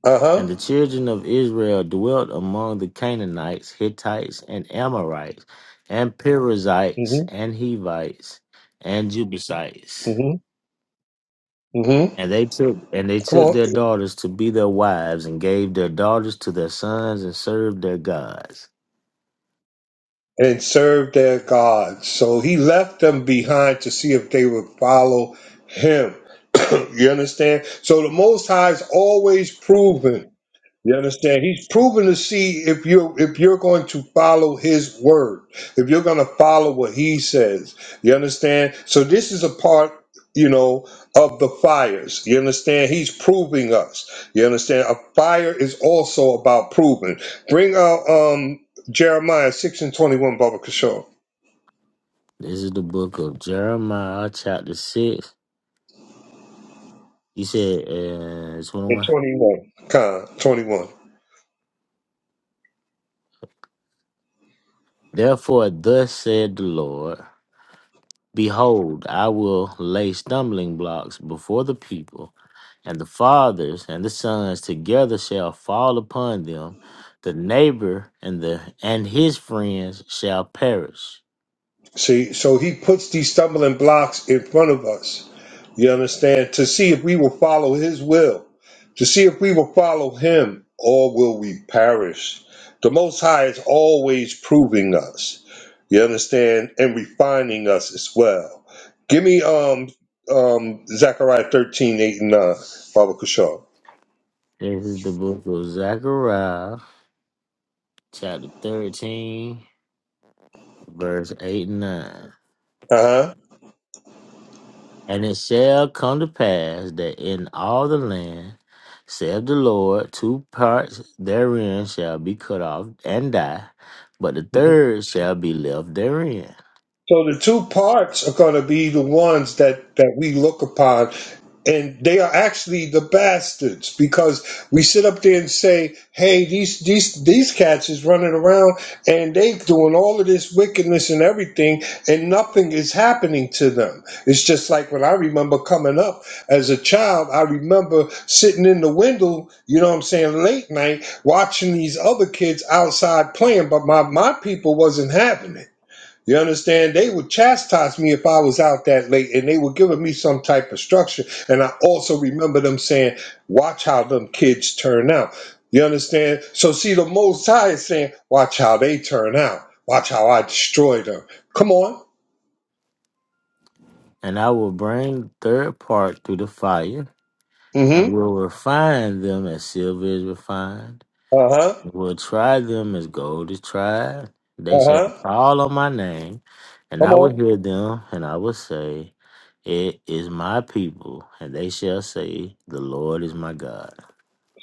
Speaker 3: Uh
Speaker 10: And
Speaker 3: huh.
Speaker 10: the children of Israel dwelt among the Canaanites, Hittites, and Amorites, and Perizzites,
Speaker 3: Mm-hmm.
Speaker 10: and Hivites, and Jebusites.
Speaker 3: Mm-hmm. Mm-hmm.
Speaker 10: And they took and they
Speaker 3: Come
Speaker 10: took
Speaker 3: on.
Speaker 10: their daughters to be their wives, and gave their daughters to their sons, and served their gods.
Speaker 3: And serve their God. So he left them behind to see if they would follow him. you understand? So the Most High is always proven. You understand? He's proven to see if you're if you're going to follow his word, if you're going to follow what he says. You understand? So this is a part, you know, of the fires. You understand? He's proving us. You understand? A fire is also about proving. Bring out um Jeremiah six and twenty one, Baba Kishore.
Speaker 10: This is the book of Jeremiah, chapter six, You said, uh,
Speaker 3: And
Speaker 10: 21.
Speaker 3: twenty one. Con twenty one.
Speaker 10: Therefore, thus said the Lord Behold, I will lay stumbling blocks before the people, and the fathers and the sons together shall fall upon them. The neighbor and the and his friends shall perish.
Speaker 3: See, so he puts these stumbling blocks in front of us. You understand? To see if we will follow his will, to see if we will follow him, or will we perish? The Most High is always proving us. You understand? And refining us as well. Give me um um Zechariah 13, 8 and 9, Baba Kushal.
Speaker 10: This is the book of Zechariah, chapter 13, verse 8 and 9.
Speaker 3: Uh-huh.
Speaker 10: And it shall come to pass that in all the land, saith the Lord, two parts therein shall be cut off and die, but the third shall be left therein.
Speaker 3: So the two parts are going to be the ones that that we look upon, and they are actually the bastards because we sit up there and say, "Hey, these these these cats is running around and they doing all of this wickedness and everything, and nothing is happening to them." It's just like when I remember coming up as a child, I remember sitting in the window, you know what I'm saying, late night watching these other kids outside playing, but my my people wasn't having it. You understand? They would chastise me if I was out that late, and they were giving me some type of structure. And I also remember them saying, "Watch how them kids turn out." You understand? So see, the Most High is saying, "Watch how they turn out. Watch how I destroy them." Come on.
Speaker 10: And I will bring the third part through the fire, and
Speaker 3: Mm-hmm.
Speaker 10: will refine them as silver is refined
Speaker 3: Uh huh.
Speaker 10: will try them as gold is tried. They
Speaker 3: Uh
Speaker 10: shall
Speaker 3: huh.
Speaker 10: call on my name, and
Speaker 3: Come
Speaker 10: I will
Speaker 3: on.
Speaker 10: hear them, and I will say, It is my people. And they shall say, The Lord is my God.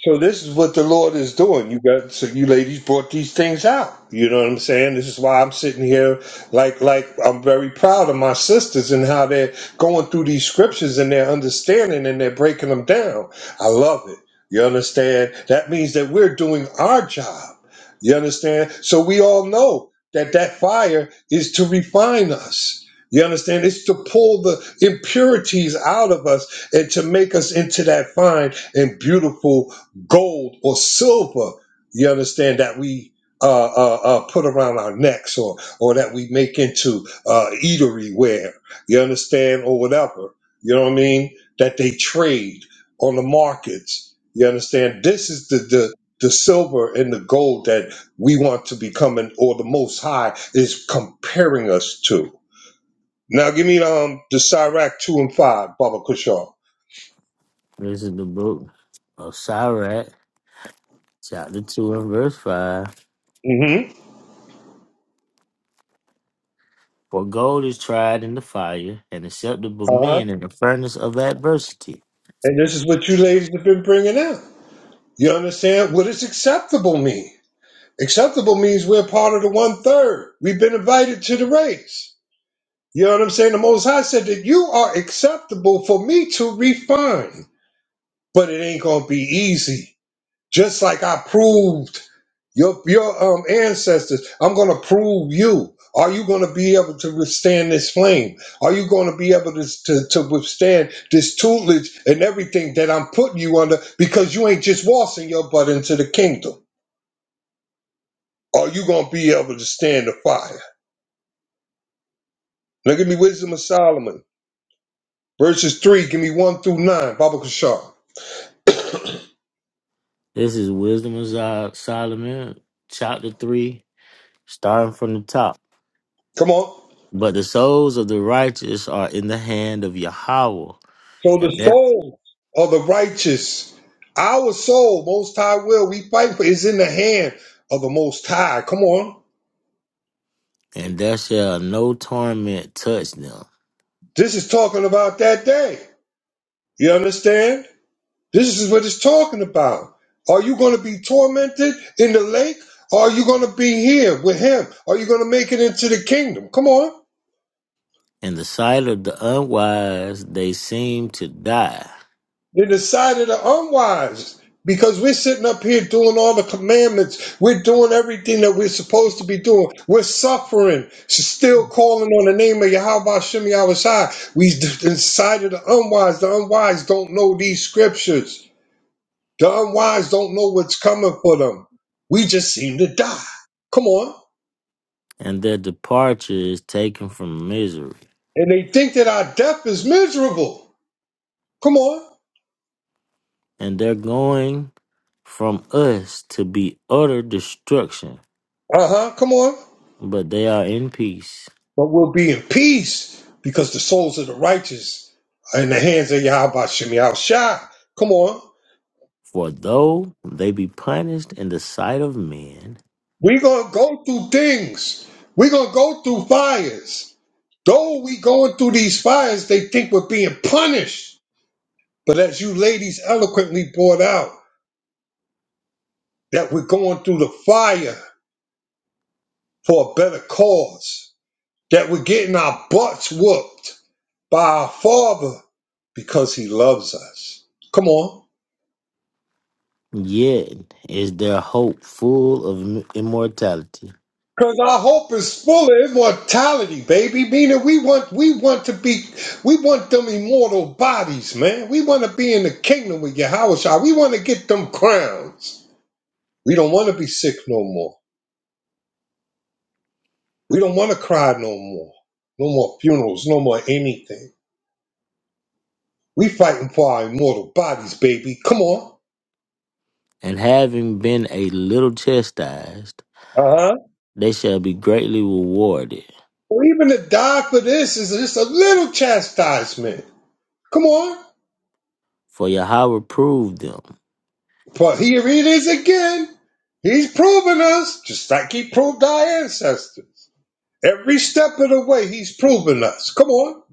Speaker 3: So this is what the Lord is doing. You got so you ladies brought these things out. You know what I'm saying? This is why I'm sitting here like like I'm very proud of my sisters and how they're going through these scriptures and they're understanding and they're breaking them down. I love it. You understand? That means that we're doing our job. You understand? So we all know that that fire is to refine us. You understand? It's to pull the impurities out of us and to make us into that fine and beautiful gold or silver. You understand that we uh, uh, uh, put around our necks, or or that we make into uh, eatery ware. You understand, or whatever. You know what I mean? That they trade on the markets. You understand? This is the the the silver and the gold that we want to become, and or the Most High is comparing us to. Now, give me um the Sirach two and five, Baba Kushar.
Speaker 10: This is the book of Sirach, chapter 2, and verse 5.
Speaker 3: Mm-hmm.
Speaker 10: For gold is tried in the fire, and acceptable
Speaker 3: Uh huh.
Speaker 10: men in the furnace of adversity.
Speaker 3: And this is what you ladies have been bringing out. You understand? What does acceptable mean? Acceptable means we're part of the one third. We've been invited to the race. You know what I'm saying? The Most High said that you are acceptable for me to refine, but it ain't gonna be easy. Just like I proved your your um ancestors, I'm gonna prove you. Are you gonna be able to withstand this flame? Are you gonna be able to, to, to withstand this tutelage and everything that I'm putting you under because you ain't just waltzing your butt into the kingdom? Are you going to be able to stand the fire? Now give me Wisdom of Solomon, verses 3, give me 1 through 9, Baba Kishar.
Speaker 10: This is Wisdom of Sol- Solomon, chapter 3, starting from the top.
Speaker 3: Come on.
Speaker 10: But the souls of the righteous are in the hand of Yahweh,
Speaker 3: So
Speaker 10: and
Speaker 3: the
Speaker 10: there,
Speaker 3: souls of the righteous, our soul, Most High will, we fight for, is in the hand of the Most High. Come on.
Speaker 10: and there shall no torment touch them.
Speaker 3: This is talking about that day. You understand? This is what it's talking about. Are you going to be tormented in the lake? Or are you going to be here with him? Are you going to make it into the kingdom? Come on.
Speaker 10: In the sight of the unwise, they seem to die,
Speaker 3: They decided are unwise because we're sitting up here doing all the commandments. We're doing everything that we're supposed to be doing. We're suffering, still calling on the name of Yahweh Shem Shai. We d- decided the unwise. The unwise don't know these scriptures. The unwise don't know what's coming for them. We just seem to die. Come on.
Speaker 10: and their departure is taken from misery,
Speaker 3: And they think that our death is miserable. Come on.
Speaker 10: and their going from us to be utter destruction.
Speaker 3: Uh huh. Come on.
Speaker 10: But they are in peace.
Speaker 3: but we'll be in peace because the souls of the righteous are in the hands of Yahweh Shem Yahweh Shai. Come on.
Speaker 10: For though they be punished in the sight of men,
Speaker 3: We're going to go through things. We're going to go through fires. Though we going through these fires, they think we're being punished. But as you ladies eloquently brought out, that we're going through the fire for a better cause. That we're getting our butts whooped by our Father because He loves us. Come on.
Speaker 10: yet is their hope full of immortality.
Speaker 3: Because our hope is full of immortality, baby. Meaning we want we want to be we want them immortal bodies, man. We want to be in the kingdom with Yahweh. We want to get them crowns. We don't want to be sick no more. We don't want to cry no more. No more funerals, no more anything. We fighting for our immortal bodies, baby. Come on.
Speaker 10: and having been a little chastised,
Speaker 3: Uh-huh.
Speaker 10: they shall be greatly rewarded.
Speaker 3: Well, even to die for this is just a little chastisement. Come on.
Speaker 10: For Yahweh proved them
Speaker 3: But here it is again. He's proving us, just like he proved our ancestors. Every step of the way, he's proving us. Come on.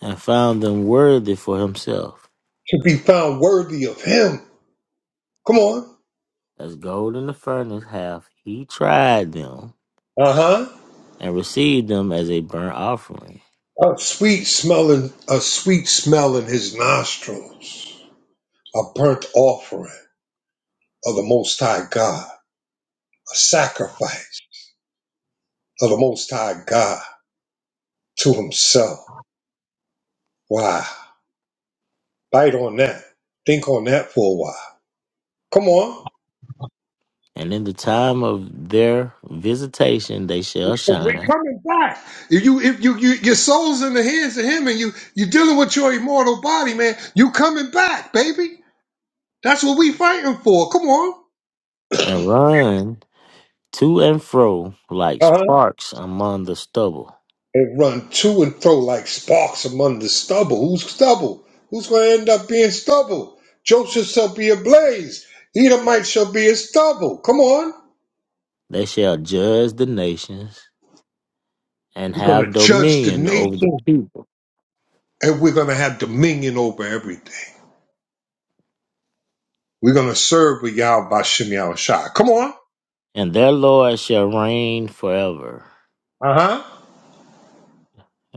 Speaker 10: and found them worthy for himself.
Speaker 3: To be found worthy of him. Come on.
Speaker 10: As gold in the furnace hath he tried them
Speaker 3: Uh huh.
Speaker 10: and received them as a burnt offering.
Speaker 3: A sweet smelling, a sweet smell in his nostrils. A burnt offering of the Most High God. A sacrifice of the Most High God to himself. Wow. Bite on that. Think on that for a while. Come on.
Speaker 10: And in the time of their visitation they shall
Speaker 3: Because we
Speaker 10: shine
Speaker 3: coming back. If you if you, you your soul's in the hands of him and you you dealing with your immortal body, man, you coming back, baby. That's what we fighting for. Come on.
Speaker 10: and run to and fro like
Speaker 3: Uh-huh.
Speaker 10: sparks among the stubble.
Speaker 3: And run to and fro like sparks among the stubble. Who's stubble? Who's gonna end up being stubble? Joseph shall be ablaze. Edomite shall be as stubble. Come on.
Speaker 10: They shall judge the nations and
Speaker 3: We're gonna
Speaker 10: have
Speaker 3: judge the
Speaker 10: dominion over the
Speaker 3: nation
Speaker 10: people.
Speaker 3: and we're gonna have dominion over everything. We're gonna serve with Yahweh Shem Yahweh Come on.
Speaker 10: and their Lord shall reign forever.
Speaker 3: Uh-huh.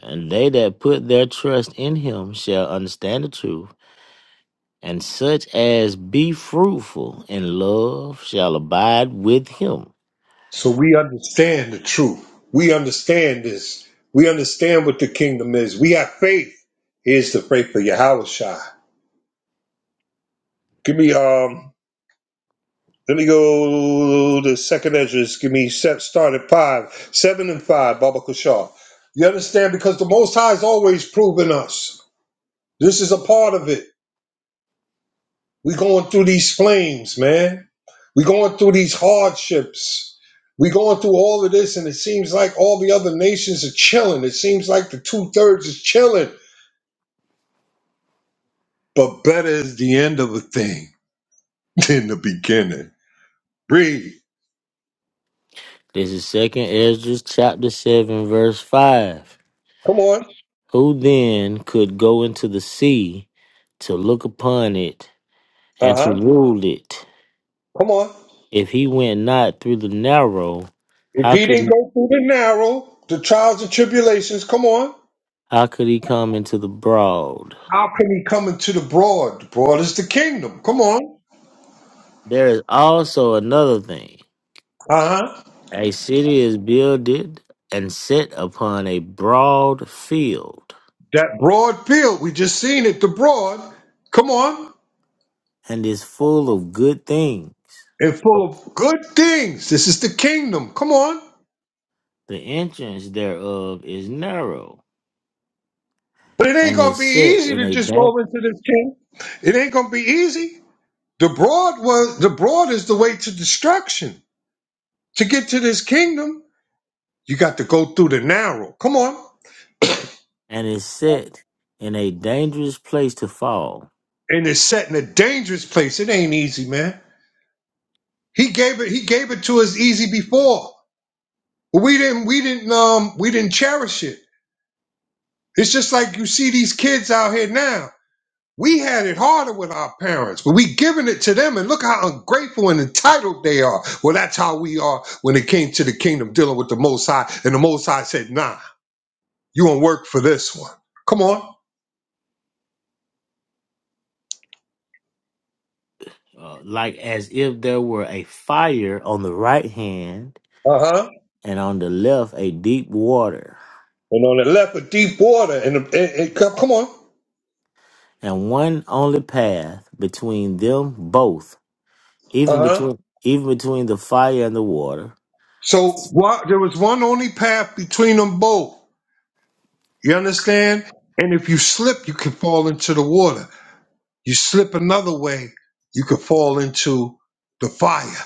Speaker 10: And they that put their trust in him shall understand the truth, and such as be fruitful in love shall abide with him.
Speaker 3: So we understand the truth. We understand this. We understand what the kingdom is. We have faith. Here's the faith of Yahweh Shai. Give me um. Let me go to second Ezra's. Give me set start at five, seven and five. Baba Kushar. You understand because the Most High is always proving us. This is a part of it. We going through these flames, man. We going through these hardships. We going through all of this, and it seems like all the other nations are chilling. It seems like the two thirds is chilling. But better is the end of a thing than the beginning. Read.
Speaker 10: This is second Ezra chapter seven verse five.
Speaker 3: Come on.
Speaker 10: Who then could go into the sea to look upon it
Speaker 3: Uh
Speaker 10: and to
Speaker 3: huh.
Speaker 10: rule it?
Speaker 3: Come on.
Speaker 10: If he went not through the narrow,
Speaker 3: If
Speaker 10: how
Speaker 3: he
Speaker 10: could
Speaker 3: didn't
Speaker 10: he,
Speaker 3: go through the narrow, the trials and tribulations, come on.
Speaker 10: how could he come into the broad?
Speaker 3: How can he come into the broad? The broad is the kingdom. Come on.
Speaker 10: There is also another thing.
Speaker 3: Uh huh.
Speaker 10: A city is builded and set upon a broad field,
Speaker 3: That broad field, we just seen it, the broad. Come on.
Speaker 10: and is full of good things.
Speaker 3: and full of good things. This is the kingdom. Come on.
Speaker 10: The entrance thereof is narrow,
Speaker 3: But it ain't
Speaker 10: and
Speaker 3: gonna
Speaker 10: is
Speaker 3: be
Speaker 10: set
Speaker 3: easy
Speaker 10: in
Speaker 3: to
Speaker 10: a
Speaker 3: just
Speaker 10: da-
Speaker 3: roll into this kingdom. It ain't gonna be easy. The broad was the broad is the way to destruction. To get to this kingdom, you got to go through the narrow. Come on.
Speaker 10: and is set in a dangerous place to fall,
Speaker 3: And it's set in a dangerous place. It ain't easy, man. He gave it he gave it to us easy before. But we didn't we didn't um we didn't cherish it. It's just like you see these kids out here now. We had it harder with our parents, but we giving it to them, and look how ungrateful and entitled they are. Well, that's how we are when it came to the kingdom, dealing with the Most High, and the Most High said, "Nah, you won't work for this one. Come on,
Speaker 10: uh, like as if there were a fire on the right hand,
Speaker 3: uh huh."
Speaker 10: and on the left a deep water,
Speaker 3: And on the left of deep water, and the- it, it, come come on,
Speaker 10: and one only path between them both
Speaker 3: uh
Speaker 10: even
Speaker 3: huh.
Speaker 10: between even between the fire and the water,
Speaker 3: So what, there was one only path between them both. You understand? And if you slip, you can fall into the water. You slip another way, you could fall into the fire.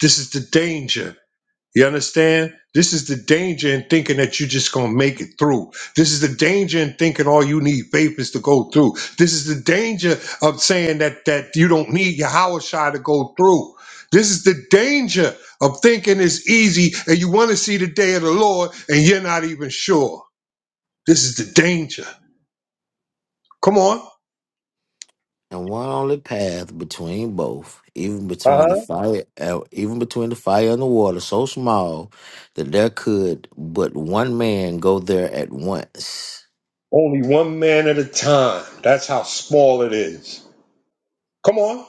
Speaker 3: This is the danger You understand? This is the danger in thinking that you're just going to make it through. This is the danger in thinking all you need faith is to go through. This is the danger of saying that that you don't need your Howard Shah to go through. This is the danger of thinking it's easy and you want to see the day of the Lord and you're not even sure. This is the danger. Come on.
Speaker 10: and one only path between both, even
Speaker 3: Uh
Speaker 10: between
Speaker 3: huh.
Speaker 10: the fire, uh, even between the fire and the water, so small that there could but one man go there at once.
Speaker 3: Only one man at a time. That's how small it is. Come on.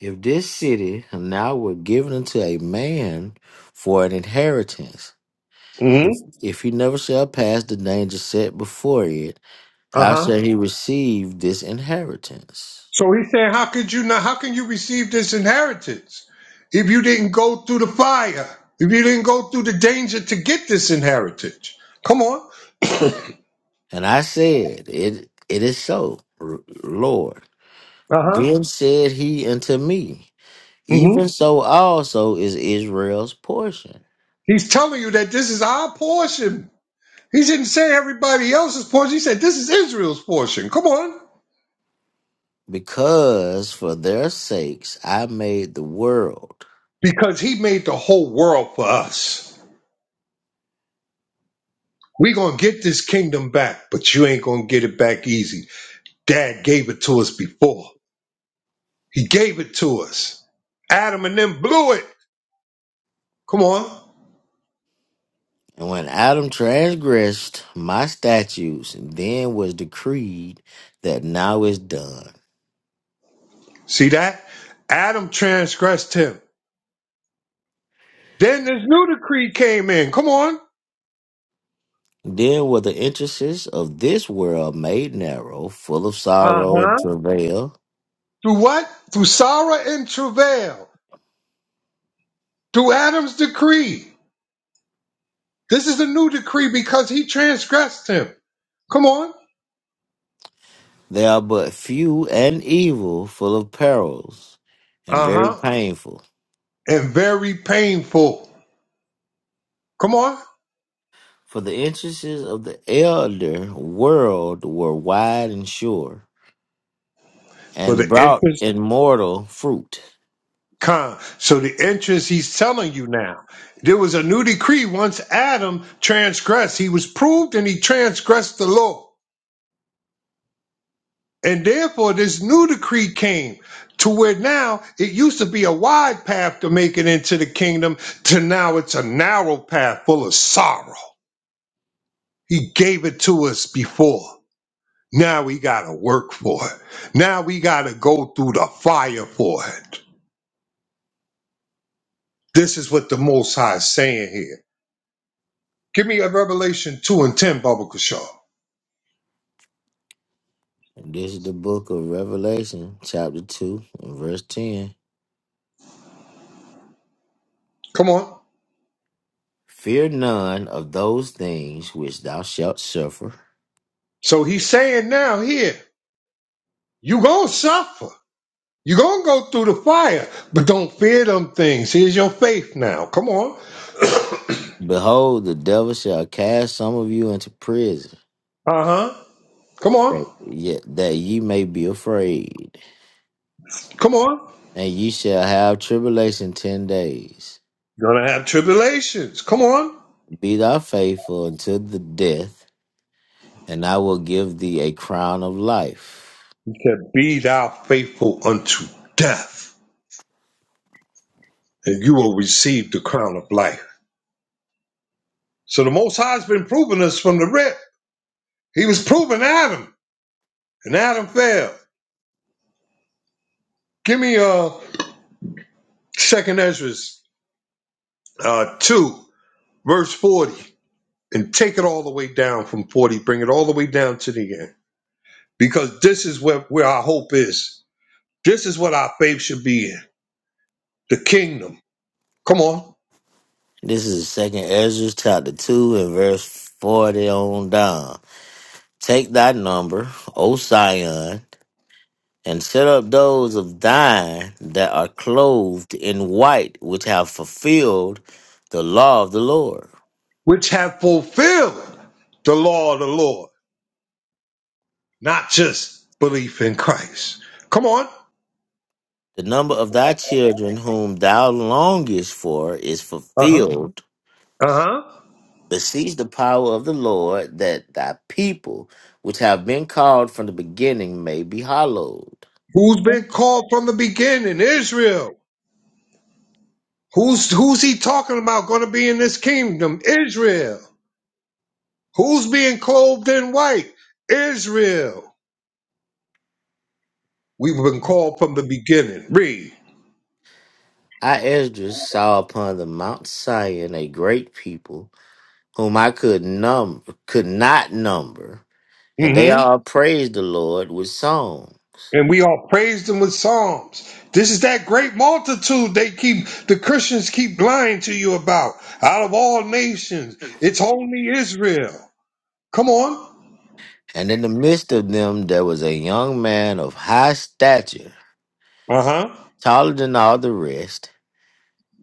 Speaker 10: If this city now were given unto a man for an inheritance,
Speaker 3: Mm
Speaker 10: if
Speaker 3: hmm.
Speaker 10: if he never shall pass the danger set before it,
Speaker 3: Uh
Speaker 10: how
Speaker 3: huh.
Speaker 10: shall he receive this inheritance?
Speaker 3: So he said, How could you not how can you receive this inheritance if you didn't go through the fire? If you didn't go through the danger to get this inheritance? Come on.
Speaker 10: And I said, It it is so, R- Lord.
Speaker 3: Uh-huh.
Speaker 10: Then said he unto me, Even
Speaker 3: hmm
Speaker 10: so also is Israel's portion,
Speaker 3: He's telling you that this is our portion. He didn't say everybody else's portion. He said this is Israel's portion. Come on.
Speaker 10: because for their sakes I made the world.
Speaker 3: Because he made the whole world for us. We're gonna get this kingdom back, but you ain't gonna get it back easy. Dad gave it to us before. He gave it to us. Adam and them blew it. Come on.
Speaker 10: And when Adam transgressed my statutes, then was decreed that now is done.
Speaker 3: See that? Adam transgressed him. Then this new decree came in. Come on.
Speaker 10: Then were the entrances of this world made narrow, full of
Speaker 3: Uh
Speaker 10: sorrow and
Speaker 3: huh.
Speaker 10: travail.
Speaker 3: Through what? Through sorrow and travail. Through Adam's decree. This is a new decree because he transgressed him. Come on.
Speaker 10: They are but few and evil, full of perils, and
Speaker 3: Uh
Speaker 10: very
Speaker 3: huh.
Speaker 10: painful.
Speaker 3: And very painful. Come on.
Speaker 10: For the entrances of the elder world were wide and sure,
Speaker 3: For the
Speaker 10: and brought
Speaker 3: interest
Speaker 10: immortal fruit.
Speaker 3: con. So the interest he's telling you now. There was a new decree once Adam transgressed. He was proved and he transgressed the law. And therefore, this new decree came to where now it used to be a wide path to make it into the kingdom, to now it's a narrow path full of sorrow. He gave it to us before. Now we got to work for it. Now we got to go through the fire for it. This is what the Most High is saying here. Give me a Revelation 2 and 10, Baba Kashaw.
Speaker 10: And this is the book of Revelation, chapter 2, and verse 10.
Speaker 3: Come on.
Speaker 10: Fear none of those things which thou shalt suffer.
Speaker 3: So he's saying now here, you going to suffer. You're going to go through the fire, but don't fear them things. Here's your faith now. Come on.
Speaker 10: Behold, the devil shall cast some of you into prison,
Speaker 3: Uh huh. Come on.
Speaker 10: that, yet, that ye may be afraid
Speaker 3: Come on.
Speaker 10: and ye shall have tribulation ten days.
Speaker 3: You're going to have tribulations. Come on.
Speaker 10: Be thou faithful unto the death, and I will give thee a crown of life.
Speaker 3: He said, Be thou faithful unto death, and you will receive the crown of life. So the Most High has been proving us from the rip. He was proving Adam, and Adam fell. Give me uh, 2nd Ezra uh, 2, verse 40, and take it all the way down from 40. Bring it all the way down to the end. because this is where, where our hope is. This is what our faith should be in the kingdom. Come on.
Speaker 10: This is Second Ezra chapter two and verse forty on down. Take thy number, O Sion, and set up those of thine that are clothed in white, which have fulfilled the law of the Lord.
Speaker 3: Which have fulfilled the law of the Lord, not just belief in Christ. Come on.
Speaker 10: The number of thy children whom thou longest for is
Speaker 3: Uh huh.
Speaker 10: fulfilled
Speaker 3: Uh huh.
Speaker 10: Beseech the power of the Lord that thy people, which have been called from the beginning, may be hallowed.
Speaker 3: Who's been called from the beginning? Israel. Who's who's he talking about going to be in this kingdom? Israel. Who's being clothed in white? Israel. We've been called from the beginning. Read.
Speaker 10: I, Esdras, saw upon the Mount Sion a great people, whom I could num could not number, and they
Speaker 3: Mm-hmm.
Speaker 10: all praised the Lord with song.
Speaker 3: and we all praised them with psalms. This is that great multitude they keep, the Christians keep lying to you about. Out of all nations, it's only Israel. Come on.
Speaker 10: And in the midst of them there was a young man of high stature,
Speaker 3: Uh huh.
Speaker 10: taller than all the rest.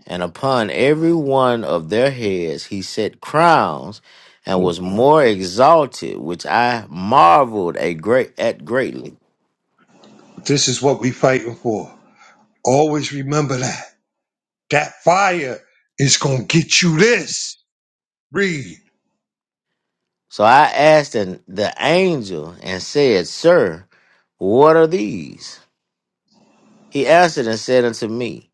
Speaker 10: And upon every one of their heads he set crowns, and was more exalted, which I marveled a great at greatly.
Speaker 3: This is what we fighting for. Always remember that. That fire is going to get you this. Read.
Speaker 10: So I asked an, the angel and said, Sir, what are these? He answered and said unto me,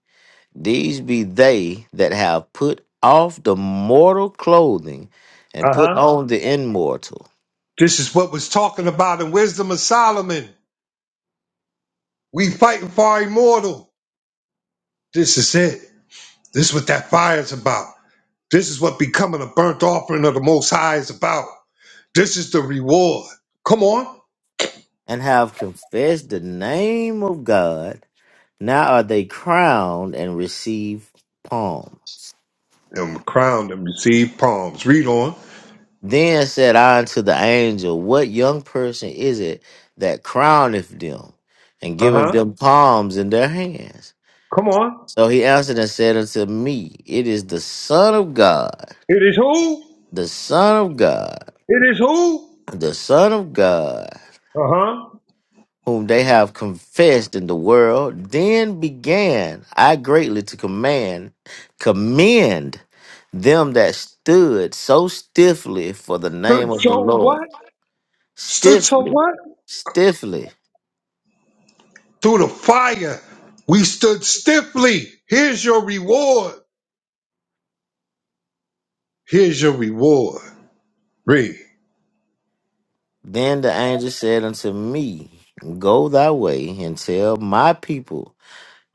Speaker 10: These be they that have put off the mortal clothing and
Speaker 3: Uh
Speaker 10: put
Speaker 3: huh.
Speaker 10: on the immortal,
Speaker 3: This is what was talking about in Wisdom of Solomon. We fighting for our immortal. This is it. This is what that fire's about. This is what becoming a burnt offering of the Most High is about. This is the reward. Come on.
Speaker 10: and have confessed the name of God Now are they crowned and receive palms?
Speaker 3: And crowned and received palms. Read on.
Speaker 10: Then said I unto the angel, What young person is it that crowneth them and
Speaker 3: Uh
Speaker 10: giveth
Speaker 3: huh.
Speaker 10: them palms in their hands?
Speaker 3: Come on.
Speaker 10: So he answered and said unto me, It is the Son of God,
Speaker 3: It is who?
Speaker 10: the Son of God,
Speaker 3: It is who?
Speaker 10: the Son of God
Speaker 3: Uh huh.
Speaker 10: whom they have confessed in the world, then began I greatly to command, commend them that stood so stiffly for the
Speaker 3: Stood
Speaker 10: name of the
Speaker 3: so
Speaker 10: Lord.
Speaker 3: what? Stood so
Speaker 10: Stiffly,
Speaker 3: what?
Speaker 10: stiffly.
Speaker 3: Through the fire, we stood stiffly. Here's your reward. Here's your reward. Read.
Speaker 10: Then the angel said unto me, Go thy way and tell my people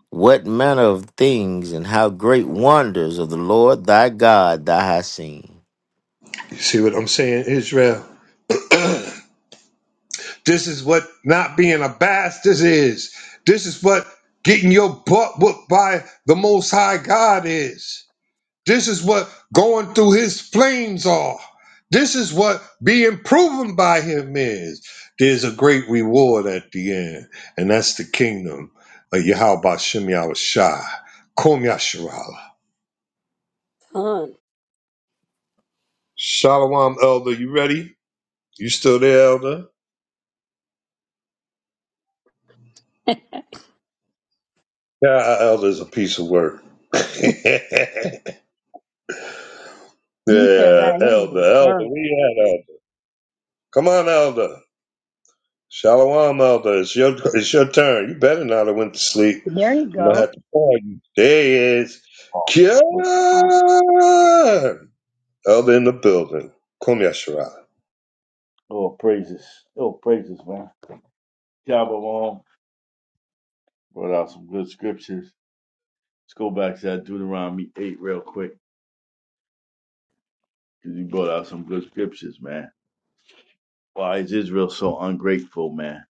Speaker 10: what manner of things and how great wonders of the Lord thy God thou hast seen.
Speaker 3: You see what I'm saying, Israel? This is what not being a bastard is. This is what getting your butt whooped by the Most High God is. This is what going through His flames are. This is what being proven by Him is. There's a great reward at the end, and that's the kingdom of Yahweh Shem Shai, Kom Yasharala.
Speaker 1: Son.
Speaker 3: Shalom, Elder. You ready? You still there, Elder? Yeah, Elder's a piece of work.
Speaker 1: You should have
Speaker 3: Yeah,
Speaker 1: let him
Speaker 3: Elder,
Speaker 1: in
Speaker 3: Elder,
Speaker 1: first.
Speaker 3: we had Elder. Come on, Elder. Shalom, Elder. It's your it's your turn. You better not have went to sleep.
Speaker 1: There you
Speaker 3: I'm gonna
Speaker 1: go.
Speaker 3: have to call you. There he is.
Speaker 9: Oh,
Speaker 3: Kieran!
Speaker 9: look, man.
Speaker 3: Elder in the building. Kum Yashara.
Speaker 9: oh, praises. Oh, praises, man. Job along. Brought out some good scriptures. Let's go back to that Deuteronomy 8 real quick. Because you brought out some good scriptures, man. Why is Israel so ungrateful, man?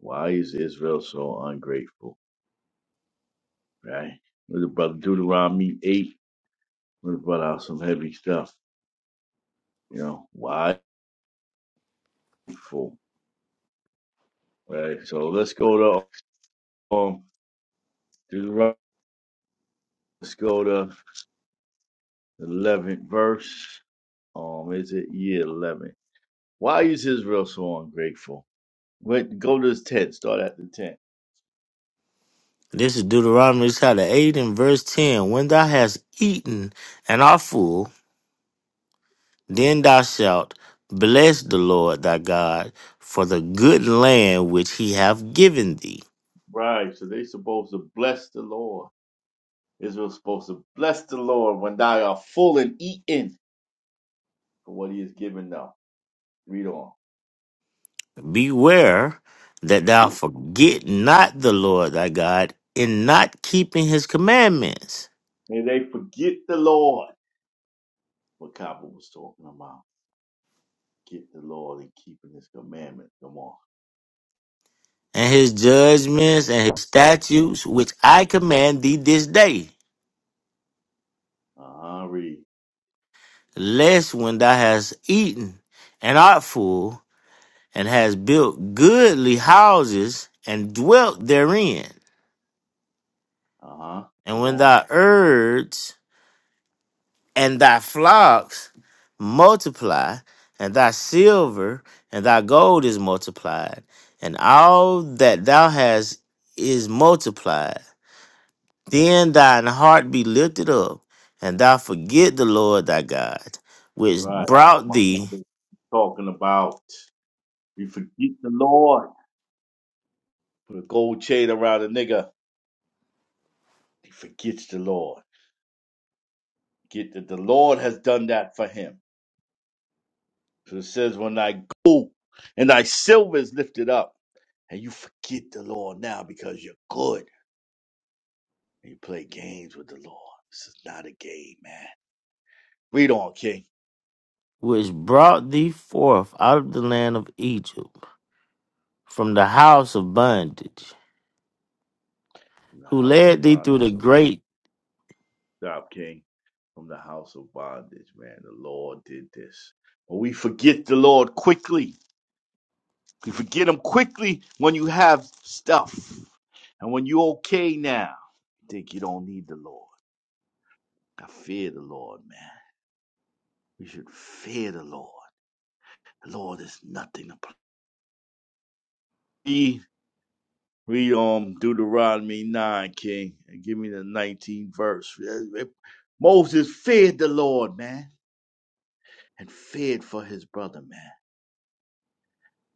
Speaker 9: Why is Israel so ungrateful, right? With the brother Deuteronomy 8, we brought out some heavy stuff. You know, why? Full, right? So let's go to um, Deuteronomy, let's go to the 11th verse. Um, is it year eleven? Why is Israel so ungrateful? Wait, go to his tent. Start at the tent.
Speaker 10: This is Deuteronomy chapter 8 and verse 10. When thou hast eaten and art full, then thou shalt bless the Lord thy God for the good land which he hath given thee.
Speaker 9: Right. So they supposed to bless the Lord. Israel's supposed to bless the Lord when they are full and eaten for what He has given them. Read on.
Speaker 10: Beware that thou forget not the Lord thy God in not keeping his commandments
Speaker 9: And they forget the Lord. What Kappa was talking about. Forget the Lord and keeping His commandments. Come on.
Speaker 10: and his judgments and his statutes which I command thee this day,
Speaker 9: Uh huh. Read.
Speaker 10: lest when thou hast eaten and art full, and has built goodly houses and dwelt therein.
Speaker 9: Uh huh.
Speaker 10: And
Speaker 9: Come
Speaker 10: when
Speaker 9: on.
Speaker 10: thy herds and thy flocks multiply, and thy silver and thy gold is multiplied, and all that thou hast is multiplied, then thine heart be lifted up, and thou forget the Lord thy God, which
Speaker 9: Right. What
Speaker 10: brought
Speaker 9: my
Speaker 10: thee,
Speaker 9: Kappa was talking about. We forget the Lord. Put a gold chain around a nigga, he forgets the Lord. Get that the Lord has done that for him. So it says, when thy gold and thy silver is lifted up, and you forget the Lord now because you're good. And you play games with the Lord. This is not a game, man. Read on, King.
Speaker 10: which brought thee forth out of the land of Egypt, from the house of bondage.
Speaker 9: From the
Speaker 10: who
Speaker 9: house of
Speaker 10: led thee through the
Speaker 9: bondage.
Speaker 10: great.
Speaker 9: Stop, King. From the house of bondage, man. The Lord did this. But we forget the Lord quickly. We forget him quickly when you have stuff and when you're okay now. think you don't need the Lord. I fear the Lord, man. We should fear the Lord. The Lord is nothing to play. Read um Deuteronomy nine, King, and give me the nineteenth verse. Eh, eh, Moses feared the Lord, man, and feared for his brother, man.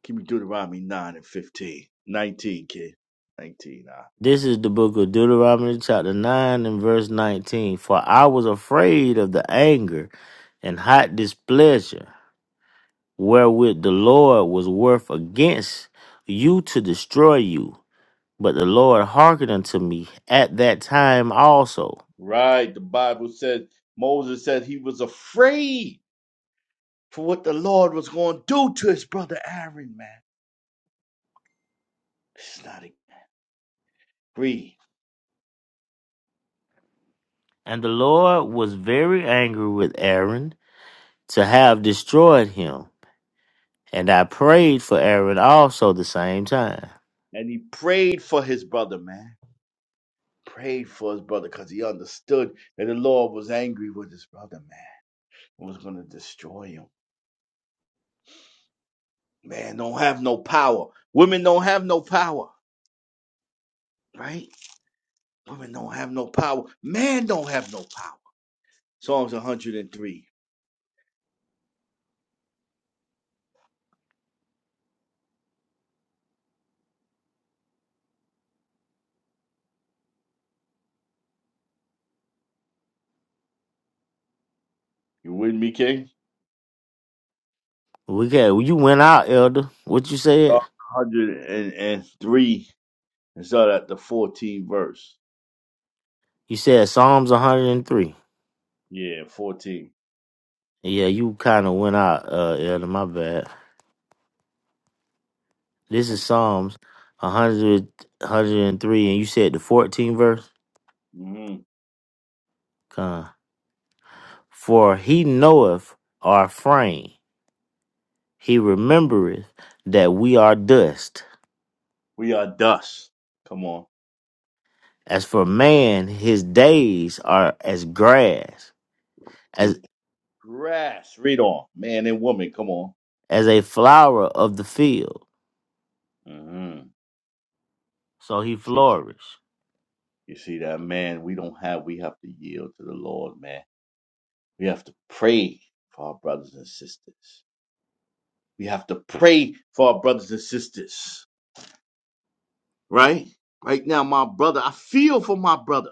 Speaker 9: Give me Deuteronomy nine and 15. 19, King. Nineteen. ah.
Speaker 10: This is the book of Deuteronomy, chapter 9, and verse 19. For I was afraid of the anger and hot displeasure wherewith the Lord was worth against you to destroy you. But the Lord hearkened unto me at that time also.
Speaker 9: Right. The Bible said Moses said he was afraid for what the Lord was going to do to his brother Aaron, man. This not a breed.
Speaker 10: And the Lord was very angry with Aaron to have destroyed him. And I prayed for Aaron also the same time.
Speaker 9: and he prayed for his brother, man. Prayed for his brother because he understood that the Lord was angry with his brother, man, and was going to destroy him. Man, don't have no power. Women don't have no power, right? Women don't have no power. Man don't have no power. Psalms 103. You with me, King?
Speaker 10: We got you went out, Elder. What you said?
Speaker 9: Psalms 103. And start at the 14th verse.
Speaker 10: You said Psalms 103.
Speaker 9: Yeah, 14.
Speaker 10: Yeah, you kind of went out, uh, Elder, my bad. This is Psalms 100, and three, and you said the 14th verse?
Speaker 9: hmm
Speaker 10: Con. For he knoweth our frame, he remembereth that we are dust.
Speaker 9: We are dust. Come on.
Speaker 10: As for man, his days are as grass,
Speaker 9: His
Speaker 10: as
Speaker 9: Grass. Read on. Man and woman. Come on.
Speaker 10: as a flower of the field,
Speaker 9: hmm
Speaker 10: so he
Speaker 9: See,
Speaker 10: flourish.
Speaker 9: you see that, man? We don't have, we have to yield to the Lord, man. We have to pray for our brothers and sisters. We have to pray for our brothers and sisters, right? Right now, my brother, I feel for my brother.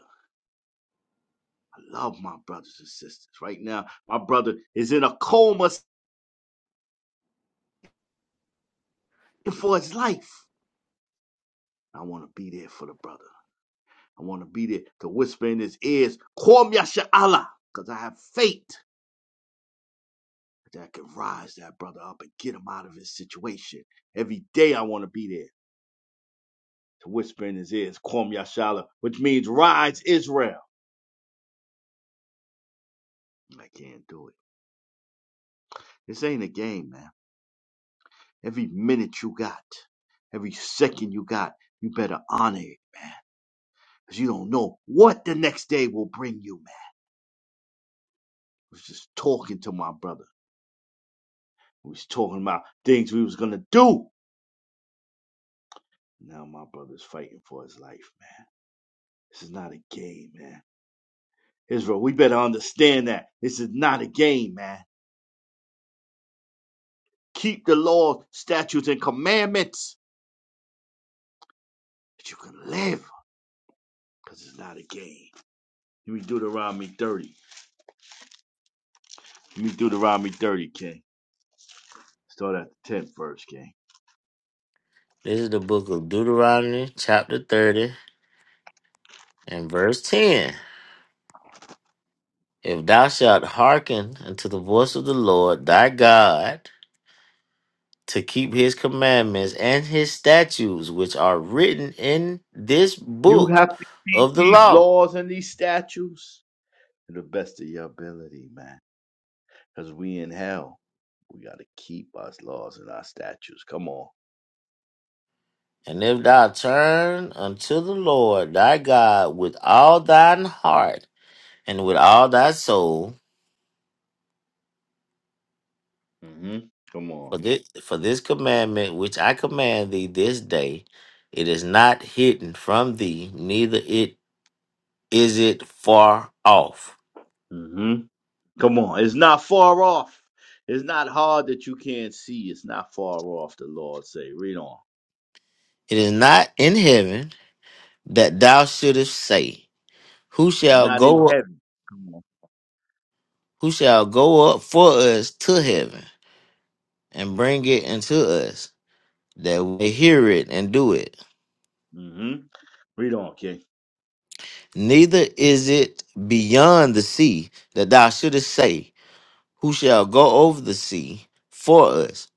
Speaker 9: I love my brothers and sisters. Right now, my brother is in a coma for his life. I want to be there for the brother. I want to be there to whisper in his ears, Kwam Yasha Allah, because I have faith. that can rise that brother up and get him out of his situation. Every day I want to be there to whisper in his ears, Kwam Yashala, which means rise Israel. I can't do it. This ain't a game, man. Every minute you got, every second you got, you better honor it. Because you don't know what the next day will bring you, man. I was just talking to my brother. We was talking about things we was gonna do. Now my brother's fighting for his life, man. This is not a game, man. Israel, we better understand that this is not a game, man. Keep the law, statutes, and commandments that you can live, because it's not a game. Let me Deuteronomy 30. Let me Deuteronomy 30, King. Start at the 10th verse, King.
Speaker 10: This is the book of Deuteronomy, chapter 30, and verse 10. If thou shalt hearken unto the voice of the Lord thy God, to keep his commandments and his statutes, which are written in this
Speaker 9: You
Speaker 10: book
Speaker 9: have to keep
Speaker 10: of the
Speaker 9: these
Speaker 10: law,
Speaker 9: laws and these statutes to the best of your ability, man. Because we in hell. We got to keep our laws and our statutes. Come on.
Speaker 10: and if thou turn unto the Lord thy God with all thine heart and with all thy soul,
Speaker 9: hmm Come on.
Speaker 10: for this, for this commandment which I command thee this day, it is not hidden from thee, neither it is it far off.
Speaker 9: Mm-hmm. Come on, it's not far off. It's not hard that you can't see. It's not far off, the Lord say. Read on.
Speaker 10: It is not in heaven that thou shouldest say, Who
Speaker 9: It's
Speaker 10: shall
Speaker 9: not in
Speaker 10: go up,
Speaker 9: heaven. Come on.
Speaker 10: who shall go up for us to heaven and bring it unto us, that we may hear it and do it?
Speaker 9: hmm Read on, King.
Speaker 10: Neither is it beyond the sea that thou shouldest say, Who shall go over the sea for us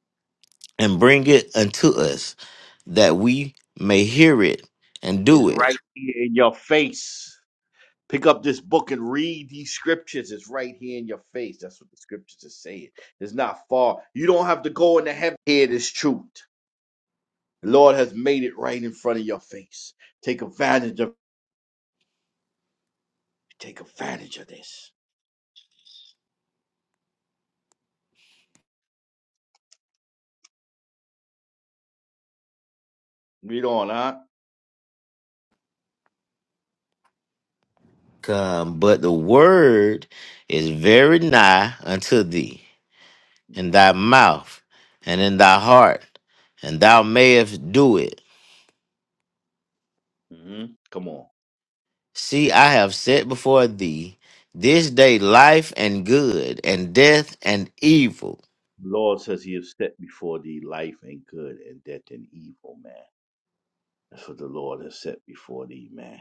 Speaker 10: and bring it unto us, that we may hear it and
Speaker 9: It's
Speaker 10: do it?
Speaker 9: right here in your face. Pick up this book and read these scriptures. It's right here in your face. That's what the scriptures are saying. It's not far. You don't have to go into heaven. Here, this truth. The Lord has made it right in front of your face. Take advantage of take advantage of this. Read on, huh?
Speaker 10: Come, but the word is very nigh unto thee, in
Speaker 9: Wow.
Speaker 10: thy mouth and in thy heart, and thou mayest do it.
Speaker 9: hmm Come on.
Speaker 10: See, I have set before thee this day life and good, and death and evil.
Speaker 9: The Lord says he has set before thee life and good and death and evil, man. That's what the Lord has set before thee, man.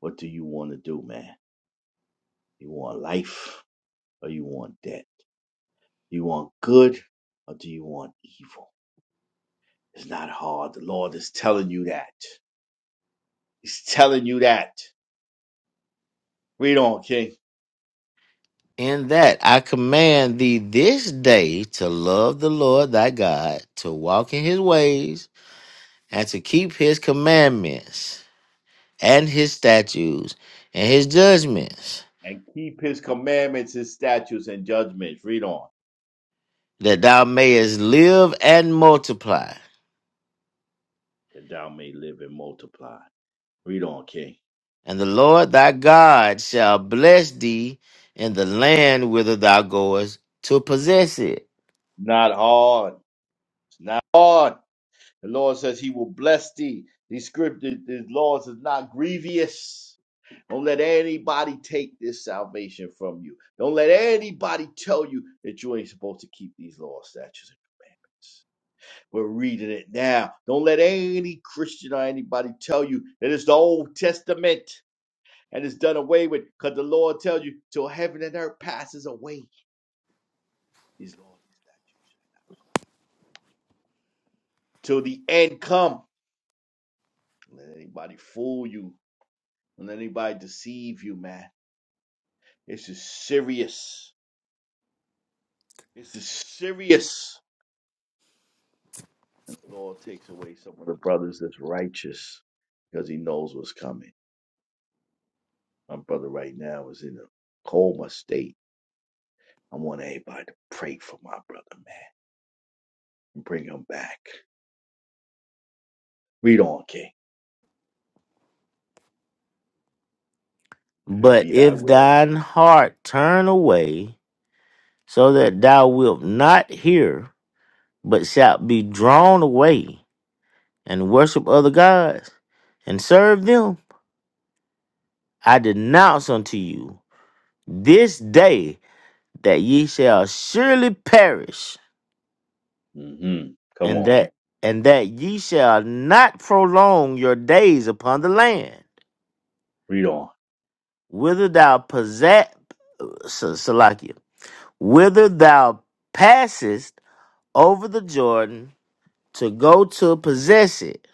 Speaker 9: What do you want to do, man? You want life or you want death? You want good or do you want evil? It's not hard. The Lord is telling you that. He's telling you that. Read on, King.
Speaker 10: In that I command thee this day to love the Lord thy God, to walk in his ways, and to keep his commandments, and his statutes, and his judgments,
Speaker 9: And keep his commandments, his statutes, and judgments. Read on.
Speaker 10: that thou mayest live and multiply
Speaker 9: That thou may live and multiply. Read on, King.
Speaker 10: And the Lord thy God shall bless thee in the land whither thou goest to possess it.
Speaker 9: Not hard. It's not hard. The Lord says he will bless thee. These scriptures, these laws is not grievous. Don't let anybody take this salvation from you. Don't let anybody tell you that you ain't supposed to keep these laws, statutes, and commandments. We're reading it now. Don't let any Christian or anybody tell you that it's the Old Testament and it's done away with because the Lord tells you till heaven and earth passes away, these laws and statutes. Till the end come. Don't let anybody fool you Don't let anybody deceive you, man. This is serious. This is serious. And the Lord takes away some of the brothers that's righteous because he knows what's coming. My brother right now is in a coma state. I want everybody to pray for my brother, man, and bring him back. Read on, King. If it
Speaker 10: But
Speaker 9: be thy
Speaker 10: if
Speaker 9: will.
Speaker 10: thine heart turn away, so that thou wilt not hear, but shalt be drawn away and worship other gods and serve them, I denounce unto you this day that ye shall surely perish,
Speaker 9: Mm-hmm. Come
Speaker 10: and
Speaker 9: on.
Speaker 10: that and that ye shall not prolong your days upon the land.
Speaker 9: Read on.
Speaker 10: whither thou possess, Salakia, whither thou passest over the Jordan to go to possess it.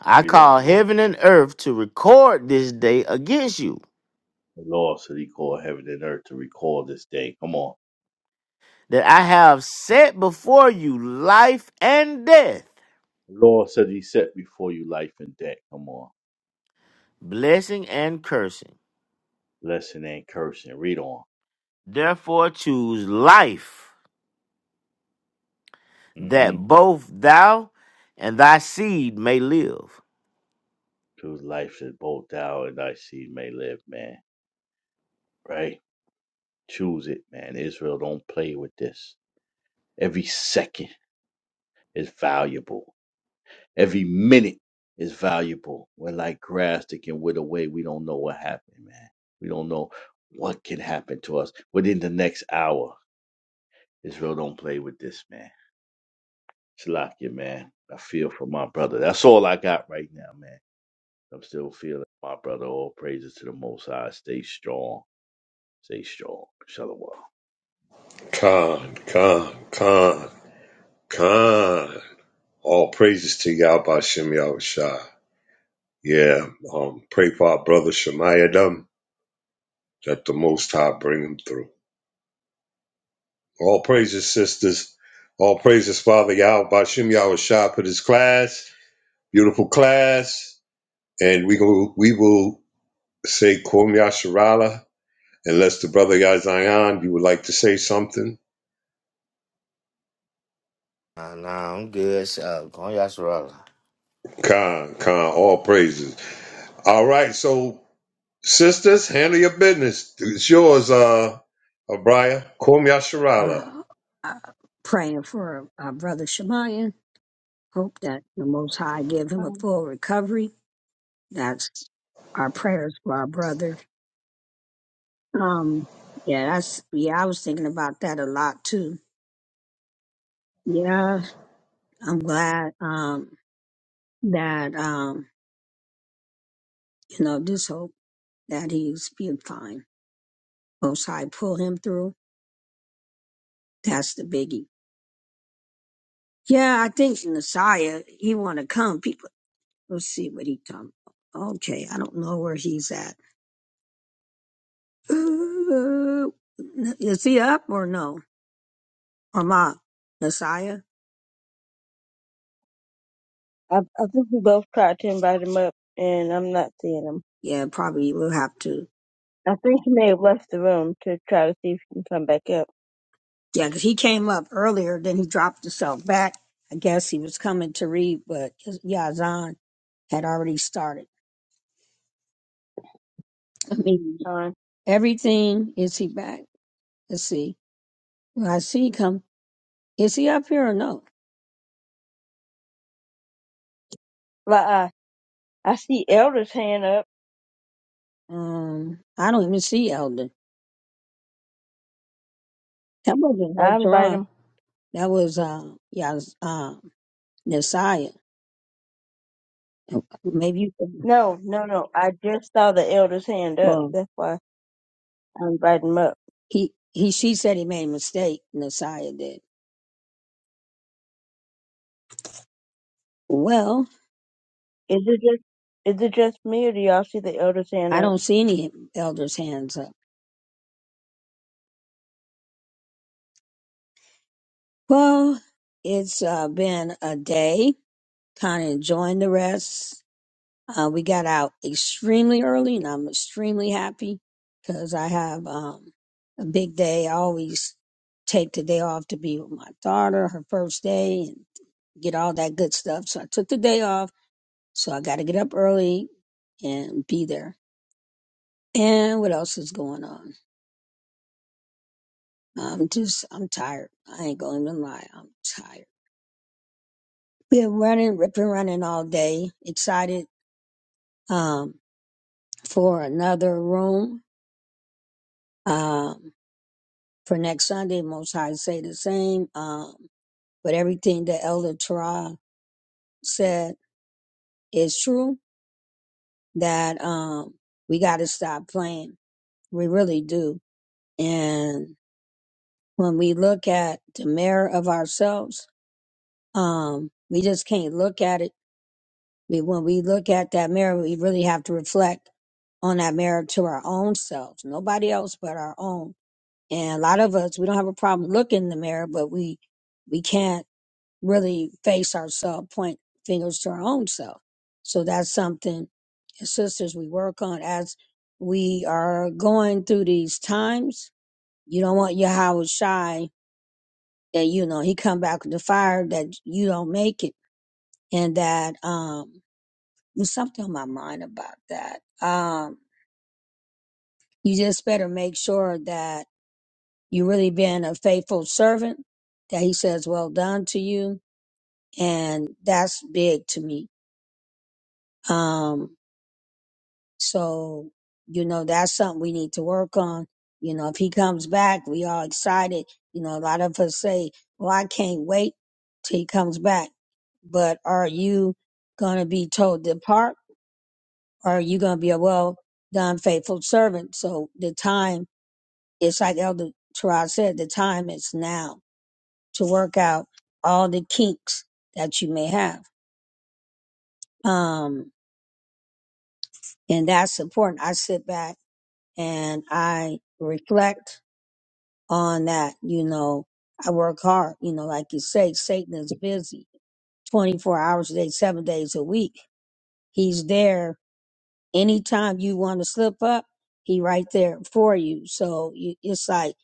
Speaker 10: I
Speaker 9: Read
Speaker 10: call
Speaker 9: on, King.
Speaker 10: heaven and earth to record this day against you,
Speaker 9: The Lord said he called heaven and earth to recall this day. Come on.
Speaker 10: that I have set before you life and death,
Speaker 9: The Lord said he set before you life and death. Come on.
Speaker 10: blessing and cursing.
Speaker 9: Lesson ain't cursing. Read on.
Speaker 10: Therefore choose life, that
Speaker 9: Mm-hmm.
Speaker 10: both thou and thy seed may live.
Speaker 9: Choose life that both thou and thy seed may live, man. Right? Choose it, man. Israel don't play with this. Every second is valuable. Every minute is valuable. We're like grass that can wither away. We don't know what happened, man. We don't know what can happen to us within the next hour. Israel don't play with this, man. Shalakia, man. I feel for my brother. That's all I got right now, man. I'm still feeling my brother. All praises to the Most High. Stay strong. Stay strong. Shalom.
Speaker 3: Khan, Khan, Khan, Khan. All praises to Yah Bashem Yahushua. Yeah, um, pray for our brother Shemayadam that the Most High bring him through. All praises, sisters. All praises, Father Yahweh Bashim Yahweh Shah for this class. Beautiful class. And we go we will say Kum Yasharala. Unless the brother Yazayan, you would like to say something.
Speaker 10: Nah, nah, I'm good. So, Uh, Konya Sorala.
Speaker 3: Khan, Khan, all praises. All right, so sisters, handle your business. It's yours, uh Abriah. Kum Yasharala.
Speaker 1: Uh, uh, praying for our Brother Shemaiah. Hope that the Most High give him a
Speaker 2: um,
Speaker 1: full recovery. That's our prayers for our brother. Um, yeah, that's, yeah, I was thinking about that a lot too. Yeah, I'm glad, um, that, um, you know, this hope that he's being fine. Most High pull him through That's the biggie. Yeah, I think Messiah, he want to come. People, let's see what he come. Okay, I don't know where he's at. Uh, is he up or no? Or I Messiah?
Speaker 2: I, I think we both tried to invite him up, and I'm not seeing him.
Speaker 1: Yeah, probably we'll have to.
Speaker 2: I think he may have left the room to try to see if he can come back up.
Speaker 1: Yeah, because he came up earlier, then he dropped himself back. I guess he was coming to read, but Yazan had already started. I mean,
Speaker 2: Um,
Speaker 1: everything. Is he back? Let's see. Well, I see him come. Is he up here or no?
Speaker 2: but uh, I see Elder's hand up.
Speaker 1: Um, I don't even see Elder. That wasn't her
Speaker 2: I invite
Speaker 1: Torah.
Speaker 2: him.
Speaker 1: That was uh, Yaz, uh, Messiah. Maybe you can.
Speaker 2: No, no, no. I just saw the Elder's hand up.
Speaker 1: Well,
Speaker 2: That's why I invited him up.
Speaker 1: he he she said he made a mistake. Messiah did. Well,
Speaker 2: Is it just is it just me, or do y'all see the Elder's hand
Speaker 1: I
Speaker 2: up?
Speaker 1: don't see any elders' hands up. Well, it's uh, been a day. Kind of enjoying the rest. Uh, we got out extremely early, and I'm extremely happy because I have um, a big day. I always take the day off to be with my daughter, her first day, and get all that good stuff. So I took the day off. So I got to get up early and be there. And what else is going on? I'm just, I'm tired. I ain't going to even lie. I'm tired. Been running, ripping, running all day. Excited um, for another room. Um, for next Sunday, Most High say the same. Um, but everything that Elder Tara said is true. That um, we got to stop playing. We really do. And when we look at the mirror of ourselves, um, we just can't look at it. We, when we look at that mirror, we really have to reflect on that mirror to our own selves, nobody else but our own. And a lot of us, we don't have a problem looking in the mirror, but we we can't really face ourselves, point fingers to our own self. So that's something as sisters we work on as we are going through these times. You don't want Yahweh shy that you know he come back with the fire that you don't make it, and that um there's something on my mind about that. Um, you just better make sure that you really been a faithful servant. That he says, "Well done" to you, and that's big to me. Um, So, you know, that's something we need to work on. You know, if he comes back, we all excited. You know, a lot of us say, well, I can't wait till he comes back. But are you going to be told to depart? Or are you going to be a well done, faithful servant? So the time, it's like Elder Terrell said, the time is now to work out all the kinks that you may have. Um, and that's important. I sit back and I reflect on that. You know, I work hard. You know, like you say, Satan is busy 24 hours a day, seven days a week. He's there anytime you want to slip up. He right there for you. So you, it's like,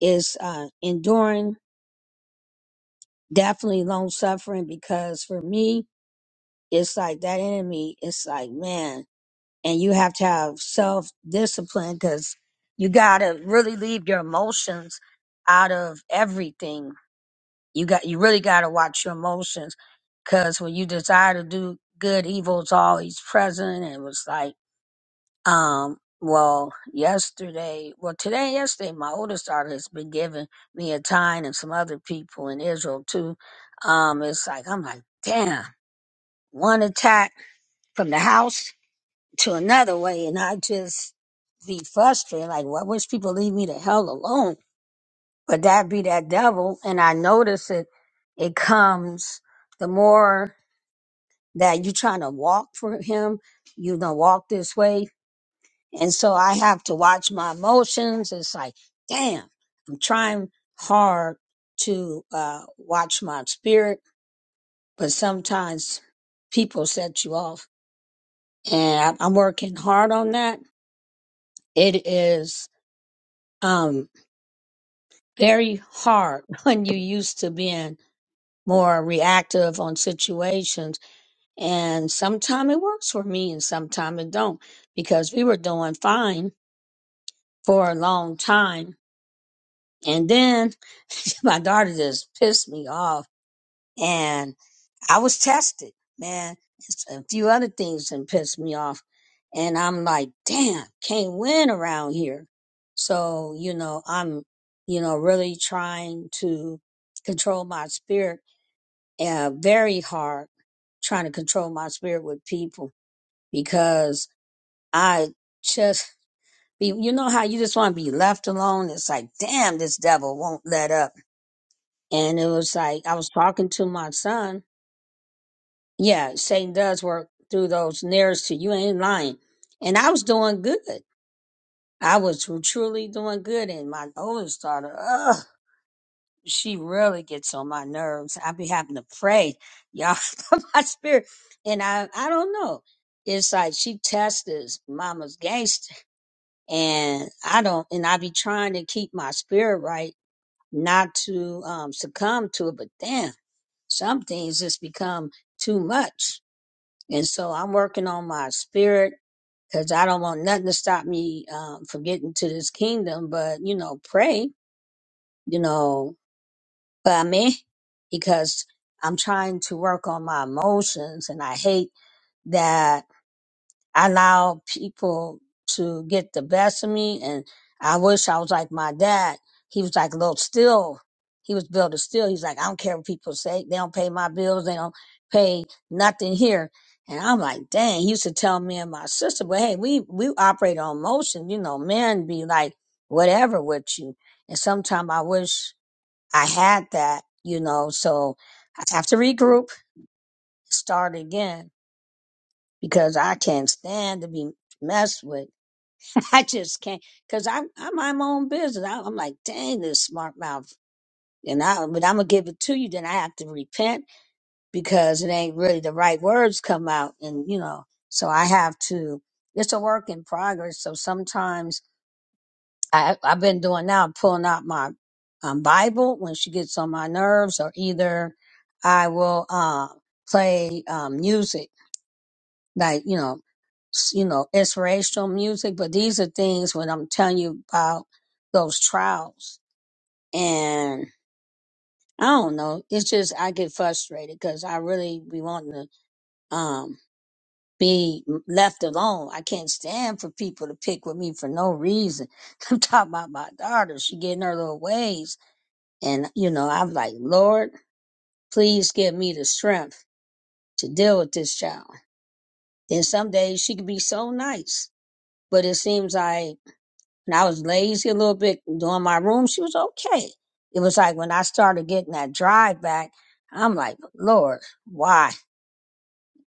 Speaker 1: it's uh, enduring, definitely long suffering because for me, it's like that enemy, it's like, man, and you have to have self discipline because you got to really leave your emotions out of everything You got you really got to watch your emotions because when you desire to do good, evil is always present. And it was like, um, well, yesterday, well, today, and yesterday, my oldest daughter has been giving me a time and some other people in Israel too. Um, it's like I'm like, damn, one attack from the house to another way, and I just be frustrated. Like, well, I wish people leave me the hell alone but that be that devil and i notice it it comes the more that you trying to walk for him you know walk this way and so i have to watch my emotions it's like damn i'm trying hard to uh watch my spirit but sometimes people set you off and I- i'm working hard on that it is um very hard when you're used to being more reactive on situations And sometime it works for me and sometime it don't because we were doing fine for a long time. And then my daughter just pissed me off and I was tested, man. It's A few other things that pissed me off. And I'm like, damn, can't win around here. So, you know, I'm, you know, really trying to control my spirit uh, very hard, trying to control my spirit with people because I just be, you know how you just want to be left alone? It's like, damn, this devil won't let up. And it was like, I was talking to my son. Yeah, Satan does work through those nearest to you. Ain't lying. And I was doing good. I was truly doing good. And my oldest daughter, ugh, she really gets on my nerves. I be having to pray, y'all, for my spirit. And I, I don't know. It's like she tested mama's gangster and I don't, and I be trying to keep my spirit right, not to um, succumb to it. But damn, some things just become too much, and so I'm working on my spirit because I don't want nothing to stop me um, from getting to this kingdom. But you know, pray, you know, by me, because I'm trying to work on my emotions, and I hate that I allow people to get the best of me. And I wish I was like my dad. He was like a little still. He was built to still. He's like, I don't care what people say. They don't pay my bills. They don't pay nothing here. And I'm like, dang, he used to tell me and my sister, but hey, we, we operate on emotion. You know, men be like whatever with you. And sometimes I wish I had that, you know, so I have to regroup, start again because I can't stand to be messed with I just can't because I'm I'm my own business. I, I'm like, dang, this smart mouth. And I, but I'm gonna give it to you. Then I have to repent because it ain't really the right words come out, and you know, so I have to. It's a work in progress. So sometimes I, I've been doing now, pulling out my um, Bible when she gets on my nerves, or either I will uh, play um, music, like you know, s- you know, inspirational music, but these are things when I'm telling you about those trials. And I don't know, it's just I get frustrated because I really be wanting to um be left alone. I can't stand for people to pick with me for no reason. I'm talking about my daughter; she getting her little ways, and you know, I'm like, Lord, please give me the strength to deal with this child. Then some days she could be so nice, but it seems like and I was lazy a little bit doing my room, she was okay. It was like when I started getting that drive back, I'm like, Lord, why?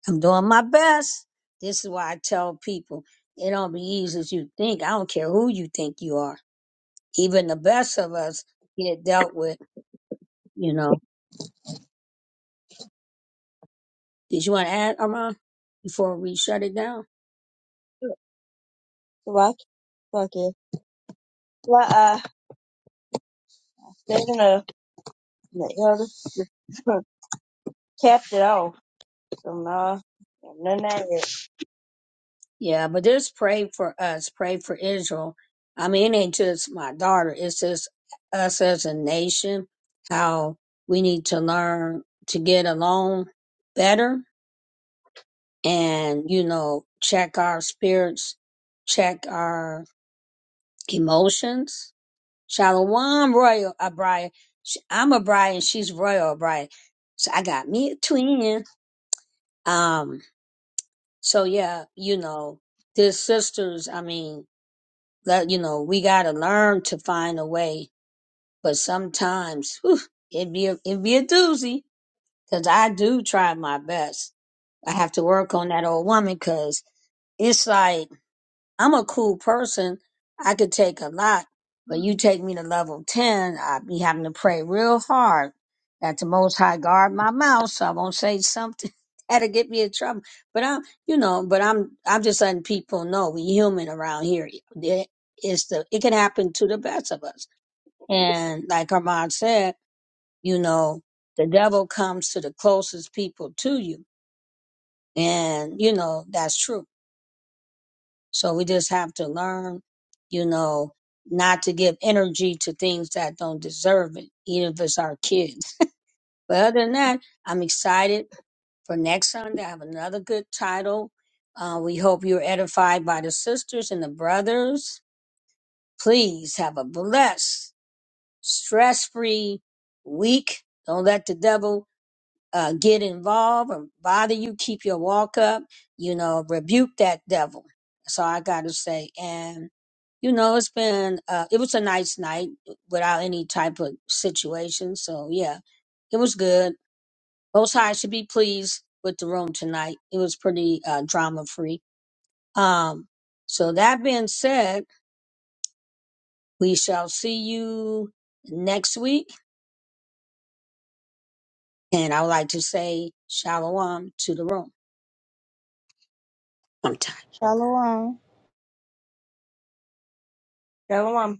Speaker 1: I'm doing my best. This is why I tell people it don't be easy as you think. I don't care who you think you are. Even the best of us get dealt with, you know. Did you want to add, Armand, before we shut it down?
Speaker 2: Salakia, Salakia. They're gonna, you know, just just capped it off. So, nah, none of that.
Speaker 1: Yeah, but just pray for us. Pray for Israel. I mean, it ain't just my daughter. It's just us as a nation, how we need to learn to get along better and, you know, check our spirits, check our emotions. Shalom, Royal O'Brien. Sh- I'm O'Brien. She's Royal O'Brien. So I got me a twin. Um, so yeah, you know, this sisters, I mean, that you know we gotta learn to find a way but sometimes whew, it be a, it be a doozy because i do try my best i have to work on that old woman because it's like I'm a cool person. I could take a lot, but you take me to level 10, I'd be having to pray real hard that the Most High guard my mouth so I won't say something that'll get me in trouble. But I'm, you know, but I'm, I'm just letting people know we human around here. It- It's the, it can happen to the best of us. And like Armand said, you know, the devil comes to the closest people to you. And, you know, that's true so we just have to learn, you know, not to give energy to things that don't deserve it, even if it's our kids. But other than that, I'm excited for next Sunday. I have another good title. Uh, we hope you're edified by the sisters and the brothers. Please have a blessed, stress free week. Don't let the devil uh, get involved or bother you. Keep your walk up. You know, rebuke that devil. That's all I got to say. And you know, it's been uh it was a nice night without any type of situation. So yeah, it was good. Most High should be pleased with the room tonight. It was pretty uh drama free. Um so that being said, we shall see you next week and I would like to say shalom to the room. I'm
Speaker 5: Shalom.
Speaker 2: Tell 'em I'm